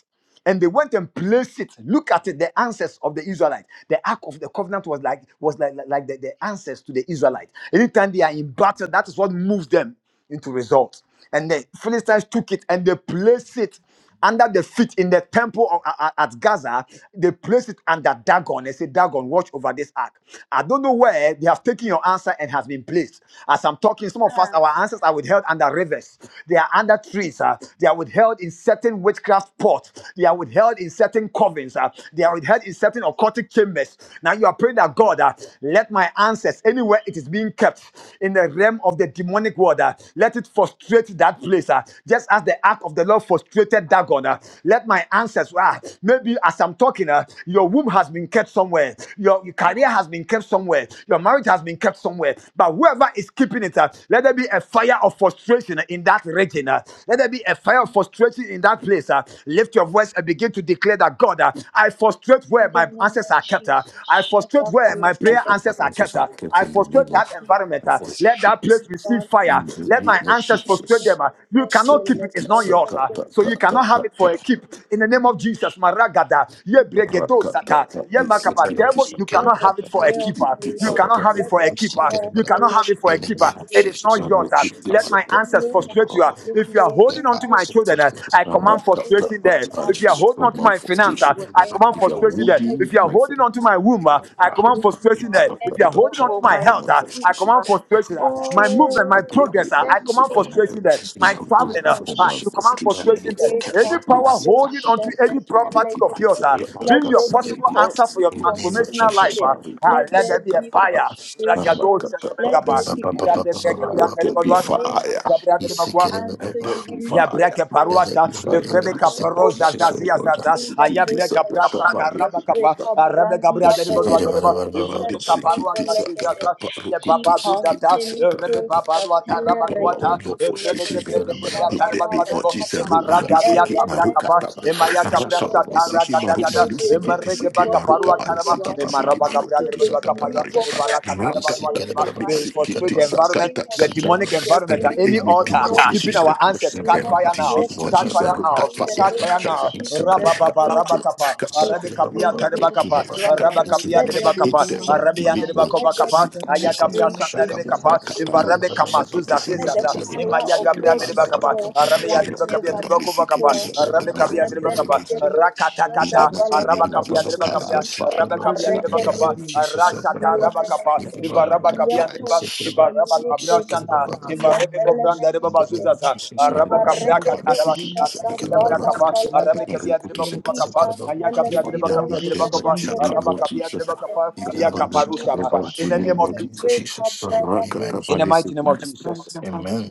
[SPEAKER 1] and they went and placed it. Look at it, the answers of the Israelites. The Ark of the Covenant was like was like, like, like the, the answers to the Israelites. Anytime they are in battle, that is what moves them into results. And the Philistines took it and they placed it under the feet in the temple of- a- a- at Gaza. They placed it under Dagon. They said, Dagon, watch over this ark. I don't know where they have taken your answer and has been placed. As I'm talking, some of us,
[SPEAKER 6] Ah.
[SPEAKER 1] our answers are withheld under rivers. They are under trees. uh, They are withheld in certain witchcraft witchcraft pot. They are withheld in certain covens. uh, they are withheld in certain occultic chambers. Now you are praying that God, uh, let my answers anywhere it is being kept in the realm of the demonic world, uh, let it frustrate that place. uh, just as the ark of the Lord frustrated Dagon, uh, let my answers. Uh, maybe as I'm talking, uh, your womb has been kept somewhere. Your, your career has been kept somewhere. Your marriage has been kept somewhere. But whoever is keeping it, uh, let there be a fire of frustration in that region. uh, let there be a fire of frustration frustration in that place, uh, lift your voice and begin to declare that God, uh, I frustrate where
[SPEAKER 6] Let the
[SPEAKER 1] my answers
[SPEAKER 6] night
[SPEAKER 1] are
[SPEAKER 6] be
[SPEAKER 1] kept. uh, I
[SPEAKER 6] yours.
[SPEAKER 1] frustrate
[SPEAKER 2] I
[SPEAKER 1] where my
[SPEAKER 2] went straight
[SPEAKER 1] prayer
[SPEAKER 2] from my
[SPEAKER 1] answers are kept.
[SPEAKER 2] answers. I
[SPEAKER 1] uh,
[SPEAKER 2] kept
[SPEAKER 1] I
[SPEAKER 2] in the
[SPEAKER 1] frustrate
[SPEAKER 2] name
[SPEAKER 1] that
[SPEAKER 2] of
[SPEAKER 1] environment.
[SPEAKER 2] I
[SPEAKER 1] uh,
[SPEAKER 2] was
[SPEAKER 1] let
[SPEAKER 2] straight
[SPEAKER 1] that place receive fire.
[SPEAKER 2] in the
[SPEAKER 1] Let
[SPEAKER 2] name
[SPEAKER 1] my
[SPEAKER 2] of
[SPEAKER 1] answers frustrate
[SPEAKER 2] Jesus.
[SPEAKER 1] them. uh, you
[SPEAKER 2] Tick,
[SPEAKER 1] cannot keep
[SPEAKER 2] tick,
[SPEAKER 1] it. It's
[SPEAKER 2] tick,
[SPEAKER 1] not
[SPEAKER 2] suck,
[SPEAKER 1] yours.
[SPEAKER 2] cut,
[SPEAKER 1] uh,
[SPEAKER 2] cut,
[SPEAKER 1] so you
[SPEAKER 2] cut,
[SPEAKER 1] cannot
[SPEAKER 2] cut,
[SPEAKER 1] have
[SPEAKER 2] cut,
[SPEAKER 1] it for a
[SPEAKER 2] cut.
[SPEAKER 1] keep. In the name of Jesus, Maragada, ye
[SPEAKER 2] Rock,
[SPEAKER 1] Yebregedo
[SPEAKER 2] cut, cut,
[SPEAKER 1] Sata,
[SPEAKER 2] cut, tick,
[SPEAKER 1] Yemakaba,
[SPEAKER 2] tick, tick,
[SPEAKER 1] devil,
[SPEAKER 2] tick,
[SPEAKER 1] you cannot
[SPEAKER 6] Let the
[SPEAKER 1] have it for a
[SPEAKER 5] Amen.
[SPEAKER 6] fire
[SPEAKER 2] tick, tick,
[SPEAKER 1] keeper.
[SPEAKER 2] tick,
[SPEAKER 1] You
[SPEAKER 5] In
[SPEAKER 6] burn.
[SPEAKER 2] suck,
[SPEAKER 1] cannot
[SPEAKER 2] cut.
[SPEAKER 1] have it
[SPEAKER 6] Let
[SPEAKER 1] for a
[SPEAKER 6] the
[SPEAKER 1] keeper.
[SPEAKER 6] power
[SPEAKER 1] You
[SPEAKER 5] the
[SPEAKER 1] cannot
[SPEAKER 6] be
[SPEAKER 1] have it for a
[SPEAKER 5] name
[SPEAKER 1] keeper.
[SPEAKER 5] of
[SPEAKER 1] It is
[SPEAKER 5] Jesus,
[SPEAKER 1] not
[SPEAKER 5] oh
[SPEAKER 1] yours.
[SPEAKER 6] yours.
[SPEAKER 2] Rock,
[SPEAKER 5] Lord,
[SPEAKER 1] uh,
[SPEAKER 2] tick,
[SPEAKER 5] should
[SPEAKER 2] tick,
[SPEAKER 5] come
[SPEAKER 1] let
[SPEAKER 2] suck,
[SPEAKER 1] my
[SPEAKER 2] cut,
[SPEAKER 1] answers
[SPEAKER 2] cut.
[SPEAKER 6] Idelle
[SPEAKER 1] frustrate you. uh,
[SPEAKER 5] up.
[SPEAKER 1] if you
[SPEAKER 6] Muchizezile
[SPEAKER 1] are holding
[SPEAKER 5] Let
[SPEAKER 1] holding on
[SPEAKER 5] my
[SPEAKER 1] to
[SPEAKER 6] ever
[SPEAKER 1] my
[SPEAKER 5] sin
[SPEAKER 6] you
[SPEAKER 5] for
[SPEAKER 1] children, uh,
[SPEAKER 6] can,
[SPEAKER 5] Jesus.
[SPEAKER 1] I command
[SPEAKER 2] Rock,
[SPEAKER 6] But
[SPEAKER 2] cut, cut,
[SPEAKER 6] wherever
[SPEAKER 1] frustration
[SPEAKER 2] cut.
[SPEAKER 6] you
[SPEAKER 1] there.
[SPEAKER 2] I
[SPEAKER 6] have
[SPEAKER 1] If you are
[SPEAKER 2] swear,
[SPEAKER 5] Jesus,
[SPEAKER 1] holding
[SPEAKER 5] oh
[SPEAKER 6] lost
[SPEAKER 2] for
[SPEAKER 1] on to
[SPEAKER 5] Lord,
[SPEAKER 2] my
[SPEAKER 6] me,
[SPEAKER 1] my finance, uh,
[SPEAKER 5] should
[SPEAKER 2] frustration.
[SPEAKER 5] give
[SPEAKER 1] I
[SPEAKER 5] the body of
[SPEAKER 1] command
[SPEAKER 5] the
[SPEAKER 6] wherever
[SPEAKER 2] If you are
[SPEAKER 6] you
[SPEAKER 1] frustration there.
[SPEAKER 6] kept
[SPEAKER 2] holding
[SPEAKER 1] If you are
[SPEAKER 6] my
[SPEAKER 2] my
[SPEAKER 1] holding
[SPEAKER 2] friend.
[SPEAKER 1] on to my
[SPEAKER 6] tonight,
[SPEAKER 1] womb, uh,
[SPEAKER 6] my
[SPEAKER 1] I
[SPEAKER 5] Bible.
[SPEAKER 1] command
[SPEAKER 6] glory,
[SPEAKER 5] You
[SPEAKER 1] frustration
[SPEAKER 6] my
[SPEAKER 5] pop
[SPEAKER 1] there.
[SPEAKER 5] up and
[SPEAKER 1] If you
[SPEAKER 6] next
[SPEAKER 1] are
[SPEAKER 2] Sakata,
[SPEAKER 5] bottom.
[SPEAKER 1] holding on
[SPEAKER 2] but
[SPEAKER 1] to
[SPEAKER 6] level,
[SPEAKER 2] I
[SPEAKER 1] my
[SPEAKER 6] my
[SPEAKER 2] call my
[SPEAKER 1] health, uh, I
[SPEAKER 2] frustration,
[SPEAKER 1] command
[SPEAKER 6] favor.
[SPEAKER 2] I call
[SPEAKER 1] frustration.
[SPEAKER 2] my
[SPEAKER 1] uh, my
[SPEAKER 2] frustration
[SPEAKER 1] movement, my
[SPEAKER 2] in
[SPEAKER 6] Oh,
[SPEAKER 2] the
[SPEAKER 6] my
[SPEAKER 2] name
[SPEAKER 1] progress, uh,
[SPEAKER 2] of
[SPEAKER 1] I
[SPEAKER 2] Jesus.
[SPEAKER 1] command
[SPEAKER 5] Yeah,
[SPEAKER 2] I call
[SPEAKER 6] destiny
[SPEAKER 5] my
[SPEAKER 6] help
[SPEAKER 2] my
[SPEAKER 1] frustration
[SPEAKER 5] favorite
[SPEAKER 6] it
[SPEAKER 1] there.
[SPEAKER 2] in
[SPEAKER 6] in
[SPEAKER 5] Jesus,
[SPEAKER 1] My
[SPEAKER 5] I
[SPEAKER 2] the
[SPEAKER 6] the
[SPEAKER 5] would
[SPEAKER 2] name
[SPEAKER 5] come
[SPEAKER 1] traveling,
[SPEAKER 6] name
[SPEAKER 1] uh,
[SPEAKER 6] of
[SPEAKER 5] first
[SPEAKER 2] of
[SPEAKER 1] uh,
[SPEAKER 2] my
[SPEAKER 1] you
[SPEAKER 5] mission.
[SPEAKER 1] command
[SPEAKER 6] Jesus.
[SPEAKER 5] But
[SPEAKER 2] frustration,
[SPEAKER 5] if
[SPEAKER 2] oh
[SPEAKER 1] frustration there.
[SPEAKER 2] Lord.
[SPEAKER 6] Wake
[SPEAKER 5] kept
[SPEAKER 1] Any
[SPEAKER 5] my
[SPEAKER 6] up,
[SPEAKER 2] Please,
[SPEAKER 1] power
[SPEAKER 5] asset
[SPEAKER 2] take it,
[SPEAKER 6] don't
[SPEAKER 5] back,
[SPEAKER 1] holding
[SPEAKER 2] take
[SPEAKER 1] onto
[SPEAKER 6] shut
[SPEAKER 1] any
[SPEAKER 2] it,
[SPEAKER 6] this
[SPEAKER 2] take it,
[SPEAKER 1] property
[SPEAKER 2] take
[SPEAKER 6] elegant.
[SPEAKER 2] it,
[SPEAKER 6] Let
[SPEAKER 1] of
[SPEAKER 6] it
[SPEAKER 2] take it,
[SPEAKER 1] yours,
[SPEAKER 6] there
[SPEAKER 1] uh,
[SPEAKER 5] we pop
[SPEAKER 2] Sakata,
[SPEAKER 6] Let
[SPEAKER 5] up
[SPEAKER 1] being
[SPEAKER 5] and
[SPEAKER 1] your
[SPEAKER 6] there
[SPEAKER 5] see
[SPEAKER 2] kata,
[SPEAKER 6] be
[SPEAKER 5] it.
[SPEAKER 1] possible
[SPEAKER 2] rigi,
[SPEAKER 6] co-
[SPEAKER 1] answer for
[SPEAKER 2] tiki,
[SPEAKER 1] your
[SPEAKER 5] In the
[SPEAKER 2] tiki,
[SPEAKER 5] name of
[SPEAKER 1] transformational life,
[SPEAKER 5] Jesus.
[SPEAKER 2] Sakata,
[SPEAKER 6] confusion.
[SPEAKER 1] uh,
[SPEAKER 2] ba,
[SPEAKER 1] uh,
[SPEAKER 2] rigi,
[SPEAKER 6] Let
[SPEAKER 2] tiki,
[SPEAKER 1] let there
[SPEAKER 6] there
[SPEAKER 1] be a
[SPEAKER 6] be
[SPEAKER 2] Sakata, ba,
[SPEAKER 1] fire. Ragado
[SPEAKER 6] frustration.
[SPEAKER 2] Rakata,
[SPEAKER 6] Let
[SPEAKER 2] ba,
[SPEAKER 1] shadabekapa.
[SPEAKER 6] there
[SPEAKER 2] disi,
[SPEAKER 6] be
[SPEAKER 1] Ebra
[SPEAKER 2] rigi.
[SPEAKER 1] debra
[SPEAKER 6] conflict
[SPEAKER 1] gebra
[SPEAKER 2] Let there
[SPEAKER 6] in
[SPEAKER 2] be
[SPEAKER 6] the
[SPEAKER 1] ngadebadwa.
[SPEAKER 6] name
[SPEAKER 1] Ebra
[SPEAKER 6] of
[SPEAKER 2] fire.
[SPEAKER 1] debra
[SPEAKER 5] He's
[SPEAKER 6] Jesus.
[SPEAKER 1] ngadebakwa.
[SPEAKER 6] Until
[SPEAKER 5] sick
[SPEAKER 2] Let there
[SPEAKER 6] you
[SPEAKER 2] be
[SPEAKER 1] Ya
[SPEAKER 6] release
[SPEAKER 2] fire.
[SPEAKER 6] what
[SPEAKER 1] breka
[SPEAKER 5] Let
[SPEAKER 6] belongs
[SPEAKER 5] there
[SPEAKER 1] paruasa,
[SPEAKER 5] be
[SPEAKER 6] to
[SPEAKER 5] fire
[SPEAKER 6] me, you
[SPEAKER 2] Rigi,
[SPEAKER 5] in the
[SPEAKER 6] will
[SPEAKER 1] evrebe
[SPEAKER 2] tiki,
[SPEAKER 6] not know
[SPEAKER 5] mighty name of
[SPEAKER 6] no
[SPEAKER 2] Sakata,
[SPEAKER 1] kaparosa
[SPEAKER 5] Jesus,
[SPEAKER 6] peace.
[SPEAKER 5] oh
[SPEAKER 1] zazia
[SPEAKER 5] God.
[SPEAKER 1] zaza,
[SPEAKER 6] In the
[SPEAKER 1] aya
[SPEAKER 6] name
[SPEAKER 1] breka
[SPEAKER 6] of
[SPEAKER 2] Sakata,
[SPEAKER 1] brasa
[SPEAKER 2] ba,
[SPEAKER 6] Jesus,
[SPEAKER 1] taraba
[SPEAKER 6] we
[SPEAKER 1] kapa, arabe
[SPEAKER 5] You
[SPEAKER 1] gabria
[SPEAKER 6] kabrandia
[SPEAKER 1] de
[SPEAKER 5] seek
[SPEAKER 1] bonwa
[SPEAKER 5] it,
[SPEAKER 1] de
[SPEAKER 5] ba-
[SPEAKER 1] ba,
[SPEAKER 6] velegedo
[SPEAKER 5] ba- ba- ba- ba-
[SPEAKER 1] evrebe
[SPEAKER 2] the
[SPEAKER 5] ba- ba- ba.
[SPEAKER 6] shadede
[SPEAKER 1] kaparuasa
[SPEAKER 6] velegede.
[SPEAKER 1] zaza, ye baba tu tata,
[SPEAKER 6] Ipanteliko
[SPEAKER 1] evrebe baba tu
[SPEAKER 6] satele
[SPEAKER 1] taraba tu
[SPEAKER 2] power will
[SPEAKER 1] ata,
[SPEAKER 6] regedi
[SPEAKER 2] not
[SPEAKER 5] You
[SPEAKER 1] evrebe ke
[SPEAKER 2] frustrate
[SPEAKER 5] seek
[SPEAKER 2] me.
[SPEAKER 5] it,
[SPEAKER 6] velegedo
[SPEAKER 1] breke
[SPEAKER 5] ba-
[SPEAKER 1] te
[SPEAKER 5] ba- ba-
[SPEAKER 1] bra
[SPEAKER 5] ba-
[SPEAKER 2] In
[SPEAKER 5] ba.
[SPEAKER 2] the
[SPEAKER 1] taraba
[SPEAKER 5] You
[SPEAKER 2] name
[SPEAKER 1] tu de
[SPEAKER 2] of
[SPEAKER 1] bo, e
[SPEAKER 2] Jesus,
[SPEAKER 6] shatabarakata.
[SPEAKER 5] seek it, ba-
[SPEAKER 2] Roma,
[SPEAKER 5] ba-
[SPEAKER 1] marada
[SPEAKER 2] this
[SPEAKER 5] ba-
[SPEAKER 1] via
[SPEAKER 5] ba- ba- ba.
[SPEAKER 2] siki,
[SPEAKER 1] tabra
[SPEAKER 2] Maruka,
[SPEAKER 6] Elemeno
[SPEAKER 1] kapa,
[SPEAKER 2] Taba,
[SPEAKER 1] e
[SPEAKER 5] Let what
[SPEAKER 1] maya kabra
[SPEAKER 5] Jesus, oh
[SPEAKER 2] Rakaba,
[SPEAKER 6] shadede
[SPEAKER 5] God.
[SPEAKER 2] this
[SPEAKER 1] satara
[SPEAKER 2] siki,
[SPEAKER 1] gada
[SPEAKER 5] You
[SPEAKER 2] Maruma,
[SPEAKER 1] gada,
[SPEAKER 6] Until
[SPEAKER 5] seek
[SPEAKER 2] this
[SPEAKER 6] they
[SPEAKER 5] it,
[SPEAKER 1] e
[SPEAKER 5] ba- ba-
[SPEAKER 2] siki,
[SPEAKER 5] ba-
[SPEAKER 2] this
[SPEAKER 5] ba-
[SPEAKER 1] marreke,
[SPEAKER 6] release
[SPEAKER 1] ba
[SPEAKER 2] siki,
[SPEAKER 5] ba.
[SPEAKER 6] what
[SPEAKER 2] Maruka,
[SPEAKER 1] kaparua
[SPEAKER 6] belongs
[SPEAKER 2] Ba, this
[SPEAKER 6] to
[SPEAKER 1] taraba,
[SPEAKER 5] ba-
[SPEAKER 6] us.
[SPEAKER 2] siki,
[SPEAKER 5] ba-
[SPEAKER 1] e
[SPEAKER 5] ba-
[SPEAKER 2] this
[SPEAKER 5] ba-
[SPEAKER 2] siki,
[SPEAKER 1] maraba
[SPEAKER 5] ba.
[SPEAKER 6] And
[SPEAKER 1] gabria
[SPEAKER 2] Maruku,
[SPEAKER 6] so
[SPEAKER 1] de
[SPEAKER 2] to
[SPEAKER 6] they
[SPEAKER 5] ba-
[SPEAKER 2] Sakata,
[SPEAKER 5] ba-
[SPEAKER 1] bonwa
[SPEAKER 6] release
[SPEAKER 5] ba-
[SPEAKER 2] Mari,
[SPEAKER 5] ba-
[SPEAKER 6] what
[SPEAKER 5] ba.
[SPEAKER 1] we
[SPEAKER 6] God has
[SPEAKER 5] You seek
[SPEAKER 6] given
[SPEAKER 5] it,
[SPEAKER 6] to
[SPEAKER 5] ba-
[SPEAKER 2] Rakata,
[SPEAKER 5] ba- ba-
[SPEAKER 2] this
[SPEAKER 5] ba.
[SPEAKER 6] us.
[SPEAKER 5] You seek
[SPEAKER 2] siki,
[SPEAKER 5] it,
[SPEAKER 6] In
[SPEAKER 1] frustrate
[SPEAKER 5] ba-
[SPEAKER 1] the
[SPEAKER 5] ba-
[SPEAKER 6] the
[SPEAKER 2] this
[SPEAKER 5] ba.
[SPEAKER 1] environment,
[SPEAKER 2] Sakata,
[SPEAKER 6] name
[SPEAKER 5] You
[SPEAKER 6] of
[SPEAKER 1] the
[SPEAKER 5] seek it,
[SPEAKER 2] Kata,
[SPEAKER 5] ba-
[SPEAKER 1] demonic
[SPEAKER 5] ba- ba.
[SPEAKER 6] Jesus,
[SPEAKER 1] environment
[SPEAKER 6] you
[SPEAKER 1] at
[SPEAKER 2] Re-
[SPEAKER 6] will
[SPEAKER 1] any
[SPEAKER 6] not
[SPEAKER 5] In the
[SPEAKER 2] anything
[SPEAKER 5] name
[SPEAKER 1] altar,
[SPEAKER 5] of
[SPEAKER 6] know
[SPEAKER 2] that they
[SPEAKER 6] peace.
[SPEAKER 1] keeping
[SPEAKER 2] can
[SPEAKER 5] Jesus, oh
[SPEAKER 2] do,
[SPEAKER 1] our
[SPEAKER 5] God. You
[SPEAKER 1] answers.
[SPEAKER 6] You
[SPEAKER 5] seek
[SPEAKER 2] in
[SPEAKER 5] it,
[SPEAKER 6] will
[SPEAKER 5] ba-
[SPEAKER 1] Catch
[SPEAKER 5] ba-
[SPEAKER 6] not
[SPEAKER 1] fire
[SPEAKER 5] ba.
[SPEAKER 2] the
[SPEAKER 1] now,
[SPEAKER 2] name
[SPEAKER 6] know
[SPEAKER 5] You
[SPEAKER 2] of
[SPEAKER 5] catch
[SPEAKER 1] catch
[SPEAKER 5] it, ba-
[SPEAKER 6] peace.
[SPEAKER 2] Jesus,
[SPEAKER 1] fire
[SPEAKER 5] ba- ba.
[SPEAKER 2] Ruka,
[SPEAKER 1] now,
[SPEAKER 6] In
[SPEAKER 5] You
[SPEAKER 6] the
[SPEAKER 5] seek it,
[SPEAKER 2] Fire,
[SPEAKER 1] catch
[SPEAKER 5] ba- ba- ba. You
[SPEAKER 6] name
[SPEAKER 1] fire
[SPEAKER 6] of
[SPEAKER 2] Cut fire
[SPEAKER 1] now.
[SPEAKER 6] Jesus,
[SPEAKER 5] seek it,
[SPEAKER 2] tonight,
[SPEAKER 1] Rabba
[SPEAKER 5] ba- ba-
[SPEAKER 2] Cut
[SPEAKER 6] may
[SPEAKER 1] baba,
[SPEAKER 5] ba.
[SPEAKER 2] fire
[SPEAKER 6] you
[SPEAKER 1] rabba
[SPEAKER 6] catch
[SPEAKER 1] kappa,
[SPEAKER 5] You
[SPEAKER 2] tonight,
[SPEAKER 6] fire.
[SPEAKER 5] seek
[SPEAKER 1] rabbi
[SPEAKER 5] it, ba- ba-
[SPEAKER 6] May
[SPEAKER 1] kapia,
[SPEAKER 5] ba.
[SPEAKER 6] you
[SPEAKER 2] Kaya
[SPEAKER 6] be
[SPEAKER 5] You
[SPEAKER 1] tereba
[SPEAKER 5] seek
[SPEAKER 2] to
[SPEAKER 5] it, ba-
[SPEAKER 1] kappa,
[SPEAKER 5] ba- ba.
[SPEAKER 2] the
[SPEAKER 7] Keep our
[SPEAKER 6] distracted.
[SPEAKER 1] rabba
[SPEAKER 2] kaya
[SPEAKER 5] You
[SPEAKER 7] eyes
[SPEAKER 2] to
[SPEAKER 7] on
[SPEAKER 2] the
[SPEAKER 1] kapia,
[SPEAKER 6] Let
[SPEAKER 7] some
[SPEAKER 6] there
[SPEAKER 1] tereba
[SPEAKER 6] be
[SPEAKER 7] good,
[SPEAKER 2] hit
[SPEAKER 1] kappa,
[SPEAKER 7] in
[SPEAKER 2] the
[SPEAKER 5] seek
[SPEAKER 7] my-
[SPEAKER 5] it, ba- ba-
[SPEAKER 7] my-
[SPEAKER 5] ba.
[SPEAKER 2] mighty
[SPEAKER 7] my-
[SPEAKER 1] rabbi and
[SPEAKER 2] name
[SPEAKER 1] tereba
[SPEAKER 2] of
[SPEAKER 6] confusion. Let
[SPEAKER 1] kova
[SPEAKER 6] there
[SPEAKER 2] Jesus.
[SPEAKER 1] kappa,
[SPEAKER 7] In
[SPEAKER 6] be
[SPEAKER 7] the
[SPEAKER 2] Sikiti
[SPEAKER 1] aya
[SPEAKER 7] mighty
[SPEAKER 1] kapra
[SPEAKER 7] name
[SPEAKER 2] sakata
[SPEAKER 7] of
[SPEAKER 1] shata
[SPEAKER 6] frustration.
[SPEAKER 5] Shaka,
[SPEAKER 6] In
[SPEAKER 7] Jesus,
[SPEAKER 2] kata
[SPEAKER 6] the
[SPEAKER 1] kappa,
[SPEAKER 5] Baba,
[SPEAKER 7] we
[SPEAKER 2] kata
[SPEAKER 1] if
[SPEAKER 6] name
[SPEAKER 5] In the
[SPEAKER 7] want
[SPEAKER 6] of
[SPEAKER 7] the
[SPEAKER 2] ruku
[SPEAKER 1] rabbi
[SPEAKER 2] tu
[SPEAKER 7] pastor,
[SPEAKER 1] kamazu
[SPEAKER 6] Jesus,
[SPEAKER 2] sikiti
[SPEAKER 7] we
[SPEAKER 6] let
[SPEAKER 7] want
[SPEAKER 6] the
[SPEAKER 7] the
[SPEAKER 2] sakata
[SPEAKER 1] zazizaza,
[SPEAKER 7] pastor,
[SPEAKER 2] baruku
[SPEAKER 6] fire
[SPEAKER 2] tu
[SPEAKER 7] we
[SPEAKER 6] of
[SPEAKER 7] want
[SPEAKER 1] gabra
[SPEAKER 7] the
[SPEAKER 2] sikiti
[SPEAKER 6] God
[SPEAKER 1] tereba
[SPEAKER 7] pastor,
[SPEAKER 2] sakata
[SPEAKER 1] kappa,
[SPEAKER 6] fall
[SPEAKER 7] we want
[SPEAKER 1] rabbi
[SPEAKER 7] the
[SPEAKER 1] ya
[SPEAKER 6] like
[SPEAKER 1] tereba
[SPEAKER 7] pastor, we
[SPEAKER 1] kapia
[SPEAKER 2] rakata
[SPEAKER 6] never
[SPEAKER 7] want
[SPEAKER 2] pali
[SPEAKER 7] the
[SPEAKER 2] sikiti
[SPEAKER 6] before.
[SPEAKER 2] sakata
[SPEAKER 7] pastor,
[SPEAKER 1] Arabe
[SPEAKER 5] name of
[SPEAKER 1] kabia
[SPEAKER 2] baruku
[SPEAKER 7] we
[SPEAKER 2] tu
[SPEAKER 1] dreba
[SPEAKER 7] want the
[SPEAKER 6] Arabelegedo
[SPEAKER 1] kapa.
[SPEAKER 2] sikiti
[SPEAKER 7] pastor,
[SPEAKER 2] sakata.
[SPEAKER 1] Rakata
[SPEAKER 7] we
[SPEAKER 2] Hit
[SPEAKER 7] want the
[SPEAKER 2] the
[SPEAKER 1] kata.
[SPEAKER 7] pastor,
[SPEAKER 2] mighty
[SPEAKER 1] Araba
[SPEAKER 2] name of
[SPEAKER 7] we
[SPEAKER 1] kapia
[SPEAKER 7] want
[SPEAKER 2] Jesus.
[SPEAKER 7] the
[SPEAKER 1] dreba
[SPEAKER 2] Kai
[SPEAKER 7] pastor,
[SPEAKER 1] kapia.
[SPEAKER 2] fire,
[SPEAKER 7] we
[SPEAKER 1] Araba
[SPEAKER 7] want
[SPEAKER 1] kapia
[SPEAKER 2] kai
[SPEAKER 7] Jesus
[SPEAKER 1] dreba
[SPEAKER 2] fire,
[SPEAKER 7] Christ to
[SPEAKER 1] kapa.
[SPEAKER 6] Iparaketos
[SPEAKER 7] be
[SPEAKER 5] Jesus,
[SPEAKER 7] We
[SPEAKER 1] Arasata
[SPEAKER 7] want the
[SPEAKER 1] raba
[SPEAKER 7] pastor,
[SPEAKER 1] kapa.
[SPEAKER 2] kai
[SPEAKER 7] we
[SPEAKER 6] antelemenegede.
[SPEAKER 7] want the
[SPEAKER 1] Iva
[SPEAKER 2] fire,
[SPEAKER 1] raba
[SPEAKER 2] kai
[SPEAKER 7] pastor,
[SPEAKER 1] kapia
[SPEAKER 2] fire.
[SPEAKER 6] Iatos
[SPEAKER 1] dreba. Iva raba kabra
[SPEAKER 6] shalutos
[SPEAKER 7] we want the
[SPEAKER 1] shana.
[SPEAKER 7] pastor,
[SPEAKER 6] pastia
[SPEAKER 1] Iva rebe kobranda reba
[SPEAKER 5] in the
[SPEAKER 6] felemenegede.
[SPEAKER 5] name
[SPEAKER 1] bazuza
[SPEAKER 5] of
[SPEAKER 1] sa.
[SPEAKER 5] Jesus,
[SPEAKER 1] Araba
[SPEAKER 7] we want
[SPEAKER 1] kapra
[SPEAKER 2] Rakata
[SPEAKER 7] Jesus
[SPEAKER 1] kata
[SPEAKER 2] pali
[SPEAKER 7] Christ
[SPEAKER 6] Ibaregedos
[SPEAKER 7] to
[SPEAKER 1] raba.
[SPEAKER 7] be
[SPEAKER 2] sikiti
[SPEAKER 7] We
[SPEAKER 5] in
[SPEAKER 2] sakata
[SPEAKER 1] Arakata
[SPEAKER 7] want the
[SPEAKER 1] bra
[SPEAKER 6] shatabala
[SPEAKER 2] baruku
[SPEAKER 7] pastor,
[SPEAKER 2] tu
[SPEAKER 1] kapa.
[SPEAKER 7] we want the
[SPEAKER 2] sakata
[SPEAKER 1] Arabe
[SPEAKER 6] balagade.
[SPEAKER 7] pastor,
[SPEAKER 1] kabia
[SPEAKER 5] the
[SPEAKER 2] baruku
[SPEAKER 7] we
[SPEAKER 2] tu
[SPEAKER 1] dreba
[SPEAKER 7] want the
[SPEAKER 1] kofa
[SPEAKER 2] sakata.
[SPEAKER 7] pastor.
[SPEAKER 1] kapa. Aya
[SPEAKER 7] To
[SPEAKER 1] kabia
[SPEAKER 2] Fire,
[SPEAKER 7] keep
[SPEAKER 1] dreba
[SPEAKER 7] our
[SPEAKER 6] Ipantelemendos
[SPEAKER 1] kabia
[SPEAKER 2] hit
[SPEAKER 7] eyes
[SPEAKER 1] dreba
[SPEAKER 2] the
[SPEAKER 7] on
[SPEAKER 1] kofa.
[SPEAKER 7] some
[SPEAKER 2] mighty
[SPEAKER 7] good.
[SPEAKER 2] name
[SPEAKER 1] Araba
[SPEAKER 2] of
[SPEAKER 6] shadadadade.
[SPEAKER 1] kabia
[SPEAKER 2] Jesus.
[SPEAKER 6] In
[SPEAKER 1] dreba
[SPEAKER 6] the
[SPEAKER 1] kapa.
[SPEAKER 2] Right
[SPEAKER 1] Ya
[SPEAKER 2] by
[SPEAKER 6] mighty
[SPEAKER 2] now,
[SPEAKER 1] kaparusa
[SPEAKER 6] name
[SPEAKER 2] in the
[SPEAKER 1] ba.
[SPEAKER 6] of
[SPEAKER 2] mighty
[SPEAKER 1] In the name
[SPEAKER 2] name
[SPEAKER 1] of
[SPEAKER 2] of
[SPEAKER 6] Jesus,
[SPEAKER 5] name of
[SPEAKER 6] we
[SPEAKER 2] Jesus.
[SPEAKER 1] Jesus.
[SPEAKER 5] Jesus,
[SPEAKER 6] kabragados.
[SPEAKER 5] amen.
[SPEAKER 1] In the mighty name of
[SPEAKER 2] Rakatapadisupilis.
[SPEAKER 1] Jesus
[SPEAKER 5] Amen.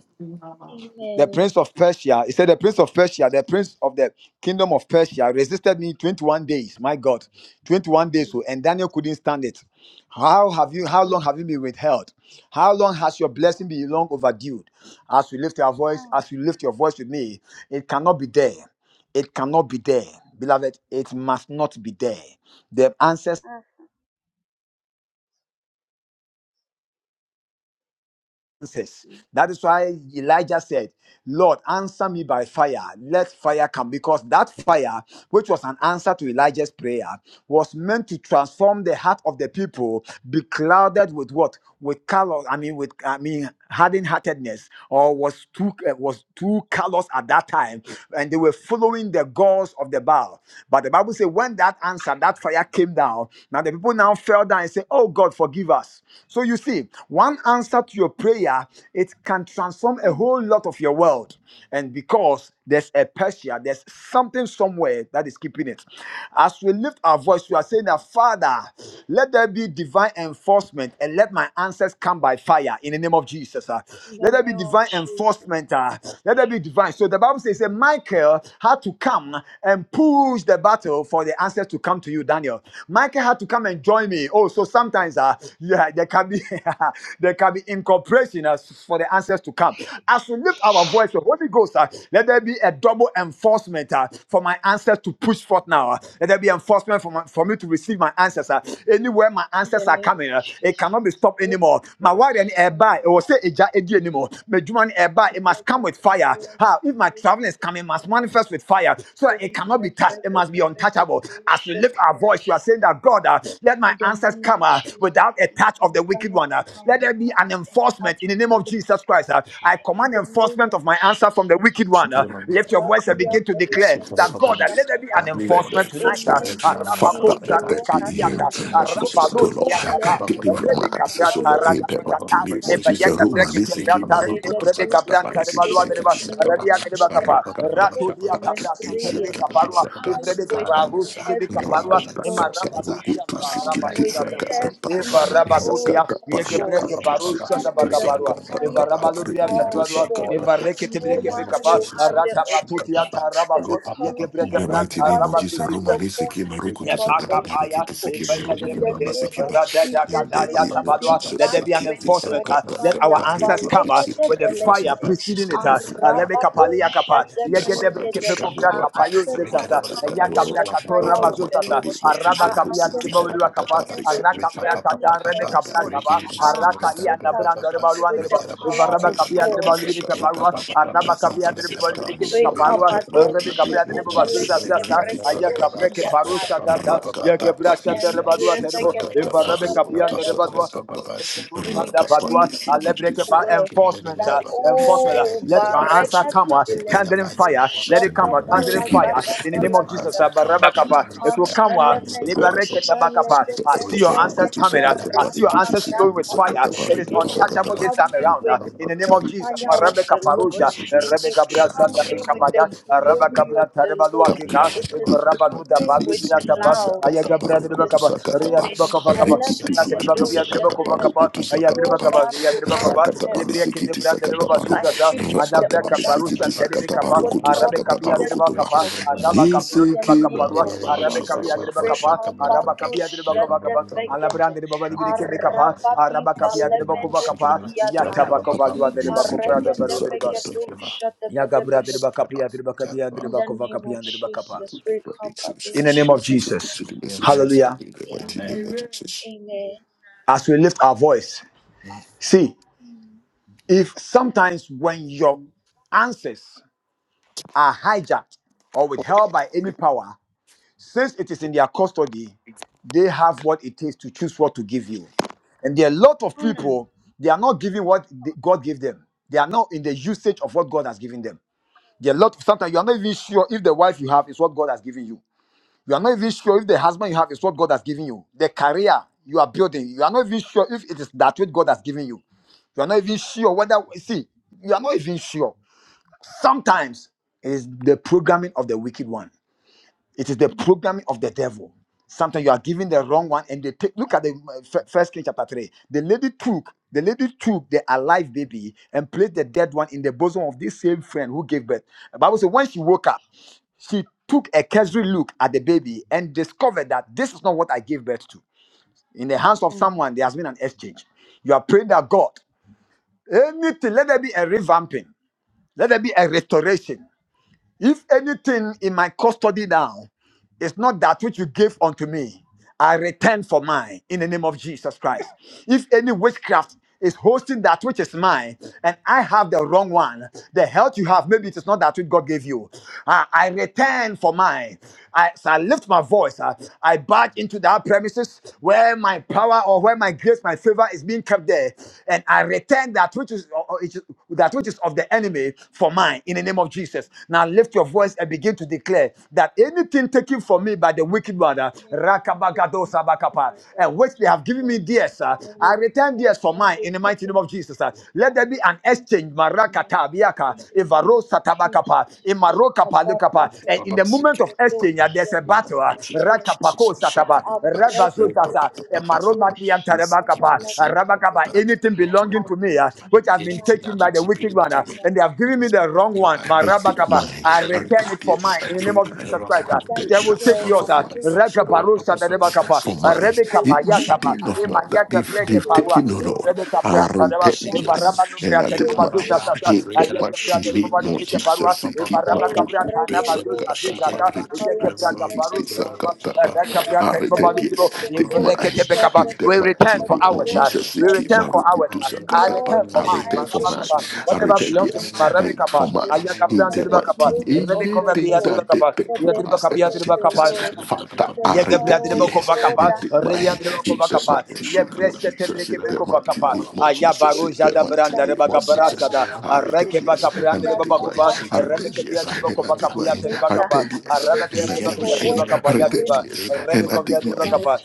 [SPEAKER 1] the
[SPEAKER 6] Amen.
[SPEAKER 1] prince of Persia, he said, the prince of Persia, the prince of the kingdom of Persia resisted me 21 days. My God, 21 days. oh,
[SPEAKER 6] Mm,
[SPEAKER 1] And Daniel couldn't stand it. How have you, how
[SPEAKER 6] mm, mm,
[SPEAKER 1] long have you been withheld? How long has your blessing been long overdue? As we lift our voice,
[SPEAKER 6] mm,
[SPEAKER 1] as you lift your voice with me, it cannot be there. It cannot be there. Beloved, it must not be there. The answers
[SPEAKER 6] mm,
[SPEAKER 1] answers. That is why Elijah said, Lord, answer me by fire. Let fire come. Because that fire, which was an answer to Elijah's prayer, was meant to transform the heart of the people, be clouded with what? With color, I mean, with I mean, hardened-heartedness, or was too uh, was too callous at that time, and they were following the gods of the Baal. But the Bible says, when that answer, that fire came down. Now the people now now fell down and said, Oh God, forgive us. So you see, one answer to your prayer, it can transform a
[SPEAKER 6] mm.
[SPEAKER 1] whole lot of your world. And because there's a Persia, there's something somewhere that is keeping it. As we lift our voice, we are saying that, Father, let there be divine enforcement and let my answers come by fire in the name of Jesus. ah.
[SPEAKER 6] In the
[SPEAKER 1] Let there be
[SPEAKER 6] name of
[SPEAKER 1] divine
[SPEAKER 6] Jesus.
[SPEAKER 1] enforcement. ah. Let there be divine. So the Bible says that Michael had to come and push the battle for the answers to come to you, Daniel. Michael had to come and join me. Oh, so sometimes uh, yeah, there can be there can be incorporation as for the answers to come. As we lift our voice, the Holy Ghost, uh, let there be a double enforcement uh, for my answers to push forth now. uh. Let there be enforcement for, my, for me to receive my answers. uh. Anywhere my
[SPEAKER 6] In the
[SPEAKER 1] answers are
[SPEAKER 6] name
[SPEAKER 1] coming,
[SPEAKER 6] of
[SPEAKER 1] uh, it
[SPEAKER 6] Jesus,
[SPEAKER 1] cannot be stopped
[SPEAKER 6] we
[SPEAKER 1] anymore.
[SPEAKER 6] come to
[SPEAKER 1] My
[SPEAKER 6] the
[SPEAKER 1] word and a buy, it
[SPEAKER 6] Shalom.
[SPEAKER 1] will say, Eja, Edi anymore eba,
[SPEAKER 6] Break
[SPEAKER 1] it must come
[SPEAKER 6] it
[SPEAKER 1] with
[SPEAKER 6] and
[SPEAKER 1] fire.
[SPEAKER 6] break it
[SPEAKER 1] Ah,
[SPEAKER 6] and
[SPEAKER 1] if
[SPEAKER 6] break
[SPEAKER 1] my
[SPEAKER 6] it
[SPEAKER 1] traveling is coming, it
[SPEAKER 6] and
[SPEAKER 1] must
[SPEAKER 6] break it.
[SPEAKER 1] manifest with fire. So that it
[SPEAKER 6] Open
[SPEAKER 1] cannot be
[SPEAKER 6] and
[SPEAKER 1] touched.
[SPEAKER 6] break
[SPEAKER 1] It
[SPEAKER 6] it
[SPEAKER 1] must be
[SPEAKER 6] and break it.
[SPEAKER 1] untouchable.
[SPEAKER 6] Oh,
[SPEAKER 1] As we
[SPEAKER 6] shut
[SPEAKER 1] lift our
[SPEAKER 6] it.
[SPEAKER 1] voice, we are saying that God, ah, let my answers
[SPEAKER 6] Edenman
[SPEAKER 1] come ah,
[SPEAKER 6] matches
[SPEAKER 1] without a touch of the wicked
[SPEAKER 6] Magnifier
[SPEAKER 1] one. ah.
[SPEAKER 6] Crown
[SPEAKER 1] let
[SPEAKER 6] with
[SPEAKER 1] there be
[SPEAKER 6] them
[SPEAKER 1] an
[SPEAKER 6] and
[SPEAKER 1] enforcement
[SPEAKER 6] Touch
[SPEAKER 1] in
[SPEAKER 6] of
[SPEAKER 1] the name
[SPEAKER 6] the
[SPEAKER 1] of Jesus
[SPEAKER 6] Wicked
[SPEAKER 1] Christ.
[SPEAKER 6] One.
[SPEAKER 1] ah. I command
[SPEAKER 6] Edenman
[SPEAKER 1] enforcement of my answer
[SPEAKER 6] matches
[SPEAKER 1] from the
[SPEAKER 6] the
[SPEAKER 1] wicked
[SPEAKER 5] And
[SPEAKER 1] one.
[SPEAKER 6] Smith
[SPEAKER 1] ah.
[SPEAKER 5] then
[SPEAKER 1] lift your voice and
[SPEAKER 6] Ratia
[SPEAKER 1] begin to declare
[SPEAKER 6] Ferlegetu
[SPEAKER 1] that God, ah, let there be an
[SPEAKER 6] Shatatapa.
[SPEAKER 2] Let the
[SPEAKER 1] enforcement tonight. ah.
[SPEAKER 6] Any
[SPEAKER 2] enforcement,
[SPEAKER 5] we
[SPEAKER 6] good
[SPEAKER 5] have a
[SPEAKER 6] thing
[SPEAKER 2] Father,
[SPEAKER 5] flush
[SPEAKER 1] Arabako
[SPEAKER 5] like
[SPEAKER 6] the
[SPEAKER 2] let
[SPEAKER 5] that.
[SPEAKER 2] there
[SPEAKER 6] Lord
[SPEAKER 1] sarika
[SPEAKER 5] In
[SPEAKER 6] has
[SPEAKER 5] the
[SPEAKER 2] be in
[SPEAKER 1] diata,
[SPEAKER 5] mighty name of
[SPEAKER 6] released,
[SPEAKER 5] Jesus,
[SPEAKER 2] enforcement,
[SPEAKER 5] that
[SPEAKER 1] arabalo
[SPEAKER 2] oh
[SPEAKER 6] any
[SPEAKER 2] Lord.
[SPEAKER 5] shaka
[SPEAKER 1] tiakaba.
[SPEAKER 5] baba
[SPEAKER 2] Take
[SPEAKER 6] blessing
[SPEAKER 2] it from
[SPEAKER 6] that
[SPEAKER 2] my
[SPEAKER 6] He's
[SPEAKER 1] Rebecca Branta
[SPEAKER 2] answers, oh
[SPEAKER 6] about to
[SPEAKER 2] Lord,
[SPEAKER 5] Father,
[SPEAKER 2] in the
[SPEAKER 6] release
[SPEAKER 5] Lord,
[SPEAKER 2] mighty
[SPEAKER 1] Ragata,
[SPEAKER 6] into
[SPEAKER 2] name
[SPEAKER 6] my
[SPEAKER 2] of Jesus.
[SPEAKER 1] Ebayaka
[SPEAKER 5] uh,
[SPEAKER 6] season.
[SPEAKER 2] Roman is
[SPEAKER 1] Brekete
[SPEAKER 2] the king,
[SPEAKER 1] Branta,
[SPEAKER 6] May
[SPEAKER 2] Maruku
[SPEAKER 6] the
[SPEAKER 2] to
[SPEAKER 1] Rebecca
[SPEAKER 2] Sakataba,
[SPEAKER 1] Branta
[SPEAKER 6] blessings,
[SPEAKER 1] de
[SPEAKER 2] Rikiti
[SPEAKER 6] may
[SPEAKER 1] Balua de
[SPEAKER 6] His
[SPEAKER 1] Reba,
[SPEAKER 2] Sikiti Sakaba,
[SPEAKER 1] Rabia
[SPEAKER 6] glory,
[SPEAKER 1] de
[SPEAKER 6] may the
[SPEAKER 1] Bacapa,
[SPEAKER 2] Rakata,
[SPEAKER 6] answers
[SPEAKER 1] Ratu
[SPEAKER 6] to
[SPEAKER 1] dia
[SPEAKER 6] my
[SPEAKER 1] Tabrasa
[SPEAKER 2] Sakiti
[SPEAKER 1] de
[SPEAKER 6] prayers
[SPEAKER 2] Sikiti
[SPEAKER 1] Caparua,
[SPEAKER 6] come
[SPEAKER 1] Rebecca
[SPEAKER 6] with
[SPEAKER 2] Sakataka,
[SPEAKER 1] Barus de
[SPEAKER 6] heavenly
[SPEAKER 5] let it
[SPEAKER 2] Rakata,
[SPEAKER 1] Caparua,
[SPEAKER 5] be an
[SPEAKER 1] Emma
[SPEAKER 6] enforcement.
[SPEAKER 2] Kata,
[SPEAKER 5] enforcement
[SPEAKER 1] Rabatu
[SPEAKER 5] uh,
[SPEAKER 1] dia
[SPEAKER 2] Ruku to
[SPEAKER 5] of of
[SPEAKER 6] Come
[SPEAKER 5] my
[SPEAKER 2] Sikiti
[SPEAKER 1] Carabatu
[SPEAKER 6] with
[SPEAKER 1] da Tata,
[SPEAKER 5] prayers, uh,
[SPEAKER 2] Sakataba,
[SPEAKER 5] of all
[SPEAKER 1] Eva
[SPEAKER 5] my
[SPEAKER 6] heavenly, oh
[SPEAKER 1] Rabadutia,
[SPEAKER 5] exercise.
[SPEAKER 2] Rakata,
[SPEAKER 5] Ishaka
[SPEAKER 2] Ruku
[SPEAKER 6] boy.
[SPEAKER 5] ba
[SPEAKER 1] Yegebreke
[SPEAKER 2] to
[SPEAKER 5] ba ba ba,
[SPEAKER 1] Barusha da
[SPEAKER 6] Come
[SPEAKER 2] Sikiti
[SPEAKER 6] with the
[SPEAKER 5] rekele ba
[SPEAKER 1] Bacaparua,
[SPEAKER 5] ba ba
[SPEAKER 1] Eva
[SPEAKER 5] ba
[SPEAKER 6] fire
[SPEAKER 5] ba,
[SPEAKER 2] Sakataka,
[SPEAKER 6] and the
[SPEAKER 1] Rabalubria
[SPEAKER 5] rekele
[SPEAKER 2] Rikiti
[SPEAKER 6] power
[SPEAKER 5] ba
[SPEAKER 6] of
[SPEAKER 1] Tarabadua,
[SPEAKER 2] Sakata,
[SPEAKER 5] shikele
[SPEAKER 6] God.
[SPEAKER 5] ba
[SPEAKER 1] Eva
[SPEAKER 5] ba.
[SPEAKER 1] Rekete
[SPEAKER 5] In
[SPEAKER 6] No
[SPEAKER 5] the
[SPEAKER 1] Breke
[SPEAKER 5] name
[SPEAKER 6] one
[SPEAKER 5] of
[SPEAKER 1] Becapa,
[SPEAKER 6] will
[SPEAKER 5] Jesus,
[SPEAKER 6] have
[SPEAKER 5] oh
[SPEAKER 6] the
[SPEAKER 1] Rata
[SPEAKER 5] Lord, shaka ba
[SPEAKER 1] Batutia
[SPEAKER 5] ba,
[SPEAKER 6] opportunity, the
[SPEAKER 5] re ba ba ba ba
[SPEAKER 6] authority,
[SPEAKER 2] In
[SPEAKER 1] Yegebreke
[SPEAKER 5] ba
[SPEAKER 2] the
[SPEAKER 6] and the
[SPEAKER 5] ba.
[SPEAKER 2] mighty
[SPEAKER 1] Branta
[SPEAKER 6] power
[SPEAKER 2] name of
[SPEAKER 6] to
[SPEAKER 1] Rabasu
[SPEAKER 2] Jesus,
[SPEAKER 6] touch what
[SPEAKER 2] Romani
[SPEAKER 6] God has
[SPEAKER 2] Sekiba, Rikutu
[SPEAKER 6] restored
[SPEAKER 2] Sakata,
[SPEAKER 6] for his
[SPEAKER 1] Yepakapaya,
[SPEAKER 2] Barikiti
[SPEAKER 6] people.
[SPEAKER 2] Sekiba, Rotu
[SPEAKER 6] In the
[SPEAKER 2] Romani
[SPEAKER 1] ifeyetebete,
[SPEAKER 6] name of
[SPEAKER 2] Sekiba. In
[SPEAKER 6] Jesus,
[SPEAKER 2] the
[SPEAKER 6] may
[SPEAKER 1] radadagadaya
[SPEAKER 2] name
[SPEAKER 6] it
[SPEAKER 2] of
[SPEAKER 6] be
[SPEAKER 1] tabalwa. Let
[SPEAKER 2] Jesus,
[SPEAKER 1] there be
[SPEAKER 6] backed
[SPEAKER 1] an
[SPEAKER 6] with
[SPEAKER 2] Sekiti
[SPEAKER 1] enforcement.
[SPEAKER 6] your
[SPEAKER 1] uh,
[SPEAKER 2] Sakata,
[SPEAKER 1] Let our
[SPEAKER 6] fire.
[SPEAKER 2] Kata,
[SPEAKER 1] answers come
[SPEAKER 2] Rikiti
[SPEAKER 1] uh,
[SPEAKER 6] Balegede,
[SPEAKER 1] with the
[SPEAKER 2] Sekiti, let my
[SPEAKER 1] fire
[SPEAKER 6] belegede.
[SPEAKER 2] answers
[SPEAKER 1] preceding it.
[SPEAKER 2] come, O
[SPEAKER 1] uh,
[SPEAKER 2] Lord.
[SPEAKER 1] uh, Let me
[SPEAKER 6] Arabado,
[SPEAKER 1] kapali yakapa.
[SPEAKER 6] shede,
[SPEAKER 2] Let my
[SPEAKER 5] Jesus,
[SPEAKER 2] answers
[SPEAKER 6] belegede.
[SPEAKER 2] come, O
[SPEAKER 5] shaka
[SPEAKER 1] Yegedebrekepekovra
[SPEAKER 6] Our
[SPEAKER 2] Lord.
[SPEAKER 5] papa,
[SPEAKER 1] kapayo
[SPEAKER 6] answers
[SPEAKER 2] Let my
[SPEAKER 6] are
[SPEAKER 5] rekada
[SPEAKER 1] zezasa.
[SPEAKER 5] bada
[SPEAKER 2] answers come,
[SPEAKER 6] coming
[SPEAKER 5] papa,
[SPEAKER 2] O
[SPEAKER 6] with
[SPEAKER 1] Yakabra
[SPEAKER 6] the
[SPEAKER 2] Lord.
[SPEAKER 5] papa
[SPEAKER 2] In
[SPEAKER 1] katora
[SPEAKER 6] fire
[SPEAKER 2] the
[SPEAKER 6] of
[SPEAKER 5] papa
[SPEAKER 6] the
[SPEAKER 2] mighty
[SPEAKER 5] papa,
[SPEAKER 1] bazuzasa.
[SPEAKER 2] name
[SPEAKER 6] Lord.
[SPEAKER 2] of
[SPEAKER 1] Araba
[SPEAKER 2] Jesus,
[SPEAKER 6] Our
[SPEAKER 5] rekada bada
[SPEAKER 1] kapia
[SPEAKER 2] Rikutu
[SPEAKER 5] sita da
[SPEAKER 6] ancestors
[SPEAKER 1] dedebabalua
[SPEAKER 5] bada da
[SPEAKER 2] Sakata,
[SPEAKER 5] da
[SPEAKER 1] kapa.
[SPEAKER 5] da,
[SPEAKER 6] coming
[SPEAKER 2] Barikiti
[SPEAKER 6] with
[SPEAKER 1] Araka
[SPEAKER 5] rekada
[SPEAKER 1] bra
[SPEAKER 2] Sekiti,
[SPEAKER 5] papa
[SPEAKER 6] heavenly
[SPEAKER 1] kata
[SPEAKER 5] papa
[SPEAKER 1] rebe
[SPEAKER 5] papa,
[SPEAKER 1] kabra
[SPEAKER 6] convoy.
[SPEAKER 5] rekada
[SPEAKER 1] kaba.
[SPEAKER 2] Barikutu
[SPEAKER 5] bada
[SPEAKER 6] Our
[SPEAKER 5] sita
[SPEAKER 1] Araka
[SPEAKER 5] da da
[SPEAKER 2] Sekiti,
[SPEAKER 5] da
[SPEAKER 6] ancestors
[SPEAKER 5] da
[SPEAKER 1] yana
[SPEAKER 5] da da
[SPEAKER 1] brando
[SPEAKER 5] da,
[SPEAKER 6] coming
[SPEAKER 1] rebalua
[SPEAKER 6] with the
[SPEAKER 1] nereba.
[SPEAKER 2] Romani
[SPEAKER 5] rekada bada
[SPEAKER 6] power
[SPEAKER 5] shika
[SPEAKER 1] Ivaraba
[SPEAKER 6] of
[SPEAKER 5] papa
[SPEAKER 1] kapia
[SPEAKER 6] God.
[SPEAKER 2] Sekiti
[SPEAKER 5] papa,
[SPEAKER 1] dedebalu bide
[SPEAKER 2] Sakata, Ba.
[SPEAKER 1] kabarua.
[SPEAKER 5] rekada papa papa,
[SPEAKER 1] Araba
[SPEAKER 2] Let my
[SPEAKER 1] kapia
[SPEAKER 5] sita da da
[SPEAKER 2] answers
[SPEAKER 5] da
[SPEAKER 1] dedebalu
[SPEAKER 5] da
[SPEAKER 1] bide
[SPEAKER 5] da,
[SPEAKER 2] come, O
[SPEAKER 1] kebe
[SPEAKER 2] Lord. In
[SPEAKER 1] kaparua.
[SPEAKER 2] the
[SPEAKER 5] rekada papa
[SPEAKER 1] Rebe
[SPEAKER 2] mighty
[SPEAKER 5] papa,
[SPEAKER 6] Rekabadosha
[SPEAKER 1] kabra
[SPEAKER 2] name of
[SPEAKER 5] rekada bada
[SPEAKER 1] deboluwa
[SPEAKER 5] sita
[SPEAKER 2] Jesus,
[SPEAKER 5] da
[SPEAKER 6] develegete
[SPEAKER 5] da
[SPEAKER 1] sasa
[SPEAKER 5] da
[SPEAKER 2] Sekiti
[SPEAKER 5] da da
[SPEAKER 1] aya
[SPEAKER 5] da da da,
[SPEAKER 1] kapre ke
[SPEAKER 2] Sakata,
[SPEAKER 6] bregedosia
[SPEAKER 5] let it
[SPEAKER 6] tai.
[SPEAKER 1] parusa
[SPEAKER 5] be
[SPEAKER 1] data
[SPEAKER 5] enforcement
[SPEAKER 1] ya ke
[SPEAKER 2] Rakatapa
[SPEAKER 1] brasha
[SPEAKER 5] in
[SPEAKER 1] derebadua
[SPEAKER 2] nisikiti
[SPEAKER 5] the
[SPEAKER 1] terebo
[SPEAKER 5] mighty name of
[SPEAKER 2] sakatapa
[SPEAKER 1] evarabe kapian
[SPEAKER 2] rukutu
[SPEAKER 6] Empelevegedoshaliadaba.
[SPEAKER 1] derebadua
[SPEAKER 2] sakatapa
[SPEAKER 1] lebre ke
[SPEAKER 6] we
[SPEAKER 1] brusanda
[SPEAKER 2] rakapa
[SPEAKER 1] batua
[SPEAKER 6] decree and we
[SPEAKER 1] alebre
[SPEAKER 2] nisikiti
[SPEAKER 1] ke pa
[SPEAKER 6] declare
[SPEAKER 2] sakatapa
[SPEAKER 1] enforcement
[SPEAKER 6] that
[SPEAKER 1] ah,
[SPEAKER 2] peace
[SPEAKER 1] enforcement ah.
[SPEAKER 6] oh
[SPEAKER 1] let
[SPEAKER 2] for
[SPEAKER 1] your
[SPEAKER 2] the
[SPEAKER 1] answer
[SPEAKER 2] person
[SPEAKER 6] barakati
[SPEAKER 1] come ah.
[SPEAKER 2] with
[SPEAKER 1] kindling
[SPEAKER 2] everything.
[SPEAKER 6] bilegeto
[SPEAKER 1] fire
[SPEAKER 5] Jesus.
[SPEAKER 1] let
[SPEAKER 2] Just the
[SPEAKER 1] it
[SPEAKER 6] shata
[SPEAKER 1] come
[SPEAKER 2] way
[SPEAKER 1] ah.
[SPEAKER 2] you need to
[SPEAKER 1] kindling
[SPEAKER 2] keep
[SPEAKER 1] fire
[SPEAKER 6] palagata
[SPEAKER 1] in the
[SPEAKER 2] in a
[SPEAKER 5] Let
[SPEAKER 1] name of
[SPEAKER 5] my hands
[SPEAKER 1] Jesus
[SPEAKER 6] palagata
[SPEAKER 2] rukapa
[SPEAKER 1] ah,
[SPEAKER 5] come with
[SPEAKER 1] baraba
[SPEAKER 5] the
[SPEAKER 1] kapa
[SPEAKER 5] candle
[SPEAKER 1] it will
[SPEAKER 5] fire
[SPEAKER 1] come ah.
[SPEAKER 5] and let my
[SPEAKER 6] ipantelemendo
[SPEAKER 1] libere
[SPEAKER 5] hands
[SPEAKER 1] ke tabakapa I
[SPEAKER 6] shalegete
[SPEAKER 1] see
[SPEAKER 5] with
[SPEAKER 1] your
[SPEAKER 2] sakatapa
[SPEAKER 5] fire
[SPEAKER 1] answers
[SPEAKER 2] rukutu
[SPEAKER 6] fekete
[SPEAKER 1] coming
[SPEAKER 5] in
[SPEAKER 1] ah.
[SPEAKER 5] the
[SPEAKER 1] I
[SPEAKER 2] sakatapa
[SPEAKER 1] see
[SPEAKER 5] mighty
[SPEAKER 1] your
[SPEAKER 5] name of
[SPEAKER 2] nikitu
[SPEAKER 1] answers
[SPEAKER 5] Jesus.
[SPEAKER 1] flowing
[SPEAKER 5] we
[SPEAKER 2] sikiti
[SPEAKER 1] with
[SPEAKER 6] rapa
[SPEAKER 5] will
[SPEAKER 1] fire
[SPEAKER 2] sakatapa
[SPEAKER 1] it
[SPEAKER 5] Shut the
[SPEAKER 1] is
[SPEAKER 6] it
[SPEAKER 2] rukutu
[SPEAKER 6] is
[SPEAKER 5] door
[SPEAKER 1] untouchable
[SPEAKER 5] over.
[SPEAKER 2] sakatapa
[SPEAKER 1] this time
[SPEAKER 5] In
[SPEAKER 6] coming
[SPEAKER 5] the
[SPEAKER 1] around ah.
[SPEAKER 6] with
[SPEAKER 1] in the name
[SPEAKER 6] the
[SPEAKER 1] of Jesus
[SPEAKER 6] fire of
[SPEAKER 1] marabe
[SPEAKER 2] Jesus,
[SPEAKER 6] the
[SPEAKER 5] mighty name of
[SPEAKER 6] Lord.
[SPEAKER 1] kaparusha
[SPEAKER 5] Jesus, we
[SPEAKER 6] It
[SPEAKER 5] want
[SPEAKER 1] rebe
[SPEAKER 6] is
[SPEAKER 2] Jesus,
[SPEAKER 5] shut the
[SPEAKER 6] coming
[SPEAKER 1] gabra
[SPEAKER 6] with
[SPEAKER 2] Jesus,
[SPEAKER 1] Rabaya,
[SPEAKER 6] the
[SPEAKER 1] Araba
[SPEAKER 6] glory
[SPEAKER 1] Cabra
[SPEAKER 6] of the Lord.
[SPEAKER 2] Kapki
[SPEAKER 5] door
[SPEAKER 1] Tarabaluakika,
[SPEAKER 6] It is
[SPEAKER 5] over.
[SPEAKER 1] Rabadu
[SPEAKER 6] coming
[SPEAKER 1] Dabadu
[SPEAKER 5] In
[SPEAKER 6] with
[SPEAKER 5] the name
[SPEAKER 2] tikiti
[SPEAKER 1] Diatapa,
[SPEAKER 5] of
[SPEAKER 6] clouds.
[SPEAKER 2] Sakata
[SPEAKER 1] Ayagabra
[SPEAKER 6] It
[SPEAKER 1] de
[SPEAKER 2] paruku
[SPEAKER 6] is
[SPEAKER 2] tu
[SPEAKER 1] Bacaba,
[SPEAKER 2] sakata
[SPEAKER 1] Ria
[SPEAKER 2] ba
[SPEAKER 1] de
[SPEAKER 6] coming.
[SPEAKER 1] Bacavacaba,
[SPEAKER 5] Jesus,
[SPEAKER 2] rikiti sikiti
[SPEAKER 1] Yatribaka,
[SPEAKER 2] sakata paruku
[SPEAKER 1] Yatribacovacapa,
[SPEAKER 6] Shalabagadoshadadada.
[SPEAKER 2] tu sakata
[SPEAKER 6] No
[SPEAKER 2] pari
[SPEAKER 1] Ayatribacaba,
[SPEAKER 6] one will have.
[SPEAKER 1] Yatribacaba,
[SPEAKER 2] rakata
[SPEAKER 6] the
[SPEAKER 2] pali
[SPEAKER 1] Lebeke de
[SPEAKER 2] sikiti
[SPEAKER 1] Brand de
[SPEAKER 5] in
[SPEAKER 2] sakata
[SPEAKER 5] the
[SPEAKER 6] the
[SPEAKER 2] paru
[SPEAKER 5] name
[SPEAKER 1] Babasuza,
[SPEAKER 6] friendship and the
[SPEAKER 2] rakata
[SPEAKER 1] Adabra
[SPEAKER 2] pali
[SPEAKER 1] Caparusha
[SPEAKER 2] sikiti
[SPEAKER 6] audacity to
[SPEAKER 2] sakata
[SPEAKER 6] touch
[SPEAKER 1] Terebecapa,
[SPEAKER 6] what
[SPEAKER 2] paruku tu
[SPEAKER 6] God
[SPEAKER 1] Arabe
[SPEAKER 2] sakata
[SPEAKER 6] has
[SPEAKER 1] Cabia
[SPEAKER 6] set
[SPEAKER 1] de
[SPEAKER 2] paruku tu ba
[SPEAKER 1] Bacapa,
[SPEAKER 6] for me
[SPEAKER 1] Araba Capio
[SPEAKER 6] in
[SPEAKER 1] de
[SPEAKER 6] the
[SPEAKER 2] nisiki ba
[SPEAKER 6] name
[SPEAKER 1] Bacaparua,
[SPEAKER 2] ba
[SPEAKER 6] of
[SPEAKER 2] ba ba
[SPEAKER 1] Arabe
[SPEAKER 2] ba
[SPEAKER 1] Cabia
[SPEAKER 6] Jesus.
[SPEAKER 2] ba
[SPEAKER 1] de
[SPEAKER 2] ba ba
[SPEAKER 1] Bacapa, Araba
[SPEAKER 6] Rekabato
[SPEAKER 1] Cabia de Bacavacaba, Alabran
[SPEAKER 6] shetevegete
[SPEAKER 1] de Baba Libica Becapa,
[SPEAKER 6] arabati
[SPEAKER 1] Araba Capia de
[SPEAKER 5] of
[SPEAKER 1] Bacovacapa,
[SPEAKER 6] valemendoskiatai
[SPEAKER 1] Yatabacobalua de Bacovra de
[SPEAKER 2] Sikiti
[SPEAKER 6] iparegete
[SPEAKER 1] Baru the Bacapa.
[SPEAKER 2] sakata
[SPEAKER 6] vegeto
[SPEAKER 2] paruku
[SPEAKER 6] shetevegetevehe.
[SPEAKER 5] Jesus,
[SPEAKER 6] In the name of
[SPEAKER 2] tu
[SPEAKER 6] Jesus, Rekabato
[SPEAKER 1] In the name of
[SPEAKER 2] ba.
[SPEAKER 6] shetevehe.
[SPEAKER 1] Jesus.
[SPEAKER 5] Amen.
[SPEAKER 1] Hallelujah.
[SPEAKER 2] In the mighty name
[SPEAKER 5] Amen.
[SPEAKER 6] Amen.
[SPEAKER 2] of Jesus.
[SPEAKER 6] Amen.
[SPEAKER 1] As we lift our voice, see, if sometimes when your answers are hijacked or withheld by any power, since it is in their custody, they have what it takes to choose what to give you. And there are a lot of
[SPEAKER 6] Mm.
[SPEAKER 1] people, they are not giving what the- God gave them. They are not in the usage of what God has given them. There are a lot, sometimes you are not even sure if the wife you have is what God has given you. You are not even sure if the husband you have is what God has given you. The career you are building, you are not even sure if it is that which God has given you. You are not even sure whether, see, you are not even sure. Sometimes it is the programming of the wicked one. It is the
[SPEAKER 6] Mm.
[SPEAKER 1] programming of the devil. Sometimes you are giving the wrong one, and they take. Look at the uh, Fir- first King chapter three. The lady took the lady took the alive baby and placed the dead one in the bosom of this same friend who gave birth. The Bible says when she woke up, she took a cursory look at the baby and discovered that this is not what I gave birth to. In the hands of
[SPEAKER 6] Mm.
[SPEAKER 1] someone, there has been an exchange. You are praying that God, anything, let there be a revamping, let there be a restoration. If anything in my custody now is not that which you gave unto me, I return for mine in the name of Jesus Christ. If any witchcraft is hosting that which is mine and I have the wrong one, the health you have, maybe it is not that which God gave you. I, I return for mine. I, so I lift my voice. I, I barge into that premises where my power or where my grace, my favor is being kept there. And I return that that which is that which is of the enemy for mine in the name of Jesus. Now lift your voice and begin to declare that anything taken from me by the wicked one, uh,
[SPEAKER 6] many people came
[SPEAKER 1] rakabagadosa
[SPEAKER 6] for me,
[SPEAKER 1] bakapa,
[SPEAKER 6] but the
[SPEAKER 1] and which they
[SPEAKER 6] wicked
[SPEAKER 1] have given me
[SPEAKER 6] one
[SPEAKER 1] dears, uh,
[SPEAKER 6] I
[SPEAKER 1] I return
[SPEAKER 6] return
[SPEAKER 1] dears for
[SPEAKER 6] and
[SPEAKER 1] mine
[SPEAKER 6] the
[SPEAKER 1] in the mighty name
[SPEAKER 6] given
[SPEAKER 1] of Jesus. uh. Let
[SPEAKER 6] I
[SPEAKER 1] there be an
[SPEAKER 6] return
[SPEAKER 1] exchange,
[SPEAKER 6] this for now. In
[SPEAKER 1] marakatabiaka,
[SPEAKER 6] the name of
[SPEAKER 1] ivarosata tabakapa,
[SPEAKER 6] Jesus, we
[SPEAKER 1] imarokapa
[SPEAKER 6] cover the
[SPEAKER 1] lukapa.
[SPEAKER 6] the
[SPEAKER 1] And in
[SPEAKER 6] the
[SPEAKER 1] the
[SPEAKER 6] the
[SPEAKER 1] moment of
[SPEAKER 6] the the
[SPEAKER 1] exchange, uh, there's a Atwa,
[SPEAKER 6] the the the
[SPEAKER 1] Rakapako Sataba, Rabazuzaza,
[SPEAKER 6] Abracadabra,
[SPEAKER 1] and Maromati and Tarabakapa, Rabakaba, anything belonging to me, uh, which has been
[SPEAKER 5] Anything
[SPEAKER 1] taken
[SPEAKER 5] that
[SPEAKER 1] by the
[SPEAKER 5] does
[SPEAKER 1] wicked one, uh,
[SPEAKER 5] to me,
[SPEAKER 1] and they have
[SPEAKER 5] I
[SPEAKER 1] given me
[SPEAKER 5] just
[SPEAKER 1] the wrong
[SPEAKER 5] believe
[SPEAKER 1] one,
[SPEAKER 5] I
[SPEAKER 2] I take
[SPEAKER 1] Marabakapa,
[SPEAKER 2] mine.
[SPEAKER 5] I
[SPEAKER 1] I
[SPEAKER 2] I
[SPEAKER 5] didn't
[SPEAKER 1] return
[SPEAKER 2] regret
[SPEAKER 1] it for
[SPEAKER 2] yes
[SPEAKER 1] mine
[SPEAKER 5] I
[SPEAKER 1] in the
[SPEAKER 2] for
[SPEAKER 1] name
[SPEAKER 5] gave
[SPEAKER 1] of
[SPEAKER 5] you
[SPEAKER 2] I
[SPEAKER 5] the
[SPEAKER 1] Jesus
[SPEAKER 5] wrong
[SPEAKER 1] Christ.
[SPEAKER 2] I
[SPEAKER 5] one.
[SPEAKER 1] uh,
[SPEAKER 2] regret
[SPEAKER 1] they will
[SPEAKER 6] İstanbul'da
[SPEAKER 2] yes
[SPEAKER 5] Shaka
[SPEAKER 1] take
[SPEAKER 2] for
[SPEAKER 1] yours, uh,
[SPEAKER 2] mine
[SPEAKER 6] Vadisi'ye
[SPEAKER 1] Rakaparusha, the
[SPEAKER 6] gelmediği,
[SPEAKER 1] Rebekapa,
[SPEAKER 2] for mine.
[SPEAKER 6] İstanbul'a
[SPEAKER 2] It
[SPEAKER 1] Rebekapa,
[SPEAKER 2] may
[SPEAKER 6] gitmenin
[SPEAKER 2] be
[SPEAKER 1] Yataba e
[SPEAKER 2] of mine
[SPEAKER 5] Shake
[SPEAKER 1] maya
[SPEAKER 2] that they've,
[SPEAKER 1] gebre
[SPEAKER 6] kafası
[SPEAKER 1] ke
[SPEAKER 2] they've
[SPEAKER 1] parua
[SPEAKER 5] in
[SPEAKER 2] taken, oh
[SPEAKER 5] the
[SPEAKER 1] e
[SPEAKER 6] gelemediği,
[SPEAKER 2] Lord.
[SPEAKER 1] vrebe ka prea
[SPEAKER 2] I
[SPEAKER 6] Vadisi'ye
[SPEAKER 1] tareba
[SPEAKER 2] repent
[SPEAKER 1] e
[SPEAKER 5] name
[SPEAKER 2] this
[SPEAKER 1] varaba no
[SPEAKER 6] gelmediği,
[SPEAKER 1] prea
[SPEAKER 2] and I
[SPEAKER 1] tareba
[SPEAKER 2] take my
[SPEAKER 1] bazu za
[SPEAKER 6] Boyes,
[SPEAKER 1] za za
[SPEAKER 2] head that
[SPEAKER 1] aye
[SPEAKER 2] my
[SPEAKER 1] ke prea tareba bali
[SPEAKER 2] name on
[SPEAKER 1] bi ke
[SPEAKER 6] Kristogiu,
[SPEAKER 1] parua
[SPEAKER 2] Jesus. He
[SPEAKER 1] e
[SPEAKER 2] keep my
[SPEAKER 1] varaba ka
[SPEAKER 6] Bella
[SPEAKER 2] root,
[SPEAKER 1] prea
[SPEAKER 2] it
[SPEAKER 1] tareba
[SPEAKER 2] keep
[SPEAKER 1] bazu
[SPEAKER 6] Bregato,
[SPEAKER 1] za za
[SPEAKER 2] sakata,
[SPEAKER 1] za
[SPEAKER 2] my
[SPEAKER 1] za
[SPEAKER 6] Shada
[SPEAKER 2] root,
[SPEAKER 1] e
[SPEAKER 2] it
[SPEAKER 1] ye ke
[SPEAKER 2] keep
[SPEAKER 1] prea
[SPEAKER 2] sakata,
[SPEAKER 1] ka
[SPEAKER 2] it,
[SPEAKER 6] Balagada
[SPEAKER 2] keep
[SPEAKER 1] paru se te
[SPEAKER 6] Bregato,
[SPEAKER 1] ba
[SPEAKER 2] sakata,
[SPEAKER 1] re ka prea
[SPEAKER 2] my- I
[SPEAKER 6] Ivan
[SPEAKER 1] tareba
[SPEAKER 2] repent
[SPEAKER 1] bali
[SPEAKER 6] Tele
[SPEAKER 1] bi bo
[SPEAKER 2] this.
[SPEAKER 1] e
[SPEAKER 2] Take my
[SPEAKER 1] vre
[SPEAKER 6] Bregato,
[SPEAKER 1] ke te
[SPEAKER 2] head
[SPEAKER 1] pe ka ba
[SPEAKER 6] Shada
[SPEAKER 2] that
[SPEAKER 1] we
[SPEAKER 2] my
[SPEAKER 6] Tele
[SPEAKER 1] return for
[SPEAKER 2] name on
[SPEAKER 1] ours
[SPEAKER 6] Bregato,
[SPEAKER 1] ah.
[SPEAKER 2] Jesus. He
[SPEAKER 1] we
[SPEAKER 2] keep
[SPEAKER 1] return
[SPEAKER 2] my
[SPEAKER 6] Shalina.
[SPEAKER 1] for
[SPEAKER 2] root, keep it,
[SPEAKER 1] ours
[SPEAKER 2] keep
[SPEAKER 1] ah. I
[SPEAKER 2] sakata, my-
[SPEAKER 6] Lord,
[SPEAKER 1] return for
[SPEAKER 6] we
[SPEAKER 2] I
[SPEAKER 1] mine
[SPEAKER 6] I
[SPEAKER 5] of
[SPEAKER 2] repent for
[SPEAKER 1] maraba ka
[SPEAKER 2] mine.
[SPEAKER 5] Jesus,
[SPEAKER 1] ba
[SPEAKER 5] we
[SPEAKER 6] receive
[SPEAKER 2] I
[SPEAKER 5] must
[SPEAKER 6] it
[SPEAKER 1] whatever
[SPEAKER 2] repent
[SPEAKER 6] in
[SPEAKER 5] shut
[SPEAKER 1] belongs to
[SPEAKER 6] the
[SPEAKER 1] me
[SPEAKER 5] down
[SPEAKER 2] this
[SPEAKER 5] the
[SPEAKER 6] name
[SPEAKER 5] blood.
[SPEAKER 1] marabe
[SPEAKER 2] I
[SPEAKER 6] of
[SPEAKER 1] ka ba
[SPEAKER 2] for mine
[SPEAKER 6] Jesus
[SPEAKER 5] bring
[SPEAKER 1] aye
[SPEAKER 5] the
[SPEAKER 1] ka
[SPEAKER 2] in
[SPEAKER 1] prea
[SPEAKER 6] for
[SPEAKER 5] Lord.
[SPEAKER 2] the
[SPEAKER 6] the
[SPEAKER 1] tareba ka
[SPEAKER 2] mighty
[SPEAKER 1] ba
[SPEAKER 6] glory
[SPEAKER 2] name.
[SPEAKER 6] of
[SPEAKER 1] rebe ko
[SPEAKER 6] the
[SPEAKER 1] ba ke
[SPEAKER 2] Anything
[SPEAKER 1] ya
[SPEAKER 6] Lord
[SPEAKER 1] tareba
[SPEAKER 2] that
[SPEAKER 1] ka
[SPEAKER 2] the
[SPEAKER 1] ba
[SPEAKER 6] for
[SPEAKER 1] ya
[SPEAKER 6] the
[SPEAKER 2] people
[SPEAKER 1] tareba ka
[SPEAKER 2] has
[SPEAKER 1] ba
[SPEAKER 6] hand
[SPEAKER 1] ya
[SPEAKER 6] of
[SPEAKER 1] tareba ka
[SPEAKER 6] the
[SPEAKER 2] exchanged
[SPEAKER 1] ba
[SPEAKER 5] Seek
[SPEAKER 6] Lord,
[SPEAKER 5] the
[SPEAKER 6] for
[SPEAKER 2] Father,
[SPEAKER 6] the
[SPEAKER 2] I read them
[SPEAKER 6] power of
[SPEAKER 2] yes,
[SPEAKER 1] Yegebriadrebokova
[SPEAKER 6] God
[SPEAKER 2] and
[SPEAKER 6] that He
[SPEAKER 2] take my hand
[SPEAKER 5] blood.
[SPEAKER 6] sends
[SPEAKER 2] in
[SPEAKER 1] Reviandrebokova
[SPEAKER 2] that
[SPEAKER 5] Jesus, we
[SPEAKER 2] mighty
[SPEAKER 6] in
[SPEAKER 5] must shut
[SPEAKER 2] name
[SPEAKER 5] down
[SPEAKER 2] of
[SPEAKER 6] me.
[SPEAKER 2] Jesus,
[SPEAKER 6] In
[SPEAKER 2] in
[SPEAKER 6] the
[SPEAKER 2] that
[SPEAKER 1] Yebresetebrekebekova
[SPEAKER 5] the
[SPEAKER 2] mighty
[SPEAKER 6] name of
[SPEAKER 2] name
[SPEAKER 5] blood.
[SPEAKER 2] of Jesus,
[SPEAKER 6] Jesus,
[SPEAKER 2] in
[SPEAKER 5] Jesus,
[SPEAKER 1] Ayabaruja
[SPEAKER 2] that
[SPEAKER 1] da
[SPEAKER 6] it
[SPEAKER 2] mighty
[SPEAKER 1] Branda
[SPEAKER 6] does
[SPEAKER 2] name
[SPEAKER 6] not
[SPEAKER 2] of
[SPEAKER 6] bear
[SPEAKER 1] Rebagabarasa
[SPEAKER 2] Jesus.
[SPEAKER 6] my
[SPEAKER 1] da
[SPEAKER 2] I
[SPEAKER 6] name.
[SPEAKER 2] read them
[SPEAKER 6] If
[SPEAKER 2] yes,
[SPEAKER 6] it
[SPEAKER 2] and I
[SPEAKER 6] does
[SPEAKER 2] take
[SPEAKER 6] not
[SPEAKER 2] my hand.
[SPEAKER 1] Arekebacapriandrebakova
[SPEAKER 6] have
[SPEAKER 2] I read them
[SPEAKER 6] heavenly
[SPEAKER 2] yes, and I
[SPEAKER 1] Rebekebiandrebakova
[SPEAKER 2] take my hand. I
[SPEAKER 6] signature.
[SPEAKER 2] read
[SPEAKER 1] Capiatrebakapa
[SPEAKER 2] them
[SPEAKER 6] I
[SPEAKER 2] yes, and I
[SPEAKER 6] return
[SPEAKER 2] take
[SPEAKER 6] for
[SPEAKER 2] my
[SPEAKER 6] what
[SPEAKER 2] hand.
[SPEAKER 6] He
[SPEAKER 1] Arabekiatrebakiatrebakapa
[SPEAKER 2] I read them
[SPEAKER 6] gave
[SPEAKER 1] Yatriba
[SPEAKER 6] me
[SPEAKER 2] yes, and I take
[SPEAKER 6] since
[SPEAKER 2] my hand.
[SPEAKER 6] my
[SPEAKER 1] Rebekoviandrebakapa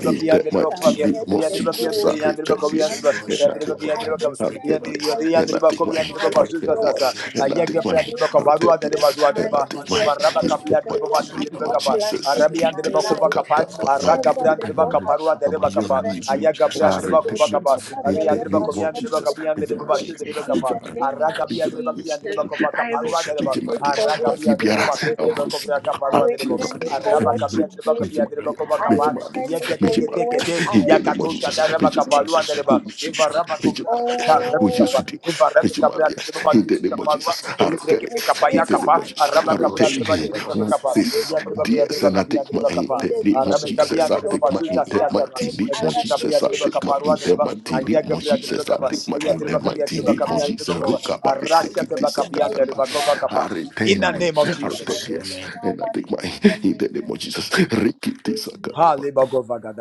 [SPEAKER 2] In that
[SPEAKER 6] some
[SPEAKER 2] mighty name
[SPEAKER 6] years
[SPEAKER 2] of Jesus, I
[SPEAKER 6] ago,
[SPEAKER 2] repent,
[SPEAKER 6] some
[SPEAKER 2] yes,
[SPEAKER 1] Yatribakiandribakoviandriba
[SPEAKER 6] months
[SPEAKER 2] and I
[SPEAKER 6] ago. I
[SPEAKER 2] decline.
[SPEAKER 1] Yadribakiandribakova
[SPEAKER 2] I
[SPEAKER 6] return
[SPEAKER 2] repent,
[SPEAKER 6] it.
[SPEAKER 2] yes,
[SPEAKER 6] I
[SPEAKER 2] and I
[SPEAKER 6] take it
[SPEAKER 2] decline.
[SPEAKER 6] by
[SPEAKER 2] I repent,
[SPEAKER 1] Yadribakiandribakoviandriba
[SPEAKER 6] force
[SPEAKER 1] Gaza,
[SPEAKER 2] yes, and I
[SPEAKER 6] in the
[SPEAKER 1] Ayagabra de
[SPEAKER 2] decline.
[SPEAKER 6] name
[SPEAKER 1] Boca
[SPEAKER 2] I
[SPEAKER 6] of
[SPEAKER 1] Barua
[SPEAKER 2] repent,
[SPEAKER 1] de
[SPEAKER 6] Jesus
[SPEAKER 1] Badua
[SPEAKER 2] yes,
[SPEAKER 1] de
[SPEAKER 2] and
[SPEAKER 6] Christ.
[SPEAKER 2] I
[SPEAKER 1] Ba,
[SPEAKER 2] decline.
[SPEAKER 6] Whatever
[SPEAKER 1] Ivaraba
[SPEAKER 2] In
[SPEAKER 1] Capia
[SPEAKER 2] that
[SPEAKER 6] the
[SPEAKER 1] de Boba
[SPEAKER 2] mighty
[SPEAKER 6] Lord
[SPEAKER 1] Shu
[SPEAKER 6] has
[SPEAKER 1] de
[SPEAKER 2] name of
[SPEAKER 6] not
[SPEAKER 1] Bacapa,
[SPEAKER 2] Jesus, in
[SPEAKER 6] planted in
[SPEAKER 1] Arabian
[SPEAKER 2] King
[SPEAKER 1] de
[SPEAKER 6] my
[SPEAKER 1] Bacova
[SPEAKER 6] life,
[SPEAKER 1] Capa,
[SPEAKER 2] Tisakata, but my dear,
[SPEAKER 6] whatever
[SPEAKER 1] Aragabran
[SPEAKER 6] the
[SPEAKER 1] de
[SPEAKER 2] depending
[SPEAKER 6] Lord
[SPEAKER 2] on it,
[SPEAKER 6] has
[SPEAKER 1] Bacaparua de
[SPEAKER 6] not
[SPEAKER 2] I'm on your
[SPEAKER 1] Bacapa,
[SPEAKER 6] given
[SPEAKER 2] knees, we
[SPEAKER 6] to
[SPEAKER 1] Ayagabran
[SPEAKER 6] me,
[SPEAKER 1] de
[SPEAKER 2] repent, you
[SPEAKER 1] Bacovacapa,
[SPEAKER 6] whatever the
[SPEAKER 2] in
[SPEAKER 1] Aria
[SPEAKER 2] the
[SPEAKER 1] de
[SPEAKER 6] Lord has
[SPEAKER 2] of
[SPEAKER 1] Bacovian
[SPEAKER 6] not
[SPEAKER 1] de
[SPEAKER 2] Jesus,
[SPEAKER 6] blessed
[SPEAKER 1] Bacapian
[SPEAKER 2] we
[SPEAKER 1] de
[SPEAKER 2] give
[SPEAKER 6] me
[SPEAKER 2] our
[SPEAKER 1] Boba
[SPEAKER 6] with,
[SPEAKER 5] In
[SPEAKER 1] Shu
[SPEAKER 2] dear,
[SPEAKER 1] de
[SPEAKER 5] the
[SPEAKER 2] we
[SPEAKER 6] in
[SPEAKER 1] Bacapa,
[SPEAKER 2] give
[SPEAKER 6] the
[SPEAKER 2] our dear,
[SPEAKER 6] name
[SPEAKER 5] name
[SPEAKER 6] of
[SPEAKER 5] of
[SPEAKER 2] we
[SPEAKER 1] Aragabia
[SPEAKER 2] give
[SPEAKER 1] de Bacian de
[SPEAKER 6] Jesus,
[SPEAKER 2] our dear.
[SPEAKER 1] Bacova
[SPEAKER 6] I
[SPEAKER 1] Caparua de Ba,
[SPEAKER 2] Mickey
[SPEAKER 6] return it
[SPEAKER 2] Madia,
[SPEAKER 6] for what
[SPEAKER 2] Matthew
[SPEAKER 1] Aragabia
[SPEAKER 6] He
[SPEAKER 1] de
[SPEAKER 2] Biara,
[SPEAKER 6] has
[SPEAKER 1] Boba Shu de
[SPEAKER 6] given
[SPEAKER 2] Abus,
[SPEAKER 6] me.
[SPEAKER 1] Bacovra
[SPEAKER 6] I
[SPEAKER 1] Caparua de
[SPEAKER 2] Auntie
[SPEAKER 1] Bo,
[SPEAKER 6] return it
[SPEAKER 2] Radi,
[SPEAKER 6] for
[SPEAKER 2] and
[SPEAKER 1] Araba
[SPEAKER 6] what
[SPEAKER 2] you
[SPEAKER 6] He
[SPEAKER 1] Cabia
[SPEAKER 2] bring
[SPEAKER 1] de
[SPEAKER 6] gave
[SPEAKER 2] Mickey
[SPEAKER 1] Bacabia de
[SPEAKER 6] me.
[SPEAKER 2] Madia,
[SPEAKER 1] Bacova
[SPEAKER 6] I
[SPEAKER 2] Mickey
[SPEAKER 1] Capa,
[SPEAKER 6] return it
[SPEAKER 2] Madia,
[SPEAKER 1] Yakete
[SPEAKER 6] for
[SPEAKER 2] Mickey
[SPEAKER 6] what
[SPEAKER 2] Madia, in
[SPEAKER 6] I
[SPEAKER 1] Yakete,
[SPEAKER 2] the name of
[SPEAKER 1] Katosha
[SPEAKER 2] Jesus,
[SPEAKER 1] daraba reba
[SPEAKER 2] Mickey
[SPEAKER 6] did.
[SPEAKER 1] kapalua da
[SPEAKER 5] Jesus,
[SPEAKER 2] Madia,
[SPEAKER 5] we
[SPEAKER 2] who
[SPEAKER 1] reba.
[SPEAKER 5] go
[SPEAKER 2] you should be,
[SPEAKER 1] Eva
[SPEAKER 5] shout
[SPEAKER 1] reba
[SPEAKER 5] the
[SPEAKER 2] Mickey
[SPEAKER 5] name.
[SPEAKER 1] kobrasha ta
[SPEAKER 5] Rep-
[SPEAKER 2] Madia, who you
[SPEAKER 1] kapa.
[SPEAKER 2] should
[SPEAKER 6] Oh,
[SPEAKER 2] be,
[SPEAKER 1] Eva reba
[SPEAKER 2] Mickey
[SPEAKER 1] kabra ta reba
[SPEAKER 2] Madia,
[SPEAKER 1] bali
[SPEAKER 2] in the
[SPEAKER 1] bide
[SPEAKER 2] name of
[SPEAKER 1] kapalua.
[SPEAKER 2] Jesus,
[SPEAKER 1] Ele breke be
[SPEAKER 2] in
[SPEAKER 1] kapaya
[SPEAKER 2] the
[SPEAKER 6] whatever
[SPEAKER 2] name of
[SPEAKER 6] I'm
[SPEAKER 5] we
[SPEAKER 2] Jesus.
[SPEAKER 1] Araba
[SPEAKER 2] I
[SPEAKER 5] will
[SPEAKER 6] supposed
[SPEAKER 5] go
[SPEAKER 1] kabra da
[SPEAKER 2] retain
[SPEAKER 6] to
[SPEAKER 5] shout
[SPEAKER 1] reba
[SPEAKER 5] the
[SPEAKER 6] get.
[SPEAKER 1] libide
[SPEAKER 5] Baba.
[SPEAKER 1] kape
[SPEAKER 2] with
[SPEAKER 1] kapa.
[SPEAKER 6] and
[SPEAKER 2] this
[SPEAKER 1] Ya reba ke ya
[SPEAKER 6] executed.
[SPEAKER 2] DS
[SPEAKER 6] It
[SPEAKER 1] reba
[SPEAKER 2] and I
[SPEAKER 1] kapi
[SPEAKER 2] take my
[SPEAKER 1] reba
[SPEAKER 6] They've
[SPEAKER 2] hand
[SPEAKER 1] kapa.
[SPEAKER 6] made
[SPEAKER 2] that
[SPEAKER 6] a
[SPEAKER 2] need
[SPEAKER 5] You
[SPEAKER 2] more
[SPEAKER 1] Araba
[SPEAKER 5] say, God, the
[SPEAKER 1] kabia
[SPEAKER 2] Jesus.
[SPEAKER 6] duplicate
[SPEAKER 1] da
[SPEAKER 2] I
[SPEAKER 1] reba
[SPEAKER 5] Baba,
[SPEAKER 6] of
[SPEAKER 2] take
[SPEAKER 6] it
[SPEAKER 5] but
[SPEAKER 2] my
[SPEAKER 1] basul
[SPEAKER 6] and
[SPEAKER 2] hand
[SPEAKER 1] zasi
[SPEAKER 5] in
[SPEAKER 2] that
[SPEAKER 5] the
[SPEAKER 1] azaba.
[SPEAKER 2] mighty
[SPEAKER 5] mighty
[SPEAKER 6] added
[SPEAKER 5] name of
[SPEAKER 2] need
[SPEAKER 1] Reba
[SPEAKER 2] more
[SPEAKER 6] other
[SPEAKER 5] Jesus, we
[SPEAKER 6] things
[SPEAKER 1] kabia
[SPEAKER 2] Jesus.
[SPEAKER 1] da
[SPEAKER 2] I
[SPEAKER 6] to
[SPEAKER 1] reba
[SPEAKER 5] shout
[SPEAKER 6] it.
[SPEAKER 5] the
[SPEAKER 2] take my
[SPEAKER 5] Baba.
[SPEAKER 1] kaparua
[SPEAKER 2] hand
[SPEAKER 1] da
[SPEAKER 6] In
[SPEAKER 2] that
[SPEAKER 6] the
[SPEAKER 1] reba.
[SPEAKER 5] In the
[SPEAKER 2] mighty
[SPEAKER 6] name
[SPEAKER 5] Baba,
[SPEAKER 1] Aya
[SPEAKER 2] need
[SPEAKER 6] of
[SPEAKER 2] more
[SPEAKER 5] Baba,
[SPEAKER 1] kabra
[SPEAKER 5] Baba,
[SPEAKER 1] da
[SPEAKER 6] Jesus,
[SPEAKER 5] the
[SPEAKER 1] reba
[SPEAKER 2] Jesus. I
[SPEAKER 5] Baba,
[SPEAKER 2] take my
[SPEAKER 5] seek
[SPEAKER 6] I
[SPEAKER 5] the
[SPEAKER 2] hand
[SPEAKER 5] Baba.
[SPEAKER 1] reba
[SPEAKER 2] that
[SPEAKER 5] In
[SPEAKER 1] kabia da
[SPEAKER 2] mighty
[SPEAKER 6] cancel
[SPEAKER 1] reba
[SPEAKER 6] it,
[SPEAKER 5] the
[SPEAKER 2] need
[SPEAKER 6] I
[SPEAKER 2] more
[SPEAKER 5] mighty name of
[SPEAKER 2] Jesus.
[SPEAKER 6] return
[SPEAKER 1] kova.
[SPEAKER 5] Jesus,
[SPEAKER 6] it,
[SPEAKER 5] we
[SPEAKER 2] Rukaba
[SPEAKER 5] go
[SPEAKER 2] ni
[SPEAKER 6] I
[SPEAKER 5] shout the
[SPEAKER 1] Arasha da
[SPEAKER 5] Baba.
[SPEAKER 2] sikiti
[SPEAKER 1] reba
[SPEAKER 6] take the
[SPEAKER 1] kabia
[SPEAKER 5] In the
[SPEAKER 1] da
[SPEAKER 2] sakataba.
[SPEAKER 5] Baba, Baba,
[SPEAKER 6] original
[SPEAKER 1] kova
[SPEAKER 5] Baba,
[SPEAKER 2] I
[SPEAKER 1] kapa.
[SPEAKER 6] copy,
[SPEAKER 1] In
[SPEAKER 5] the
[SPEAKER 1] the
[SPEAKER 6] I
[SPEAKER 5] Baba,
[SPEAKER 2] return,
[SPEAKER 1] name of
[SPEAKER 6] take
[SPEAKER 2] I
[SPEAKER 6] the
[SPEAKER 1] Jesus.
[SPEAKER 2] return,
[SPEAKER 5] Jesus,
[SPEAKER 2] yes.
[SPEAKER 5] amen.
[SPEAKER 6] original
[SPEAKER 2] And I
[SPEAKER 6] one
[SPEAKER 2] take my
[SPEAKER 6] in the
[SPEAKER 2] hand that
[SPEAKER 6] name
[SPEAKER 2] need
[SPEAKER 6] of
[SPEAKER 2] more Jesus.
[SPEAKER 6] Jesus.
[SPEAKER 2] Rikiti
[SPEAKER 6] Amen.
[SPEAKER 2] sakataba.
[SPEAKER 1] Hallelujah.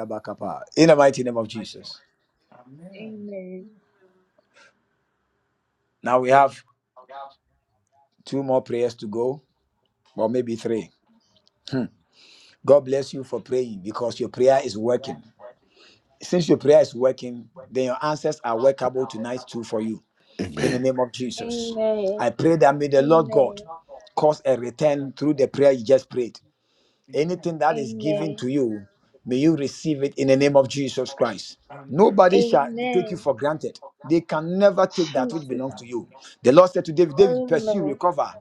[SPEAKER 1] In the mighty name of Jesus.
[SPEAKER 6] Amen.
[SPEAKER 1] Now we have two more prayers to go. or maybe three. Hmm. God bless you for praying because your prayer is working. Since your prayer is working, then your answers are workable tonight too for you. In the
[SPEAKER 2] Amen.
[SPEAKER 1] name of Jesus,
[SPEAKER 6] Amen.
[SPEAKER 1] I pray that may the Lord God
[SPEAKER 6] Amen.
[SPEAKER 1] cause a return through the prayer you just prayed anything that is given
[SPEAKER 6] Amen.
[SPEAKER 1] to you, may you receive it in the name of Jesus Christ. Nobody shall take you
[SPEAKER 6] Amen.
[SPEAKER 1] for granted. They can never take that which
[SPEAKER 6] Jesus.
[SPEAKER 1] belongs to you. The Lord said to David, David, pursue,
[SPEAKER 6] Amen.
[SPEAKER 1] recover.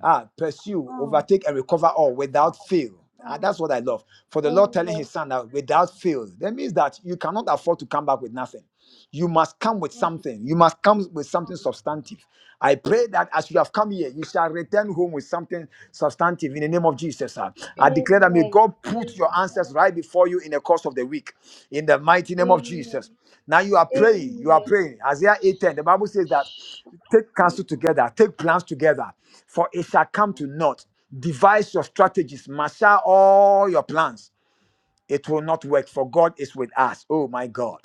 [SPEAKER 1] Ah, pursue,
[SPEAKER 6] Mm,
[SPEAKER 1] overtake, and recover all without fail. Ah,
[SPEAKER 6] mm,
[SPEAKER 1] that's what I love. For the Lord telling his
[SPEAKER 6] amen.
[SPEAKER 1] son that without fail, that means that you cannot afford to come back with nothing. You must come with
[SPEAKER 6] Mm, mm.
[SPEAKER 1] something. You must come with something
[SPEAKER 6] mm.
[SPEAKER 1] substantive. I pray that as you have come here, you shall return home with something substantive in the name of Jesus. ah. I declare that may
[SPEAKER 6] Amen.
[SPEAKER 1] God put your answers
[SPEAKER 6] Amen.
[SPEAKER 1] right before you in the course of the week in the mighty name of Jesus.
[SPEAKER 6] Amen.
[SPEAKER 1] Now you are praying, you are
[SPEAKER 6] Amen.
[SPEAKER 1] praying. Isaiah 8:10. The Bible says that
[SPEAKER 6] Shut up. I'm
[SPEAKER 1] take counsel together, take plans together, for it shall come to naught. Devise your strategies, master all your plans it will not work for god is with us oh my god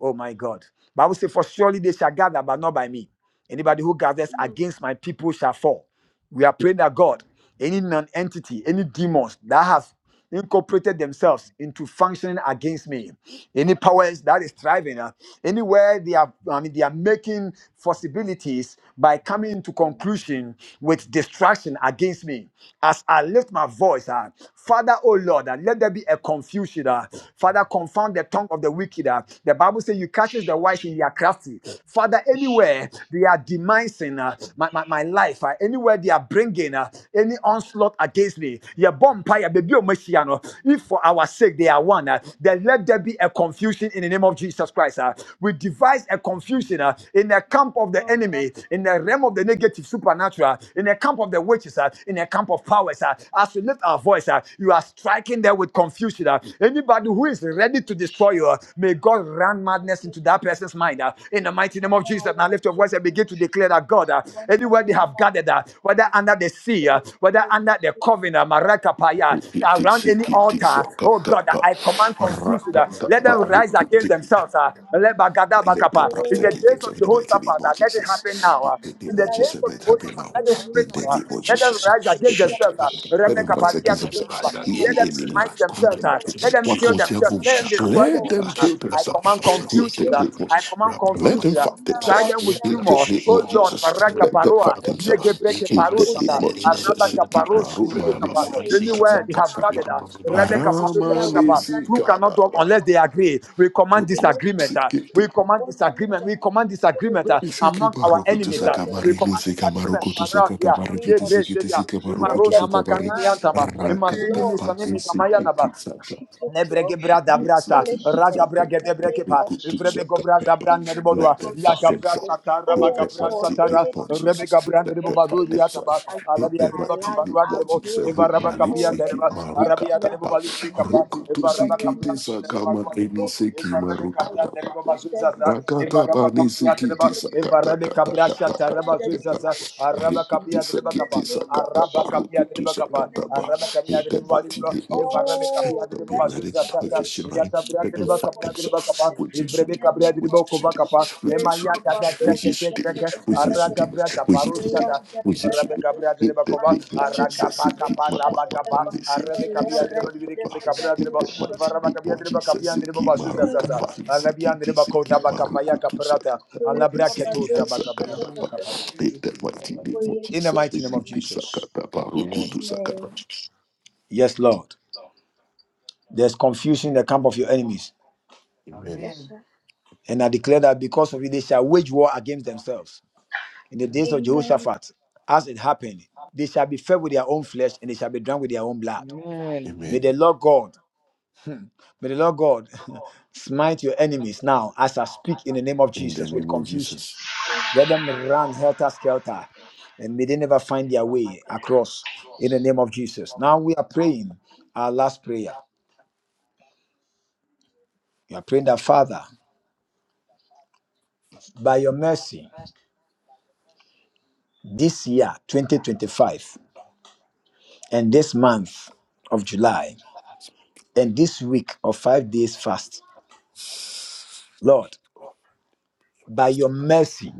[SPEAKER 1] oh my god bible say for surely they shall gather but not by me anybody who gathers against my people shall fall we are praying that god any non-entity any demons that have incorporated themselves into functioning against me any powers that is thriving uh, anywhere they are i mean they are making possibilities by coming into concurrence conclusion with distraction against me. As I lift my voice, ah, Father, oh Lord, ah, let there be a confusion. ah. Father, confound the tongue of the wicked. ah. The Bible says you catches the wise in their crafty. Father, anywhere they are demising ah, my, my, my life, ah, anywhere they are bringing ah, any onslaught against me, your bomb, fire, baby, oh, mercy, ah, no. if for our sake they are one, ah, then let there be a confusion in in the name of Jesus Christ. ah. we devise a confusion ah, in the camp of the enemy, in the realm of the negative supernatural, ah, in the camp of the witches, ah, in the camp of powers. ah. as we lift our voice, ah, you are striking them with confusion. ah. anybody who is ready to destroy you, ah, may God run madness into that person's mind. ah, in the mighty name of Jesus, now lift your voice and begin to declare that God, ah,
[SPEAKER 6] not
[SPEAKER 1] anywhere they
[SPEAKER 6] going
[SPEAKER 1] have gathered, ah, whether
[SPEAKER 6] to
[SPEAKER 1] under the sea, ah,
[SPEAKER 6] Saying, I
[SPEAKER 1] whether
[SPEAKER 6] am
[SPEAKER 1] under the
[SPEAKER 6] so
[SPEAKER 1] a
[SPEAKER 6] anxious and
[SPEAKER 1] covenant, marakapaya,
[SPEAKER 6] God.
[SPEAKER 2] Rikiti
[SPEAKER 1] around any
[SPEAKER 2] sikiti
[SPEAKER 6] Concerning
[SPEAKER 1] altar. Oh God,
[SPEAKER 2] sakataba.
[SPEAKER 1] I
[SPEAKER 6] everyone,
[SPEAKER 1] command
[SPEAKER 6] where I
[SPEAKER 1] confusion. uh,
[SPEAKER 6] will
[SPEAKER 1] Let
[SPEAKER 6] go
[SPEAKER 1] them
[SPEAKER 6] at
[SPEAKER 1] rise
[SPEAKER 6] this
[SPEAKER 2] Rakataba.
[SPEAKER 1] against
[SPEAKER 6] place
[SPEAKER 1] themselves. uh,
[SPEAKER 6] and
[SPEAKER 1] let
[SPEAKER 6] moment.
[SPEAKER 1] bagada
[SPEAKER 2] Let them
[SPEAKER 1] bakapa.
[SPEAKER 2] right
[SPEAKER 1] In the
[SPEAKER 6] Oh,
[SPEAKER 2] forgive
[SPEAKER 1] days
[SPEAKER 2] themselves
[SPEAKER 1] of
[SPEAKER 2] in the mighty
[SPEAKER 1] Jehoshaphat,
[SPEAKER 2] name of
[SPEAKER 1] uh,
[SPEAKER 6] thank
[SPEAKER 1] let it
[SPEAKER 6] for
[SPEAKER 1] happen
[SPEAKER 2] Jesus.
[SPEAKER 6] that.
[SPEAKER 1] now. uh,
[SPEAKER 2] In the
[SPEAKER 1] In
[SPEAKER 2] name
[SPEAKER 1] the
[SPEAKER 2] of
[SPEAKER 1] days
[SPEAKER 2] Jesus, let
[SPEAKER 1] of
[SPEAKER 2] it happen
[SPEAKER 1] Jehoshaphat,
[SPEAKER 2] now.
[SPEAKER 1] let it
[SPEAKER 2] In
[SPEAKER 1] happen
[SPEAKER 2] the
[SPEAKER 1] now. uh,
[SPEAKER 2] name of
[SPEAKER 1] Let them
[SPEAKER 2] Jesus.
[SPEAKER 5] Jesus,
[SPEAKER 1] rise against
[SPEAKER 5] shock
[SPEAKER 1] themselves.
[SPEAKER 5] up
[SPEAKER 1] uh,
[SPEAKER 2] Let them
[SPEAKER 5] and
[SPEAKER 2] rise
[SPEAKER 1] remekapa,
[SPEAKER 5] let
[SPEAKER 2] against
[SPEAKER 5] them
[SPEAKER 6] The
[SPEAKER 5] rise
[SPEAKER 1] iyakadebakapa.
[SPEAKER 2] themselves.
[SPEAKER 6] He our
[SPEAKER 2] He
[SPEAKER 5] again.
[SPEAKER 1] Let
[SPEAKER 2] the
[SPEAKER 5] The
[SPEAKER 1] them
[SPEAKER 2] enemy.
[SPEAKER 5] favor
[SPEAKER 1] smite
[SPEAKER 6] King,
[SPEAKER 5] in the
[SPEAKER 1] themselves. uh,
[SPEAKER 5] mighty name
[SPEAKER 1] Let
[SPEAKER 6] the
[SPEAKER 5] of
[SPEAKER 1] them
[SPEAKER 2] What can
[SPEAKER 1] kill
[SPEAKER 2] we
[SPEAKER 5] Jesus.
[SPEAKER 2] tell
[SPEAKER 1] themselves.
[SPEAKER 2] them?
[SPEAKER 1] Let them
[SPEAKER 5] Shock up
[SPEAKER 1] destroy
[SPEAKER 6] He
[SPEAKER 2] Let
[SPEAKER 6] our
[SPEAKER 1] themselves.
[SPEAKER 2] them
[SPEAKER 1] uh,
[SPEAKER 2] kill
[SPEAKER 1] I
[SPEAKER 2] themselves.
[SPEAKER 1] command
[SPEAKER 6] the He our
[SPEAKER 2] In
[SPEAKER 1] confusion.
[SPEAKER 2] the
[SPEAKER 1] uh,
[SPEAKER 2] name of-
[SPEAKER 1] I
[SPEAKER 6] Yes.
[SPEAKER 1] command
[SPEAKER 2] Let them
[SPEAKER 1] confusion. uh,
[SPEAKER 2] fight
[SPEAKER 6] Bwana
[SPEAKER 1] Try
[SPEAKER 6] wa
[SPEAKER 1] them
[SPEAKER 2] themselves.
[SPEAKER 1] with
[SPEAKER 2] In
[SPEAKER 6] viatu
[SPEAKER 2] the
[SPEAKER 1] tumor.
[SPEAKER 2] name
[SPEAKER 1] Oh
[SPEAKER 2] of
[SPEAKER 6] na
[SPEAKER 1] Lord,
[SPEAKER 2] Jesus.
[SPEAKER 6] wanyama
[SPEAKER 1] Maraga
[SPEAKER 2] Let them
[SPEAKER 1] Baroa,
[SPEAKER 2] fight
[SPEAKER 6] refu
[SPEAKER 2] themselves.
[SPEAKER 1] Yegebreke
[SPEAKER 2] In the name
[SPEAKER 1] Parusata,
[SPEAKER 2] of
[SPEAKER 6] huimarisha
[SPEAKER 2] Jesus.
[SPEAKER 1] Arabaga
[SPEAKER 2] Siki
[SPEAKER 1] Parus,
[SPEAKER 2] maru mani
[SPEAKER 6] encyclopedia
[SPEAKER 2] siki
[SPEAKER 1] Anywhere
[SPEAKER 6] original
[SPEAKER 1] they
[SPEAKER 2] tasaka
[SPEAKER 1] have gathered,
[SPEAKER 2] tapa.
[SPEAKER 6] cover
[SPEAKER 1] uh, Rebecca
[SPEAKER 6] Biblia
[SPEAKER 2] Arama ni
[SPEAKER 1] Palutebakapa.
[SPEAKER 6] original
[SPEAKER 1] Two
[SPEAKER 6] J.S.
[SPEAKER 2] sika
[SPEAKER 1] cannot talk
[SPEAKER 2] baba.
[SPEAKER 1] unless they
[SPEAKER 6] Contract
[SPEAKER 1] agree. We
[SPEAKER 6] Icumu
[SPEAKER 1] command
[SPEAKER 6] Uyesu
[SPEAKER 1] disagreement. uh,
[SPEAKER 2] Ruku
[SPEAKER 6] Kristo
[SPEAKER 1] We command
[SPEAKER 6] Onani
[SPEAKER 1] disagreement. We command
[SPEAKER 6] Jatutu
[SPEAKER 1] disagreement uh,
[SPEAKER 6] Uyesu
[SPEAKER 2] Iseke
[SPEAKER 1] among
[SPEAKER 6] Kristo
[SPEAKER 1] our
[SPEAKER 2] maroko tu
[SPEAKER 1] enemies.
[SPEAKER 6] Let
[SPEAKER 1] uh,
[SPEAKER 6] there
[SPEAKER 1] We
[SPEAKER 6] be
[SPEAKER 2] sakamari,
[SPEAKER 1] command
[SPEAKER 2] liseke
[SPEAKER 1] disagreement.
[SPEAKER 2] maroko tu
[SPEAKER 6] confusion in
[SPEAKER 1] Maragia,
[SPEAKER 6] the
[SPEAKER 2] sakatamari,
[SPEAKER 6] name
[SPEAKER 2] kiti
[SPEAKER 6] of
[SPEAKER 1] Yebre Seda,
[SPEAKER 6] Jesus.
[SPEAKER 2] tiseke maroko
[SPEAKER 6] Let
[SPEAKER 2] tu
[SPEAKER 6] the
[SPEAKER 1] Emarona Makani
[SPEAKER 2] sakamari,
[SPEAKER 6] plan,
[SPEAKER 1] Miantama,
[SPEAKER 6] the
[SPEAKER 1] Emazuni
[SPEAKER 2] rakata
[SPEAKER 6] plot
[SPEAKER 2] pati
[SPEAKER 1] Misanemi
[SPEAKER 6] of
[SPEAKER 2] siki
[SPEAKER 1] Kamayanaba,
[SPEAKER 6] Ahitha
[SPEAKER 2] tisaka,
[SPEAKER 6] Ahithophel
[SPEAKER 1] Nebrege brada
[SPEAKER 6] be
[SPEAKER 1] brasa,
[SPEAKER 2] siki
[SPEAKER 6] foolishness
[SPEAKER 1] raga
[SPEAKER 2] tisaka,
[SPEAKER 6] in
[SPEAKER 1] brage de
[SPEAKER 6] the name
[SPEAKER 1] brekepa,
[SPEAKER 6] of
[SPEAKER 2] maroko tu
[SPEAKER 1] vrebe
[SPEAKER 6] Jesus
[SPEAKER 1] govraza
[SPEAKER 2] sakatapa.
[SPEAKER 6] in
[SPEAKER 1] brande de
[SPEAKER 6] the name
[SPEAKER 2] Let
[SPEAKER 1] bodua,
[SPEAKER 2] them
[SPEAKER 6] of
[SPEAKER 2] fight
[SPEAKER 1] yaga
[SPEAKER 2] themselves.
[SPEAKER 6] Jesus.
[SPEAKER 1] brasa tara
[SPEAKER 2] In
[SPEAKER 1] baga
[SPEAKER 6] Oh
[SPEAKER 2] the
[SPEAKER 1] brasa
[SPEAKER 6] God,
[SPEAKER 2] mighty name
[SPEAKER 1] tara,
[SPEAKER 6] any
[SPEAKER 2] of
[SPEAKER 1] rebe
[SPEAKER 6] demonic
[SPEAKER 2] Jesus,
[SPEAKER 1] gabrande de
[SPEAKER 2] let them
[SPEAKER 1] bobadu
[SPEAKER 2] fight
[SPEAKER 6] orchestrations
[SPEAKER 1] yataba,
[SPEAKER 2] themselves. In
[SPEAKER 6] against
[SPEAKER 1] arabia
[SPEAKER 2] the
[SPEAKER 1] de
[SPEAKER 6] our
[SPEAKER 1] baka
[SPEAKER 2] mighty
[SPEAKER 6] lives,
[SPEAKER 2] name
[SPEAKER 1] barua de
[SPEAKER 6] our
[SPEAKER 2] of
[SPEAKER 1] bo,
[SPEAKER 2] Jesus,
[SPEAKER 6] growth,
[SPEAKER 1] evaraba
[SPEAKER 2] Rumani
[SPEAKER 1] kapia
[SPEAKER 6] oh,
[SPEAKER 1] de
[SPEAKER 2] siki
[SPEAKER 6] and
[SPEAKER 1] ba,
[SPEAKER 6] our next
[SPEAKER 1] arabia de
[SPEAKER 6] level.
[SPEAKER 2] marukatapa,
[SPEAKER 1] bobali de kapa,
[SPEAKER 2] Roku tu
[SPEAKER 6] In the
[SPEAKER 1] evaraba
[SPEAKER 2] siki
[SPEAKER 6] name of
[SPEAKER 1] kaprasa de
[SPEAKER 2] tisaka
[SPEAKER 6] Jesus,
[SPEAKER 1] badua
[SPEAKER 6] may
[SPEAKER 1] de
[SPEAKER 2] marini
[SPEAKER 1] bo,
[SPEAKER 6] it
[SPEAKER 2] siki
[SPEAKER 6] catch
[SPEAKER 1] evarabe
[SPEAKER 6] fire.
[SPEAKER 1] kabrande
[SPEAKER 2] marukatapa.
[SPEAKER 1] de
[SPEAKER 6] Let there be
[SPEAKER 1] bobazuzaza,
[SPEAKER 2] Rakata
[SPEAKER 1] evaraba
[SPEAKER 2] bani
[SPEAKER 6] disagreement.
[SPEAKER 1] kapia de
[SPEAKER 6] Let
[SPEAKER 2] sikiti
[SPEAKER 1] ba,
[SPEAKER 6] there be
[SPEAKER 2] sakata
[SPEAKER 1] evarabe
[SPEAKER 2] kata kata
[SPEAKER 1] kabrasa
[SPEAKER 6] confusion.
[SPEAKER 1] tara
[SPEAKER 6] Let
[SPEAKER 2] kata
[SPEAKER 6] there be
[SPEAKER 2] kata.
[SPEAKER 1] bazuzaza, araba
[SPEAKER 6] frustration.
[SPEAKER 2] Rikiti
[SPEAKER 1] kapia de
[SPEAKER 6] In
[SPEAKER 1] baka
[SPEAKER 6] the
[SPEAKER 1] pa,
[SPEAKER 2] sakiti
[SPEAKER 6] name of
[SPEAKER 2] sakata
[SPEAKER 1] araba
[SPEAKER 2] paru
[SPEAKER 1] kapia
[SPEAKER 6] Jesus.
[SPEAKER 2] kutu
[SPEAKER 6] In
[SPEAKER 1] kapa
[SPEAKER 6] the
[SPEAKER 2] sakata pa.
[SPEAKER 6] name
[SPEAKER 1] araba
[SPEAKER 6] of
[SPEAKER 1] kami
[SPEAKER 2] In
[SPEAKER 1] adede
[SPEAKER 2] the
[SPEAKER 1] baba
[SPEAKER 6] Jesus.
[SPEAKER 2] mighty
[SPEAKER 1] libro
[SPEAKER 2] name of
[SPEAKER 1] evarame
[SPEAKER 2] Jesus,
[SPEAKER 1] kabi
[SPEAKER 2] let
[SPEAKER 6] Oh,
[SPEAKER 2] them
[SPEAKER 1] adede
[SPEAKER 2] be
[SPEAKER 1] baba
[SPEAKER 6] let it
[SPEAKER 2] ready.
[SPEAKER 1] zuza
[SPEAKER 6] be
[SPEAKER 2] I
[SPEAKER 1] sasa
[SPEAKER 2] just you
[SPEAKER 1] ya
[SPEAKER 6] foolishness.
[SPEAKER 2] ready.
[SPEAKER 6] In
[SPEAKER 1] kabri
[SPEAKER 6] the
[SPEAKER 2] Let
[SPEAKER 1] adede
[SPEAKER 2] them
[SPEAKER 1] baba
[SPEAKER 6] name
[SPEAKER 2] fight
[SPEAKER 1] kabri
[SPEAKER 6] of
[SPEAKER 1] adede baba
[SPEAKER 2] themselves.
[SPEAKER 1] kapa
[SPEAKER 6] Jesus.
[SPEAKER 2] With Jesus
[SPEAKER 6] In
[SPEAKER 1] evrebe
[SPEAKER 2] did.
[SPEAKER 6] the
[SPEAKER 1] kabri
[SPEAKER 6] name
[SPEAKER 1] adede
[SPEAKER 2] With
[SPEAKER 6] of
[SPEAKER 1] baba
[SPEAKER 2] Jesus
[SPEAKER 1] kova
[SPEAKER 2] did.
[SPEAKER 1] kapa
[SPEAKER 6] Jesus.
[SPEAKER 2] With
[SPEAKER 6] We
[SPEAKER 1] ema
[SPEAKER 2] Jesus
[SPEAKER 1] ya
[SPEAKER 6] come
[SPEAKER 2] did.
[SPEAKER 6] back.
[SPEAKER 1] kada kra
[SPEAKER 2] With
[SPEAKER 6] those
[SPEAKER 1] kete
[SPEAKER 2] Jesus did.
[SPEAKER 6] shattered
[SPEAKER 1] kreke
[SPEAKER 6] and
[SPEAKER 2] With
[SPEAKER 6] the
[SPEAKER 2] Jesus
[SPEAKER 1] arra
[SPEAKER 6] it.
[SPEAKER 2] did.
[SPEAKER 1] kabri
[SPEAKER 2] With
[SPEAKER 1] kaparu
[SPEAKER 2] Jesus
[SPEAKER 6] We are
[SPEAKER 2] did.
[SPEAKER 1] shada
[SPEAKER 6] the
[SPEAKER 2] With Jesus
[SPEAKER 6] bread
[SPEAKER 1] evrebe
[SPEAKER 6] of
[SPEAKER 2] did.
[SPEAKER 1] kabri
[SPEAKER 6] those
[SPEAKER 1] adede
[SPEAKER 2] In
[SPEAKER 6] who
[SPEAKER 1] baba
[SPEAKER 2] the
[SPEAKER 1] kova
[SPEAKER 6] are
[SPEAKER 2] name of
[SPEAKER 6] the
[SPEAKER 1] arra
[SPEAKER 6] bread
[SPEAKER 2] Jesus,
[SPEAKER 1] kapa
[SPEAKER 6] shattered
[SPEAKER 2] sikiti
[SPEAKER 6] those
[SPEAKER 1] kapa
[SPEAKER 2] mama
[SPEAKER 1] raba
[SPEAKER 6] shut
[SPEAKER 1] kapa
[SPEAKER 2] mama
[SPEAKER 6] up. Well,
[SPEAKER 1] arrebe
[SPEAKER 2] sikiti
[SPEAKER 1] kabi adede baba
[SPEAKER 2] sakata.
[SPEAKER 1] libro kibe
[SPEAKER 2] pa. In the mighty name of Jesus, Siki Maruka Pani Siki Tisiki Maruku Tusakata Pani
[SPEAKER 1] alabra keto
[SPEAKER 2] Siki
[SPEAKER 1] zaba kabri adede
[SPEAKER 2] Tisakata Pa. In the mighty name of
[SPEAKER 1] in
[SPEAKER 6] yes,
[SPEAKER 1] the
[SPEAKER 2] Jesus,
[SPEAKER 6] you
[SPEAKER 1] mighty name
[SPEAKER 2] Siki
[SPEAKER 1] of
[SPEAKER 6] can.
[SPEAKER 1] Jesus
[SPEAKER 2] Tisakata
[SPEAKER 5] and
[SPEAKER 2] Paruku
[SPEAKER 5] Amen.
[SPEAKER 6] Amen.
[SPEAKER 2] Tusakata.
[SPEAKER 1] yes lord There's confusion in the camp of your enemies.
[SPEAKER 6] Yes, sir.
[SPEAKER 1] And I declare that because of it, they shall wage war against themselves. In the days of
[SPEAKER 6] Amen.
[SPEAKER 1] Jehoshaphat, as it happened, they shall be fed with their own flesh and they shall be drunk with their own blood.
[SPEAKER 7] Amen.
[SPEAKER 1] May the
[SPEAKER 2] Amen.
[SPEAKER 1] Lord God, may the Lord God smite your enemies now as I speak in the name of
[SPEAKER 2] In the
[SPEAKER 1] Jesus with
[SPEAKER 2] name of
[SPEAKER 1] confusion.
[SPEAKER 2] Jesus.
[SPEAKER 1] Let them run helter skelter and may they never find their way across in the name of Jesus. Now we are praying our last prayer. We are praying that Father, by your mercy. this year 2025 and this month of July and this week of five days fast. Lord, by your mercy,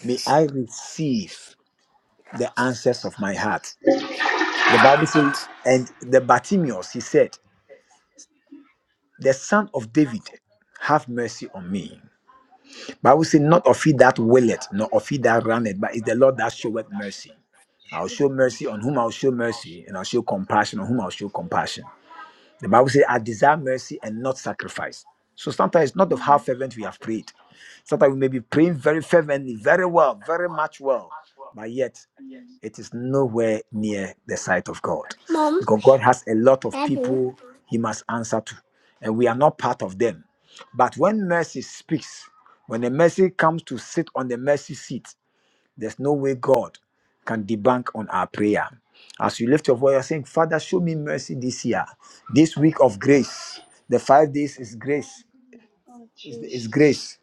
[SPEAKER 1] may I receive the answers of my heart. The Bible says, and the Bartimaeus, he said, the son of David, have mercy on me. Bible says, not of he that willeth, nor of he that runneth, but it's the Lord that showeth mercy. I'll
[SPEAKER 6] Shoot
[SPEAKER 1] show
[SPEAKER 6] me.
[SPEAKER 1] mercy on whom I'll show mercy, and I'll show compassion on whom I'll show compassion. The Bible says, I desire mercy and not sacrifice. So sometimes it's not of how
[SPEAKER 6] Mm,
[SPEAKER 1] fervent we have prayed. Sometimes we may be praying
[SPEAKER 6] mm,
[SPEAKER 1] very fervently, very well, very much well, but yet
[SPEAKER 6] mm.
[SPEAKER 1] it is nowhere near the sight of God.
[SPEAKER 2] Mom,
[SPEAKER 1] Because God has a lot of
[SPEAKER 2] Daddy.
[SPEAKER 1] people he must answer to, and we are not part of them. But when mercy speaks, when the mercy comes to sit on the mercy seat, there's no way God can debunk on our prayer. As you lift your voice, you're saying, Father, show me mercy this year, this week of grace. The five days is grace,
[SPEAKER 6] Oh,
[SPEAKER 1] is, is
[SPEAKER 6] Jesus.
[SPEAKER 1] grace.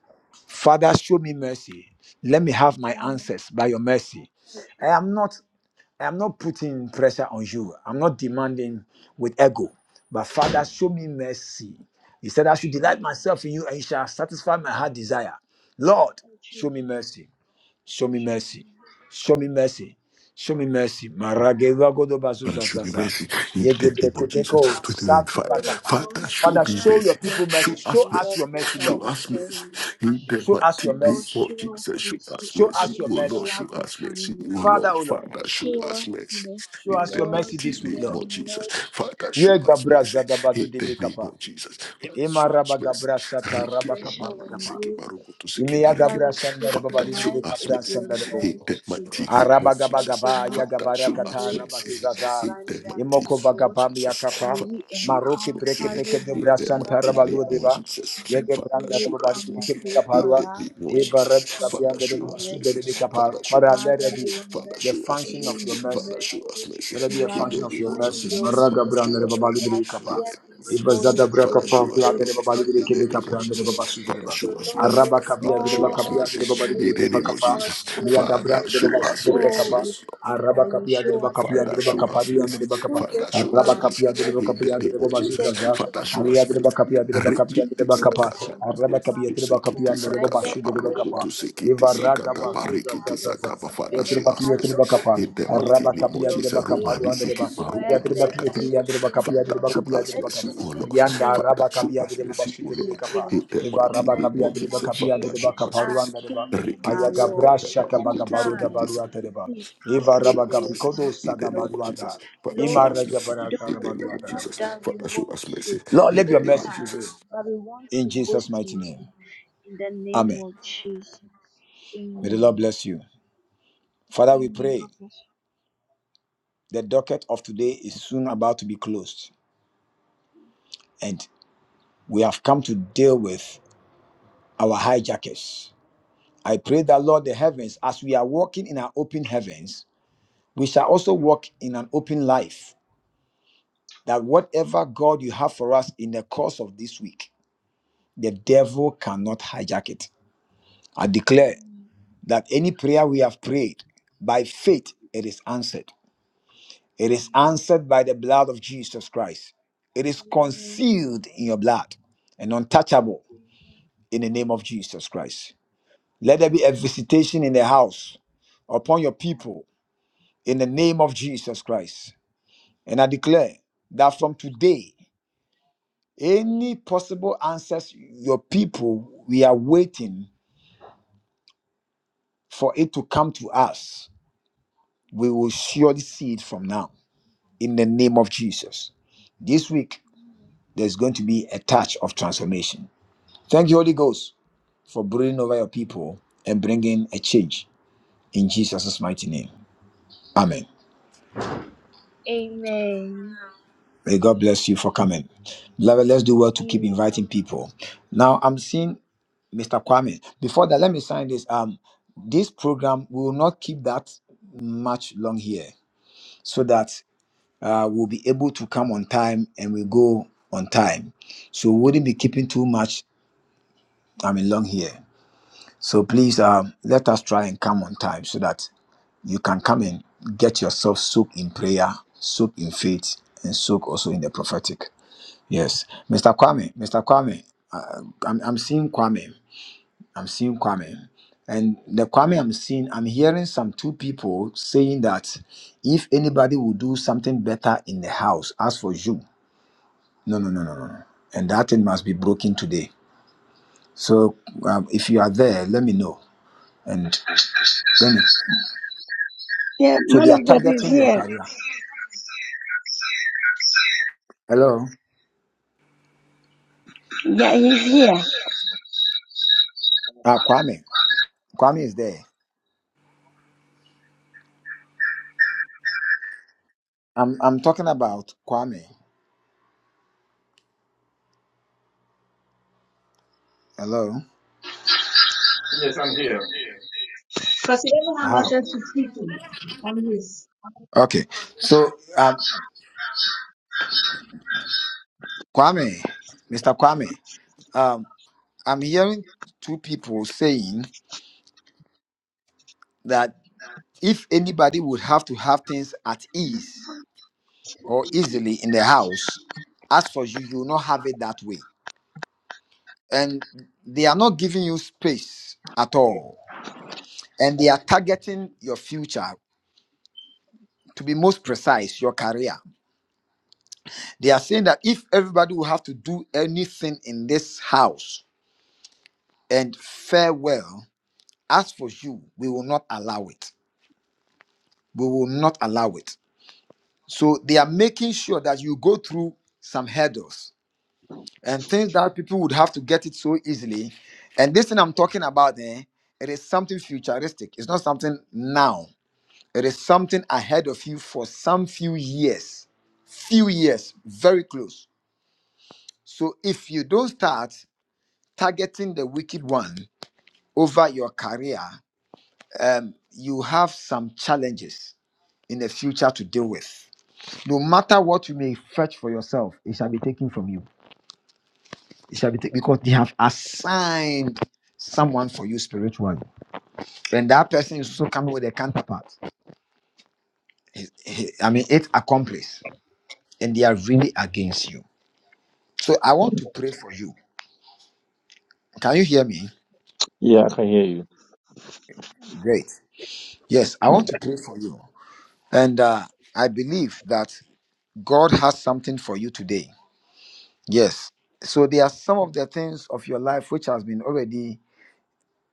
[SPEAKER 1] Father, show me mercy. Let me have my
[SPEAKER 6] Yeah, Lord.
[SPEAKER 1] answers by your mercy.
[SPEAKER 6] Oh,
[SPEAKER 1] I
[SPEAKER 6] Jesus.
[SPEAKER 1] am not I'm not putting pressure on you. I'm not demanding with ego. But Father, show me mercy. He said, I should
[SPEAKER 6] Shoot
[SPEAKER 1] delight
[SPEAKER 6] me.
[SPEAKER 1] myself in you and you shall satisfy my heart desire. Lord,
[SPEAKER 6] Oh,
[SPEAKER 1] show me
[SPEAKER 6] Jesus.
[SPEAKER 1] mercy. Show me
[SPEAKER 6] Shoot
[SPEAKER 1] mercy.
[SPEAKER 6] me.
[SPEAKER 1] Show me mercy. Show me mercy. Marageva godobasu
[SPEAKER 2] Father, show me
[SPEAKER 1] zasasa.
[SPEAKER 2] mercy in the name of Jesus.
[SPEAKER 1] Yegebreketeko saki
[SPEAKER 2] 2025.
[SPEAKER 6] Spirit of
[SPEAKER 1] bakapa.
[SPEAKER 6] God,
[SPEAKER 2] Father, show
[SPEAKER 1] Father,
[SPEAKER 2] me
[SPEAKER 1] show
[SPEAKER 6] tonight,
[SPEAKER 1] your
[SPEAKER 2] mercy.
[SPEAKER 6] your
[SPEAKER 1] people mercy.
[SPEAKER 2] Show
[SPEAKER 6] friends
[SPEAKER 2] us
[SPEAKER 1] Show
[SPEAKER 6] and
[SPEAKER 1] us
[SPEAKER 2] mercy.
[SPEAKER 1] your
[SPEAKER 6] vessels
[SPEAKER 1] mercy,
[SPEAKER 6] are
[SPEAKER 2] Show
[SPEAKER 1] Lord.
[SPEAKER 2] us
[SPEAKER 6] before
[SPEAKER 2] mercy
[SPEAKER 6] you.
[SPEAKER 2] in the
[SPEAKER 1] Show us your
[SPEAKER 2] mighty name
[SPEAKER 6] Lord,
[SPEAKER 1] mercy.
[SPEAKER 2] of
[SPEAKER 6] show us
[SPEAKER 2] Jesus. Show
[SPEAKER 6] mercy
[SPEAKER 2] us
[SPEAKER 1] Show
[SPEAKER 2] mercy.
[SPEAKER 1] us
[SPEAKER 6] according
[SPEAKER 1] your
[SPEAKER 2] Oh
[SPEAKER 6] to your
[SPEAKER 2] Lord,
[SPEAKER 1] mercy.
[SPEAKER 6] love
[SPEAKER 2] show
[SPEAKER 6] and
[SPEAKER 2] us mercy.
[SPEAKER 6] kindness.
[SPEAKER 2] Oh
[SPEAKER 1] Father,
[SPEAKER 2] Lord,
[SPEAKER 1] O Lord,
[SPEAKER 2] Father,
[SPEAKER 6] She
[SPEAKER 2] show us
[SPEAKER 6] wants
[SPEAKER 2] mercy
[SPEAKER 1] show
[SPEAKER 6] mercy,
[SPEAKER 2] in
[SPEAKER 1] us
[SPEAKER 2] the
[SPEAKER 1] your
[SPEAKER 6] Lord,
[SPEAKER 1] mercy
[SPEAKER 2] mighty
[SPEAKER 1] this week,
[SPEAKER 6] we
[SPEAKER 2] name
[SPEAKER 6] are
[SPEAKER 1] Lord.
[SPEAKER 2] of Jesus.
[SPEAKER 6] not
[SPEAKER 2] Father,
[SPEAKER 1] Ye
[SPEAKER 2] show us
[SPEAKER 1] gabra
[SPEAKER 2] mercy
[SPEAKER 1] zadabadu
[SPEAKER 2] in the
[SPEAKER 1] debe
[SPEAKER 2] name
[SPEAKER 1] kapa.
[SPEAKER 2] of Jesus. Father,
[SPEAKER 1] Ema
[SPEAKER 2] show us
[SPEAKER 1] raba
[SPEAKER 2] mercy.
[SPEAKER 1] gabra sata
[SPEAKER 6] putting
[SPEAKER 2] Riki
[SPEAKER 1] raba
[SPEAKER 6] pressure
[SPEAKER 2] mama
[SPEAKER 1] kapa
[SPEAKER 2] mani
[SPEAKER 6] on
[SPEAKER 1] rukapa.
[SPEAKER 2] seki
[SPEAKER 6] you.
[SPEAKER 2] baruku tu seki
[SPEAKER 1] Ime ya
[SPEAKER 2] bariki.
[SPEAKER 6] Father,
[SPEAKER 1] gabra
[SPEAKER 6] we seek
[SPEAKER 1] sandare
[SPEAKER 2] Father,
[SPEAKER 1] babari
[SPEAKER 2] show
[SPEAKER 1] debe
[SPEAKER 6] tonight
[SPEAKER 2] us
[SPEAKER 6] is
[SPEAKER 1] kapra
[SPEAKER 2] mercy
[SPEAKER 6] your
[SPEAKER 1] sandare bo.
[SPEAKER 2] in the
[SPEAKER 6] mercy.
[SPEAKER 2] mighty name of
[SPEAKER 6] Let
[SPEAKER 2] Jesus.
[SPEAKER 6] your
[SPEAKER 1] Arabagabagaba,
[SPEAKER 2] Father,
[SPEAKER 6] mercy
[SPEAKER 2] show
[SPEAKER 6] and
[SPEAKER 1] Yagabarakata,
[SPEAKER 2] us
[SPEAKER 6] grace
[SPEAKER 2] mercy.
[SPEAKER 6] be in
[SPEAKER 1] Rabazizaza,
[SPEAKER 2] In the mighty
[SPEAKER 6] abundance,
[SPEAKER 1] Imoko
[SPEAKER 6] O
[SPEAKER 2] name of
[SPEAKER 6] God.
[SPEAKER 1] Vagabam
[SPEAKER 2] Jesus,
[SPEAKER 6] May
[SPEAKER 1] Yakapa,
[SPEAKER 2] Father,
[SPEAKER 6] we
[SPEAKER 2] show us
[SPEAKER 1] Maroki Breke
[SPEAKER 6] encounter
[SPEAKER 2] mercy.
[SPEAKER 1] Peke
[SPEAKER 6] you
[SPEAKER 1] de
[SPEAKER 2] In
[SPEAKER 6] like
[SPEAKER 2] the
[SPEAKER 1] Brasanta
[SPEAKER 6] never
[SPEAKER 2] mighty name
[SPEAKER 1] Rabalu
[SPEAKER 6] before.
[SPEAKER 2] of
[SPEAKER 1] Deva,
[SPEAKER 2] Jesus,
[SPEAKER 6] May we see
[SPEAKER 2] Father,
[SPEAKER 1] Yegebranda
[SPEAKER 6] you
[SPEAKER 2] show
[SPEAKER 1] Rebabadi
[SPEAKER 2] us
[SPEAKER 6] coming
[SPEAKER 1] Breke
[SPEAKER 2] mercy.
[SPEAKER 6] through
[SPEAKER 2] In
[SPEAKER 1] Bekaparua,
[SPEAKER 2] the
[SPEAKER 6] for us
[SPEAKER 2] name of
[SPEAKER 6] just
[SPEAKER 1] Eva
[SPEAKER 2] Jesus,
[SPEAKER 6] because
[SPEAKER 1] Rebekabian
[SPEAKER 6] of
[SPEAKER 2] Father,
[SPEAKER 1] de
[SPEAKER 6] your
[SPEAKER 2] show us
[SPEAKER 1] Rebasude
[SPEAKER 2] mercy.
[SPEAKER 1] de
[SPEAKER 6] mercy.
[SPEAKER 1] Bekapa.
[SPEAKER 2] Father, show
[SPEAKER 1] Father,
[SPEAKER 2] us
[SPEAKER 1] let
[SPEAKER 6] Father,
[SPEAKER 2] mercy.
[SPEAKER 1] it be
[SPEAKER 6] your
[SPEAKER 2] Father,
[SPEAKER 1] the
[SPEAKER 2] show us
[SPEAKER 1] function of
[SPEAKER 6] mercy,
[SPEAKER 1] your
[SPEAKER 2] mercy.
[SPEAKER 6] your
[SPEAKER 1] mercy.
[SPEAKER 2] Father, show
[SPEAKER 6] mercy.
[SPEAKER 2] us
[SPEAKER 1] Let it be a
[SPEAKER 6] We
[SPEAKER 2] mercy.
[SPEAKER 6] are
[SPEAKER 2] In
[SPEAKER 1] function
[SPEAKER 2] the
[SPEAKER 1] of
[SPEAKER 2] name
[SPEAKER 1] your
[SPEAKER 2] of
[SPEAKER 6] enjoying
[SPEAKER 1] mercy.
[SPEAKER 2] Jesus,
[SPEAKER 6] your
[SPEAKER 1] Maraga
[SPEAKER 2] Father, show
[SPEAKER 6] mercy.
[SPEAKER 1] branda reba
[SPEAKER 2] us
[SPEAKER 1] balu
[SPEAKER 6] We
[SPEAKER 2] mercy.
[SPEAKER 6] are
[SPEAKER 1] biri
[SPEAKER 2] In
[SPEAKER 1] kapa.
[SPEAKER 6] here
[SPEAKER 2] the name of
[SPEAKER 6] before
[SPEAKER 2] Jesus,
[SPEAKER 1] Ibazada
[SPEAKER 6] your
[SPEAKER 1] braka
[SPEAKER 2] Father,
[SPEAKER 6] throne
[SPEAKER 1] pa
[SPEAKER 6] of
[SPEAKER 2] show us
[SPEAKER 1] plata
[SPEAKER 6] grace
[SPEAKER 1] reba
[SPEAKER 2] mercy.
[SPEAKER 1] balu
[SPEAKER 6] because
[SPEAKER 1] biri
[SPEAKER 6] of
[SPEAKER 2] In the
[SPEAKER 1] kebe
[SPEAKER 6] your
[SPEAKER 2] name
[SPEAKER 1] kapra
[SPEAKER 2] of
[SPEAKER 1] ande reba
[SPEAKER 2] Jesus,
[SPEAKER 6] mercy.
[SPEAKER 1] basu
[SPEAKER 2] Father,
[SPEAKER 1] reba.
[SPEAKER 6] So,
[SPEAKER 2] show us mercy.
[SPEAKER 6] Lord, with
[SPEAKER 1] Araba kapia
[SPEAKER 2] Father,
[SPEAKER 1] reba
[SPEAKER 2] show us
[SPEAKER 1] kapia
[SPEAKER 6] all
[SPEAKER 1] ande reba
[SPEAKER 2] mercy.
[SPEAKER 1] balu
[SPEAKER 2] In
[SPEAKER 1] biri
[SPEAKER 2] the
[SPEAKER 6] humility,
[SPEAKER 1] kapa
[SPEAKER 2] name of
[SPEAKER 6] with
[SPEAKER 1] kapa.
[SPEAKER 6] all
[SPEAKER 2] Jesus,
[SPEAKER 6] due
[SPEAKER 1] Mia
[SPEAKER 2] Father,
[SPEAKER 1] gabra ande
[SPEAKER 6] respect,
[SPEAKER 1] reba
[SPEAKER 2] show
[SPEAKER 1] basu
[SPEAKER 2] us
[SPEAKER 1] reba
[SPEAKER 6] oh,
[SPEAKER 1] kapa.
[SPEAKER 2] mercy.
[SPEAKER 6] we come
[SPEAKER 1] Araba
[SPEAKER 6] that you
[SPEAKER 1] kapia
[SPEAKER 6] show
[SPEAKER 1] reba
[SPEAKER 6] us
[SPEAKER 1] kapia
[SPEAKER 2] Father,
[SPEAKER 1] reba
[SPEAKER 6] mercy.
[SPEAKER 2] show
[SPEAKER 1] kapa
[SPEAKER 2] us
[SPEAKER 1] dia ande
[SPEAKER 2] mercy.
[SPEAKER 6] And
[SPEAKER 1] reba kapa.
[SPEAKER 6] through
[SPEAKER 2] Father,
[SPEAKER 6] this
[SPEAKER 2] show
[SPEAKER 1] Araba
[SPEAKER 2] us
[SPEAKER 6] man,
[SPEAKER 2] mercy.
[SPEAKER 1] kapia
[SPEAKER 6] through
[SPEAKER 1] reba
[SPEAKER 6] this
[SPEAKER 2] In the
[SPEAKER 1] kapia ande
[SPEAKER 2] name
[SPEAKER 6] way,
[SPEAKER 1] reba
[SPEAKER 2] of
[SPEAKER 6] through
[SPEAKER 1] basu
[SPEAKER 2] Jesus.
[SPEAKER 6] this
[SPEAKER 1] zaza.
[SPEAKER 2] Father,
[SPEAKER 6] day,
[SPEAKER 2] show
[SPEAKER 1] Alia
[SPEAKER 2] us
[SPEAKER 1] reba
[SPEAKER 2] mercy.
[SPEAKER 6] may
[SPEAKER 1] kapia
[SPEAKER 6] we
[SPEAKER 1] reba kapia
[SPEAKER 6] see
[SPEAKER 2] Rekiti
[SPEAKER 1] reba
[SPEAKER 6] you
[SPEAKER 1] kapa.
[SPEAKER 2] sakata
[SPEAKER 6] like
[SPEAKER 1] Araba
[SPEAKER 6] never
[SPEAKER 1] kapia
[SPEAKER 2] paroku tu
[SPEAKER 1] reba kapia
[SPEAKER 2] sekiti
[SPEAKER 6] before.
[SPEAKER 1] ande reba
[SPEAKER 2] sakata
[SPEAKER 1] basu
[SPEAKER 6] Regedi
[SPEAKER 1] reba
[SPEAKER 2] paroku
[SPEAKER 1] kapa.
[SPEAKER 2] tu sekiti
[SPEAKER 1] Ivaraga
[SPEAKER 2] sakata
[SPEAKER 6] May
[SPEAKER 1] basu
[SPEAKER 6] we
[SPEAKER 1] zaza
[SPEAKER 6] have
[SPEAKER 2] parikiti
[SPEAKER 6] a
[SPEAKER 2] sakata.
[SPEAKER 1] zaza.
[SPEAKER 6] few
[SPEAKER 2] Father,
[SPEAKER 6] and a
[SPEAKER 2] show us
[SPEAKER 6] touch
[SPEAKER 2] mercy.
[SPEAKER 6] of
[SPEAKER 1] Yatribakapa,
[SPEAKER 6] your
[SPEAKER 2] In the
[SPEAKER 6] mercy
[SPEAKER 2] mighty name
[SPEAKER 6] and
[SPEAKER 2] of
[SPEAKER 1] Rabakapia
[SPEAKER 6] your
[SPEAKER 1] de
[SPEAKER 2] Jesus.
[SPEAKER 1] Bakapa,
[SPEAKER 6] grace.
[SPEAKER 2] Romani
[SPEAKER 1] Ruandreba,
[SPEAKER 2] siki
[SPEAKER 6] Where
[SPEAKER 2] paroku tu
[SPEAKER 6] there
[SPEAKER 1] Yatribaki,
[SPEAKER 2] sakata.
[SPEAKER 6] seems to be
[SPEAKER 1] Yandrebakapia de
[SPEAKER 2] Father,
[SPEAKER 6] no
[SPEAKER 2] show
[SPEAKER 1] Bakapia
[SPEAKER 6] way,
[SPEAKER 2] us
[SPEAKER 1] de
[SPEAKER 6] let
[SPEAKER 1] Bakapa,
[SPEAKER 2] mercy,
[SPEAKER 6] your
[SPEAKER 2] O Lord.
[SPEAKER 1] Yanda
[SPEAKER 6] mercy
[SPEAKER 2] Father, show
[SPEAKER 1] Rabakapia
[SPEAKER 2] us
[SPEAKER 1] de
[SPEAKER 2] mercy,
[SPEAKER 1] Bashi
[SPEAKER 2] O
[SPEAKER 1] de
[SPEAKER 2] Lord.
[SPEAKER 1] Bakapa,
[SPEAKER 6] prevail.
[SPEAKER 2] In the
[SPEAKER 1] Eva
[SPEAKER 2] mighty
[SPEAKER 6] In the
[SPEAKER 2] name
[SPEAKER 1] Rabakapia
[SPEAKER 2] of
[SPEAKER 6] name
[SPEAKER 1] de
[SPEAKER 6] of
[SPEAKER 2] Jesus.
[SPEAKER 1] Bakapia
[SPEAKER 2] Father,
[SPEAKER 1] de
[SPEAKER 2] show
[SPEAKER 6] Jesus,
[SPEAKER 2] us
[SPEAKER 1] Bakapa,
[SPEAKER 6] our
[SPEAKER 2] mercy.
[SPEAKER 1] Ruandreba,
[SPEAKER 6] King and
[SPEAKER 2] Rekiti
[SPEAKER 6] our
[SPEAKER 1] Ayagabra
[SPEAKER 6] Lord,
[SPEAKER 2] sakata paroku
[SPEAKER 1] Shakabagabaru da
[SPEAKER 6] tonight,
[SPEAKER 2] tu
[SPEAKER 1] Barua Tereba,
[SPEAKER 6] please come
[SPEAKER 1] Eva
[SPEAKER 2] Father,
[SPEAKER 6] through
[SPEAKER 2] show
[SPEAKER 6] for
[SPEAKER 2] us
[SPEAKER 6] your
[SPEAKER 2] mercy
[SPEAKER 1] Rabakapikodo
[SPEAKER 6] sons
[SPEAKER 2] in
[SPEAKER 6] and
[SPEAKER 2] the name of
[SPEAKER 6] daughters.
[SPEAKER 2] Jesus.
[SPEAKER 1] Sadabaduada,
[SPEAKER 2] Father, show us
[SPEAKER 6] Lord,
[SPEAKER 2] mercy
[SPEAKER 1] Imaragabarata
[SPEAKER 2] in the
[SPEAKER 6] don't
[SPEAKER 2] name of
[SPEAKER 1] Rabaduata.
[SPEAKER 6] not
[SPEAKER 2] Jesus.
[SPEAKER 6] that we
[SPEAKER 2] Father, show
[SPEAKER 6] want
[SPEAKER 2] us mercy
[SPEAKER 6] to
[SPEAKER 1] Lord,
[SPEAKER 2] in
[SPEAKER 1] let
[SPEAKER 2] the
[SPEAKER 1] your
[SPEAKER 2] name
[SPEAKER 6] boast
[SPEAKER 2] of
[SPEAKER 1] mercy prevail
[SPEAKER 2] Jesus.
[SPEAKER 6] around, but we want
[SPEAKER 1] in
[SPEAKER 6] to
[SPEAKER 1] Jesus'
[SPEAKER 6] boast
[SPEAKER 1] mighty
[SPEAKER 6] in
[SPEAKER 1] name.
[SPEAKER 6] you. In the name
[SPEAKER 1] Amen.
[SPEAKER 6] of Jesus.
[SPEAKER 1] May the Lord
[SPEAKER 6] Amen.
[SPEAKER 1] bless you. Father, we
[SPEAKER 6] Amen.
[SPEAKER 1] pray
[SPEAKER 6] God bless
[SPEAKER 1] the docket of today is soon about to be closed. and we have come to deal with our hijackers. I pray that, Lord, the heavens, as we are walking in our open heavens, we shall also walk in an open life. That whatever God you have for us in the course of this week, the devil cannot hijack it. I declare
[SPEAKER 6] you.
[SPEAKER 1] that any prayer we have prayed by faith, it is answered. It is
[SPEAKER 6] Amen.
[SPEAKER 1] answered by the blood of Jesus Christ. It is
[SPEAKER 6] Amen.
[SPEAKER 1] concealed in your blood and untouchable in the name of Jesus Christ. Let there be a visitation in the house upon your people in the name of Jesus Christ. And I declare that from today, any possible answers your people, we are waiting for it to come to us. We will surely see it from now in the name of Jesus. This week, there's going to be a touch of transformation. Thank you, Holy Ghost, for brooding over your people and bringing a change in Jesus' mighty name. Amen.
[SPEAKER 6] Amen.
[SPEAKER 1] May God bless you for coming. Beloved, let's do well to keep
[SPEAKER 6] Amen. God
[SPEAKER 1] inviting
[SPEAKER 6] bless you.
[SPEAKER 1] people. Now, I'm seeing Mr. Kwame. Before that, let me sign this. Um, this program we will not keep that much long here so that uh, we'll be able to come on time and we go on time. So, we wouldn't be keeping too much, I mean, long here. So, please um, let us try and come on time so that you can come and get yourself soaked in prayer, soaked in faith, and soaked also in the prophetic. Yes, Mr. Kwame, Mr. Kwame, uh, I'm, I'm seeing Kwame. I'm seeing Kwame. And the Kwame I'm seeing, I'm hearing some two people saying that if anybody will do something better in the house, as for you, no, no, no, no, no. no. And that thing must be broken today. So um, if you are there, let me know. And let me.
[SPEAKER 3] Yeah,
[SPEAKER 1] So they
[SPEAKER 3] man
[SPEAKER 1] are
[SPEAKER 3] of God is
[SPEAKER 1] targeting your
[SPEAKER 3] here.
[SPEAKER 1] career. Hello?
[SPEAKER 3] Yeah, he's here.
[SPEAKER 1] Uh, Kwame. Kwame is there. I'm, I'm talking about Kwame. Hello?
[SPEAKER 3] Yes, I'm here. Because he doesn't have
[SPEAKER 1] How?
[SPEAKER 3] access to speaking on this.
[SPEAKER 1] Okay. So um, Kwame, Mr. Kwame, um, I'm hearing two people saying that if anybody would have to have things at ease or easily in the house, as for you, you will not have it that way. And they are not giving you space at all. And they are targeting your future, to be most precise, your career. They are saying that if everybody will have to do anything in this house and farewell, as for you, we will not allow it. we will not allow it. So they are making sure that you go through some hurdles and things that people would have to get it so easily. And this thing I'm talking about, eh, it is something futuristic. It's not something now. It is something ahead of you for some few years, few years, very close. So if you don't start targeting the wicked one over your career, um, you have some challenges in the future to deal with. No matter what you may fetch for yourself, it shall be taken from you. It shall be taken because they have assigned someone for you spiritually. And that person is also coming with a counterpart. He- he- I mean, it's accomplice, and they are really against you. So I want to pray for you. Can you hear me?
[SPEAKER 3] Yeah, I can hear you.
[SPEAKER 1] Great. Yes, I want to pray for you. And uh, I believe that God has something for you today. Yes. So there are some of the things of your life which has been already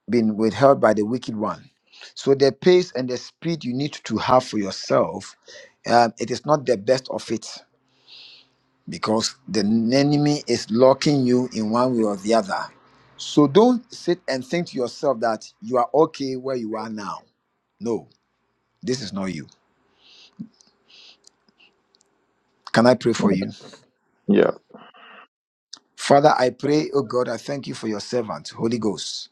[SPEAKER 1] been withheld by the wicked one. So the pace and the speed you need to have for yourself, um, it is not the best of it because the enemy is locking you in one way or the other. So don't sit and think to yourself that you are okay where you are now. No, this is not you. Can I pray for you?
[SPEAKER 3] Yeah,
[SPEAKER 1] Father, I pray, oh God, I thank you for your servant, Holy Ghost.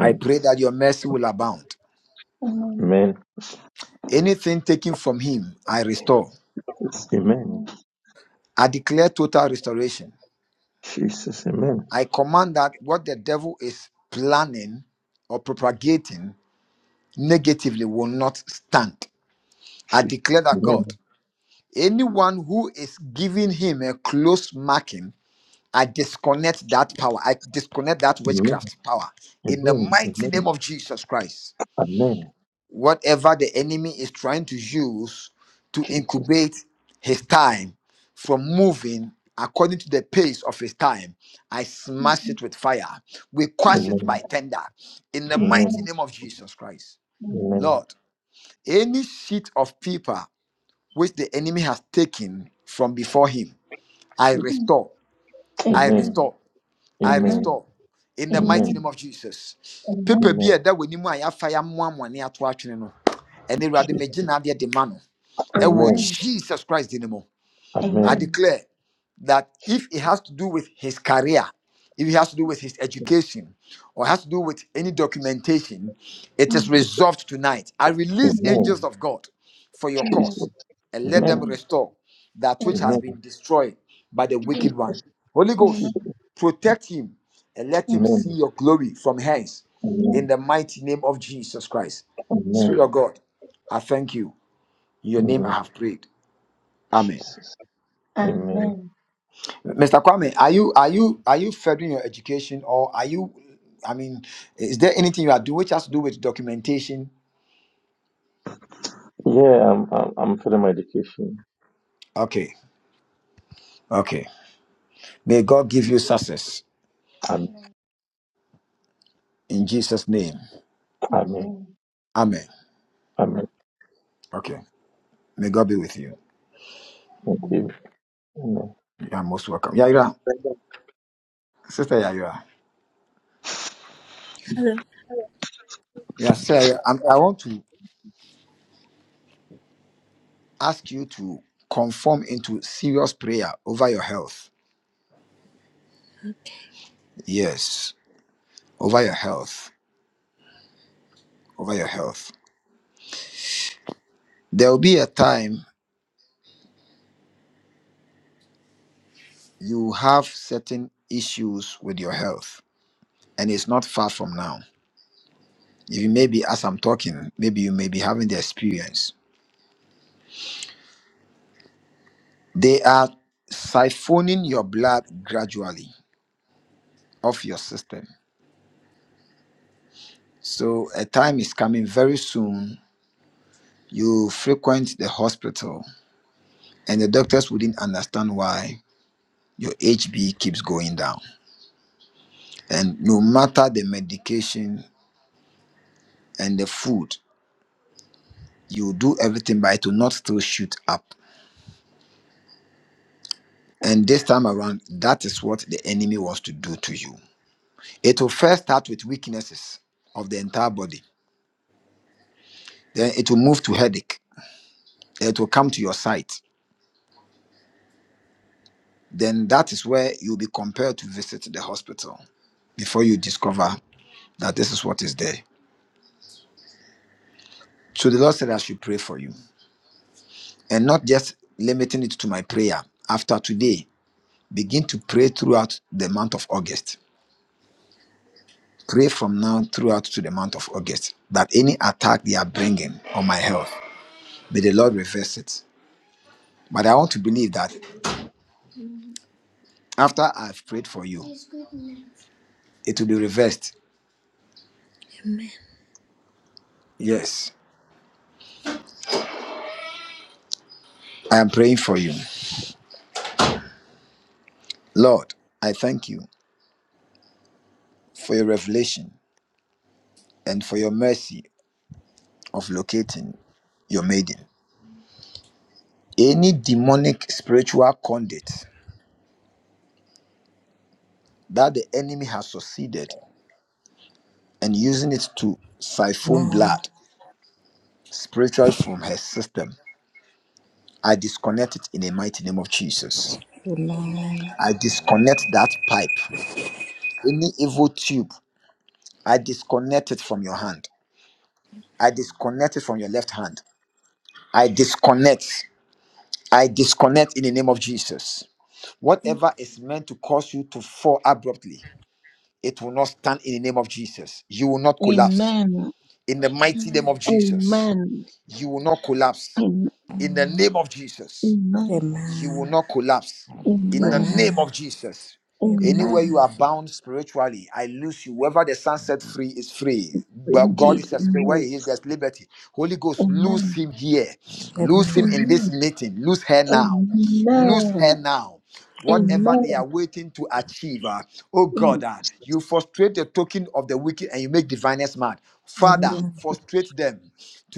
[SPEAKER 1] I pray that your mercy will abound.
[SPEAKER 3] Amen.
[SPEAKER 1] Anything taken from him, I restore.
[SPEAKER 3] Amen.
[SPEAKER 1] I declare total restoration.
[SPEAKER 3] Jesus, amen.
[SPEAKER 1] I command that what the devil is planning or propagating negatively will not stand. I declare that
[SPEAKER 3] Amen.
[SPEAKER 1] God, anyone who is giving him a close marking, I disconnect that power. I disconnect that
[SPEAKER 3] Amen.
[SPEAKER 1] witchcraft power in the
[SPEAKER 3] Amen.
[SPEAKER 1] mighty name
[SPEAKER 3] Amen.
[SPEAKER 1] of Jesus Christ
[SPEAKER 3] Amen.
[SPEAKER 1] whatever the enemy is trying to use to
[SPEAKER 3] Jesus.
[SPEAKER 1] incubate his time from moving according to the pace of his time, I smash it with fire. We quash it
[SPEAKER 3] Amen.
[SPEAKER 1] by tender in the mighty
[SPEAKER 3] Amen.
[SPEAKER 1] name of Jesus Christ.
[SPEAKER 3] Amen.
[SPEAKER 1] Lord, any sheet of paper which the enemy has taken from before him, I
[SPEAKER 3] Jesus.
[SPEAKER 1] restore. I
[SPEAKER 3] Amen.
[SPEAKER 1] restore. I
[SPEAKER 3] Amen.
[SPEAKER 1] restore in the mighty name
[SPEAKER 3] Amen.
[SPEAKER 1] of Jesus. People, be
[SPEAKER 3] Amen.
[SPEAKER 1] that we need more yɛafa yɛ amoamoa ne ato atwene no, ɛne Awurade
[SPEAKER 3] Jesus.
[SPEAKER 1] megye n'adeɛ de ma no.
[SPEAKER 3] Amen.
[SPEAKER 1] Jesus Christ din I
[SPEAKER 3] Amen.
[SPEAKER 1] declare that if it has to do with his career, if it has to do with his education, or has to do with any documentation, it is
[SPEAKER 3] Jesus.
[SPEAKER 1] resolved tonight. I release angels
[SPEAKER 3] Amen.
[SPEAKER 1] of God for your
[SPEAKER 3] Jesus.
[SPEAKER 1] cause and let them
[SPEAKER 3] Amen.
[SPEAKER 1] restore that which has
[SPEAKER 3] Amen.
[SPEAKER 1] been destroyed by the wicked one.
[SPEAKER 3] Jesus.
[SPEAKER 1] Holy Ghost,
[SPEAKER 3] Jesus.
[SPEAKER 1] protect him and let him see
[SPEAKER 3] Amen.
[SPEAKER 1] your glory from hence in
[SPEAKER 3] Amen.
[SPEAKER 1] the mighty name of Jesus Christ. Spirit of
[SPEAKER 3] Amen.
[SPEAKER 1] God, I thank you. In your name I
[SPEAKER 3] Amen.
[SPEAKER 1] have prayed. Amen.
[SPEAKER 3] Jesus. Amen.
[SPEAKER 1] Mr. Kwame, are you are you are you furthering your education or are you I mean, is there anything you are doing which has to do with documentation?
[SPEAKER 3] Yeah, I'm, I'm, I'm feeling my education.
[SPEAKER 1] Okay, okay. May God give you success
[SPEAKER 3] Amen.
[SPEAKER 1] in Jesus' name.
[SPEAKER 3] Amen.
[SPEAKER 1] Amen.
[SPEAKER 3] Amen.
[SPEAKER 1] Okay. May God be with you.
[SPEAKER 3] Thank you. Amen.
[SPEAKER 1] You are most welcome. Yaira, sister Yaira.
[SPEAKER 8] Hello.
[SPEAKER 1] Yeah, sir. I'm- I want to ask you to conform into serious prayer over your health. Yes, over your health. Over your health. There will be a time you have certain issues with your health and it's not far from now even maybe as i'm talking maybe you may be having the experience they are siphoning your blood gradually off your system so a time is coming very soon you frequent the hospital and the doctors wouldn't understand why your hb keeps going down and no matter the medication and the food you do everything but it will not still shoot up And this time around, that is what the enemy wants to do to you. It will first start with weaknesses of the entire body. Then it will move to headache. Then it will come to your sight. Then that is where you'll be compelled to visit the hospital before you discover that this is what is there. So the Lord said, I should pray for you. And not just limiting it to my prayer. After today, begin to pray throughout the month of August. Pray from now throughout to the month of August that any attack they are bringing on my health. May the Lord reverse it. But I want to believe that after I've prayed for you, it will be reversed.
[SPEAKER 8] Amen.
[SPEAKER 1] Yes, I am praying for you. Lord, I thank you for your revelation and for your mercy of locating your maiden. Any demonic spiritual conduit that the enemy has succeeded and using it to siphon
[SPEAKER 9] Amen.
[SPEAKER 1] blood spiritually from her system, I disconnect it in the mighty name of Jesus.
[SPEAKER 9] Amen. Amen.
[SPEAKER 1] I disconnect that pipe, any evil tube I disconnect it from your hand. I disconnect it from your left hand. I disconnect. I disconnect in the name of Jesus.
[SPEAKER 8] Amen.
[SPEAKER 1] Whatever is meant to cause you to fall abruptly, it will not stand in the name of Jesus. You will not collapse
[SPEAKER 3] Amen.
[SPEAKER 1] in the mighty name
[SPEAKER 8] Amen.
[SPEAKER 1] of Jesus.
[SPEAKER 3] Amen.
[SPEAKER 1] You will not collapse
[SPEAKER 3] Amen.
[SPEAKER 1] in the
[SPEAKER 9] Amen.
[SPEAKER 1] name of Jesus.
[SPEAKER 3] Amen.
[SPEAKER 1] you will
[SPEAKER 9] Amen.
[SPEAKER 1] not collapse in the
[SPEAKER 3] Amen.
[SPEAKER 1] name
[SPEAKER 9] Amen.
[SPEAKER 1] of Jesus. Anywhere
[SPEAKER 3] Amen.
[SPEAKER 1] you
[SPEAKER 9] Amen.
[SPEAKER 1] are bound spiritually, I lose you. Whoever the Son set free is free. But God
[SPEAKER 3] Indeed.
[SPEAKER 1] is a spirit. Where
[SPEAKER 3] Amen.
[SPEAKER 1] He is, there's liberty. Holy Ghost, lose
[SPEAKER 3] Amen.
[SPEAKER 1] him here.
[SPEAKER 9] Amen. Amen. Amen.
[SPEAKER 1] Lose him in this
[SPEAKER 3] Amen.
[SPEAKER 1] meeting. Lose her now.
[SPEAKER 9] Amen.
[SPEAKER 1] Lose her
[SPEAKER 3] Amen.
[SPEAKER 1] now. Whatever they
[SPEAKER 3] Amen.
[SPEAKER 1] are waiting to achieve, ah, oh God,
[SPEAKER 3] Mm,
[SPEAKER 1] ah,
[SPEAKER 3] Jesus.
[SPEAKER 1] you frustrate the token of the wicked and you make diviners mad.
[SPEAKER 9] Amen.
[SPEAKER 1] Father,
[SPEAKER 3] Yeah.
[SPEAKER 9] Amen.
[SPEAKER 1] frustrate them.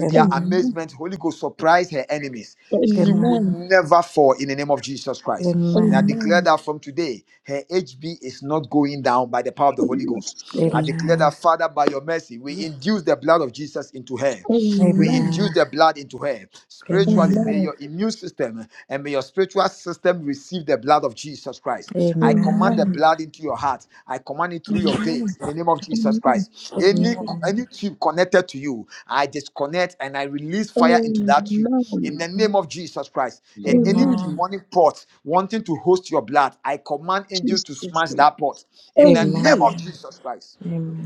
[SPEAKER 9] Amen. Amen. Amen.
[SPEAKER 1] their
[SPEAKER 9] Amen.
[SPEAKER 3] Amen.
[SPEAKER 1] amazement, Holy Ghost surprise her enemies. She will
[SPEAKER 3] Amen.
[SPEAKER 1] never fall in the name of Jesus Christ. And I
[SPEAKER 9] Amen.
[SPEAKER 1] declare
[SPEAKER 3] Amen.
[SPEAKER 1] that from today, her HB is not going down by the power of the
[SPEAKER 3] Oh,
[SPEAKER 1] Holy Ghost.
[SPEAKER 3] Yes, Lord.
[SPEAKER 1] I declare
[SPEAKER 9] Amen.
[SPEAKER 1] that, Father, by your mercy, we induce the blood of Jesus into her.
[SPEAKER 9] Amen.
[SPEAKER 1] We
[SPEAKER 3] Amen.
[SPEAKER 1] induce
[SPEAKER 9] Amen.
[SPEAKER 1] the blood into her.
[SPEAKER 9] Amen.
[SPEAKER 1] Spiritually, may
[SPEAKER 3] Amen.
[SPEAKER 1] your immune system and may your spiritual system receive the blood of Jesus Christ. I command the
[SPEAKER 3] Amen.
[SPEAKER 1] blood into your heart. I command it through your
[SPEAKER 3] Amen.
[SPEAKER 1] veins in the name of Jesus
[SPEAKER 3] Amen.
[SPEAKER 1] Christ.
[SPEAKER 8] Amen.
[SPEAKER 1] Any any tube connected to you, I disconnect and I release fire into that tube in the
[SPEAKER 3] Amen.
[SPEAKER 1] name of Jesus Christ. In any
[SPEAKER 3] Amen.
[SPEAKER 1] demonic pot wanting to host your blood, I command angels to
[SPEAKER 3] Jesus.
[SPEAKER 1] smash that pot in the name
[SPEAKER 3] Amen. Amen.
[SPEAKER 1] of Jesus Christ.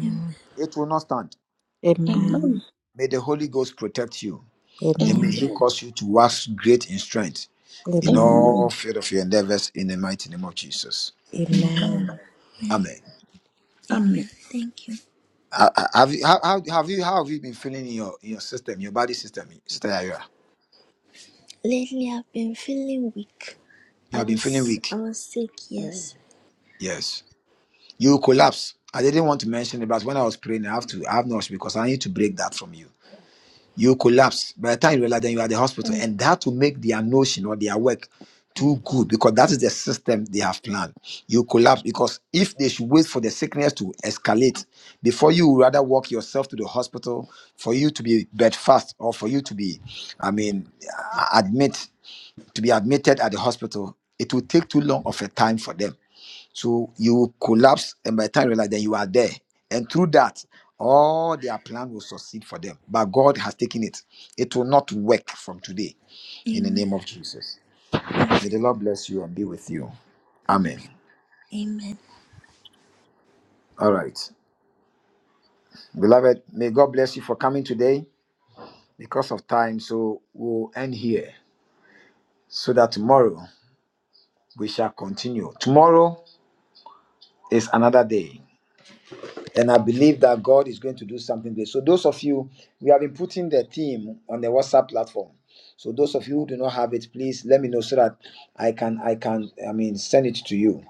[SPEAKER 8] Amen.
[SPEAKER 1] It will not stand.
[SPEAKER 3] Amen.
[SPEAKER 1] May the Holy Ghost protect you and may He
[SPEAKER 3] Amen.
[SPEAKER 1] cause you to wax great in strength in
[SPEAKER 8] Amen.
[SPEAKER 9] Amen.
[SPEAKER 1] all field of your endeavors in the mighty name of Jesus.
[SPEAKER 9] Amen.
[SPEAKER 3] Amen.
[SPEAKER 8] Amen.
[SPEAKER 1] Amen.
[SPEAKER 3] Amen.
[SPEAKER 8] Amen. Thank you.
[SPEAKER 1] Ha- ha- Have you, how, how, have you, how have you been feeling in your, in your system, your body system, Sister Ayra?
[SPEAKER 8] Lately, I've been feeling weak.
[SPEAKER 1] You
[SPEAKER 8] I
[SPEAKER 1] have been feeling
[SPEAKER 8] was I
[SPEAKER 1] weak.
[SPEAKER 8] was sick. Yes.
[SPEAKER 1] Yes. You collapse. I didn't want to mention it, but when I was praying, I have to, I have not because I need to break that from you. you collapse. By the time you realize, then you are at the hospital, and that will make their notion or their work too good because that is the system they have planned. You collapse because if they should wait for the sickness to escalate before you would rather walk yourself to the hospital for you to be bedfast or for you to be, I mean, admit to be admitted at the hospital, it will take too long of a time for them. So you collapse, and by the time you realize, then you are there. And through that, all their plan will succeed for them. But God has taken it. It will not work from today. In the
[SPEAKER 8] Amen.
[SPEAKER 1] name of Jesus. May the Lord bless you and be with you.
[SPEAKER 8] Amen.
[SPEAKER 1] Amen.
[SPEAKER 8] Amen.
[SPEAKER 1] All right. Beloved, may God bless you for coming today because of time. So we'll end here so that tomorrow we shall continue. Tomorrow is another day. And I believe that God is going to do something great. So, those of you, we have been putting the theme on the WhatsApp platform. So, those of you who do not have it, please let me know so that I can, I can, I mean, send it to you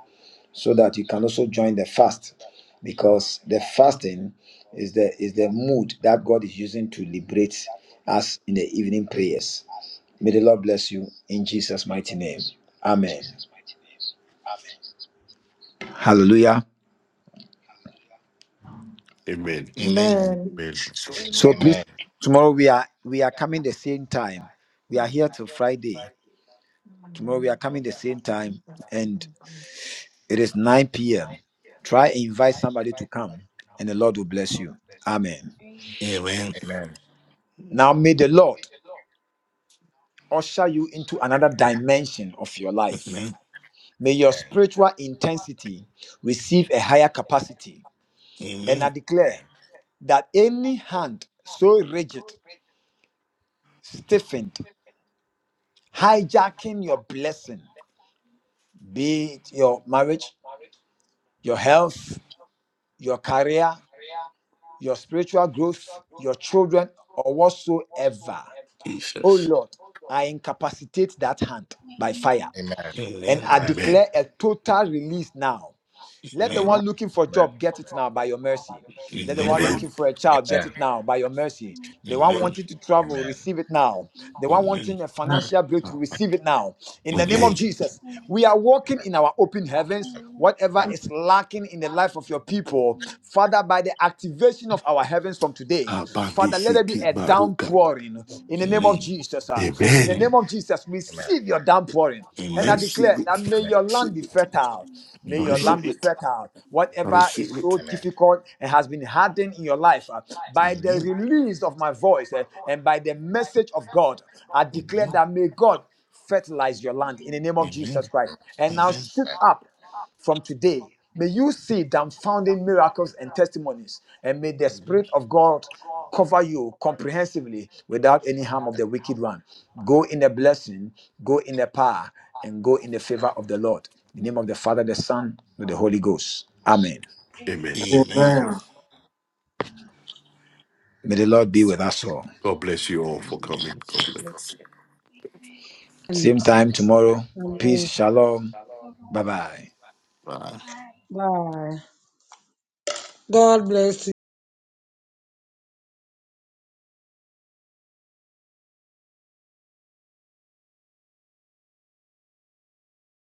[SPEAKER 1] so that you can also join the fast because the fasting is the is the mood that God is using to liberate us in the evening prayers. May the Lord bless you in Jesus' mighty name. Amen. Hallelujah.
[SPEAKER 2] Amen.
[SPEAKER 5] Amen.
[SPEAKER 2] Amen.
[SPEAKER 10] Amen.
[SPEAKER 1] So please,
[SPEAKER 11] Amen.
[SPEAKER 6] Amen.
[SPEAKER 1] tomorrow we are we are coming the same time. We are here till Friday. Tomorrow we are coming the same time, and it is 9 p.m. Try and invite somebody to come, and the Lord will bless you. Amen.
[SPEAKER 5] Amen.
[SPEAKER 11] Amen.
[SPEAKER 1] Now may the Lord usher you into another dimension of your life.
[SPEAKER 5] Amen.
[SPEAKER 1] May your
[SPEAKER 11] Amen.
[SPEAKER 1] spiritual intensity receive a higher capacity. And I
[SPEAKER 5] Amen.
[SPEAKER 1] declare that any hand so rigid, stiffened, hijacking your blessing be it your marriage, your health, your career, your spiritual growth, your children, or whatsoever. Oh
[SPEAKER 5] Jesus.
[SPEAKER 1] Lord, I incapacitate that hand by fire
[SPEAKER 6] Amen. Amen.
[SPEAKER 11] Amen. Amen.
[SPEAKER 1] and
[SPEAKER 5] Amen.
[SPEAKER 1] I
[SPEAKER 6] Amen.
[SPEAKER 11] Amen.
[SPEAKER 1] declare
[SPEAKER 2] Amen.
[SPEAKER 1] a total release now Let the
[SPEAKER 5] Amen.
[SPEAKER 12] Amen.
[SPEAKER 1] one looking for a
[SPEAKER 11] Amen.
[SPEAKER 1] job get it now by your mercy. Let the
[SPEAKER 5] Amen.
[SPEAKER 1] one
[SPEAKER 12] Amen.
[SPEAKER 1] looking
[SPEAKER 2] Amen.
[SPEAKER 1] for a child get
[SPEAKER 11] Amen.
[SPEAKER 1] it now by your mercy. The one
[SPEAKER 12] Amen.
[SPEAKER 5] Amen.
[SPEAKER 1] wanting to travel,
[SPEAKER 11] Amen.
[SPEAKER 1] receive it now. The one
[SPEAKER 5] Amen.
[SPEAKER 1] wanting a financial breakthrough, receive it now. In the name of
[SPEAKER 2] Amen.
[SPEAKER 5] Amen.
[SPEAKER 1] Jesus,
[SPEAKER 6] Amen.
[SPEAKER 1] we are
[SPEAKER 6] Amen.
[SPEAKER 1] walking in our open heavens.
[SPEAKER 6] Amen. Amen.
[SPEAKER 1] Whatever is lacking in the life of your people, Father, by the activation of our heavens from today, Father, let there be
[SPEAKER 2] Abanisiki
[SPEAKER 1] a
[SPEAKER 2] Maruka.
[SPEAKER 1] downpouring in the name of
[SPEAKER 5] Amen.
[SPEAKER 1] Jesus. ah. In the
[SPEAKER 2] Amen.
[SPEAKER 1] name
[SPEAKER 5] Amen.
[SPEAKER 1] of Jesus,
[SPEAKER 11] Amen. Amen. Amen.
[SPEAKER 1] receive your downpouring. And I
[SPEAKER 5] Amen.
[SPEAKER 2] Receive
[SPEAKER 1] declare that
[SPEAKER 2] it.
[SPEAKER 1] may your land
[SPEAKER 2] Receive
[SPEAKER 1] be
[SPEAKER 2] it.
[SPEAKER 1] fertile.
[SPEAKER 6] Amen.
[SPEAKER 1] May your
[SPEAKER 5] Amen.
[SPEAKER 12] Amen.
[SPEAKER 1] land
[SPEAKER 2] Receive
[SPEAKER 1] be
[SPEAKER 2] it.
[SPEAKER 1] fertile. Whatever
[SPEAKER 2] Receive.
[SPEAKER 1] is so
[SPEAKER 11] Amen. Amen.
[SPEAKER 1] difficult and has been hardened in your life, uh,
[SPEAKER 5] Amen.
[SPEAKER 1] by the
[SPEAKER 5] Amen.
[SPEAKER 1] release of my voice uh, and by the message of God, I declare
[SPEAKER 5] Amen.
[SPEAKER 1] that may God fertilize your land in the name of Jesus
[SPEAKER 5] Amen.
[SPEAKER 1] Christ. And now shoot up from today. May you see dumbfounding miracles and testimonies, and may the Spirit of God cover you comprehensively without any harm of the wicked one. Go in the blessing, go in the power, and go in the
[SPEAKER 11] Amen.
[SPEAKER 1] favor of the Lord. In the name of the Father, the Son, and the Holy Ghost. Amen.
[SPEAKER 2] Amen.
[SPEAKER 6] Amen. Amen.
[SPEAKER 5] Amen.
[SPEAKER 12] Amen.
[SPEAKER 1] May the Lord be with us all.
[SPEAKER 2] God bless you all for coming.
[SPEAKER 5] Amen.
[SPEAKER 2] God bless.
[SPEAKER 13] Amen.
[SPEAKER 1] Same time tomorrow. Peace, shalom.
[SPEAKER 6] Bye-bye. Amen.
[SPEAKER 1] Bye
[SPEAKER 6] Amen.
[SPEAKER 1] bye.
[SPEAKER 5] Amen.
[SPEAKER 6] bye
[SPEAKER 13] Bye. God bless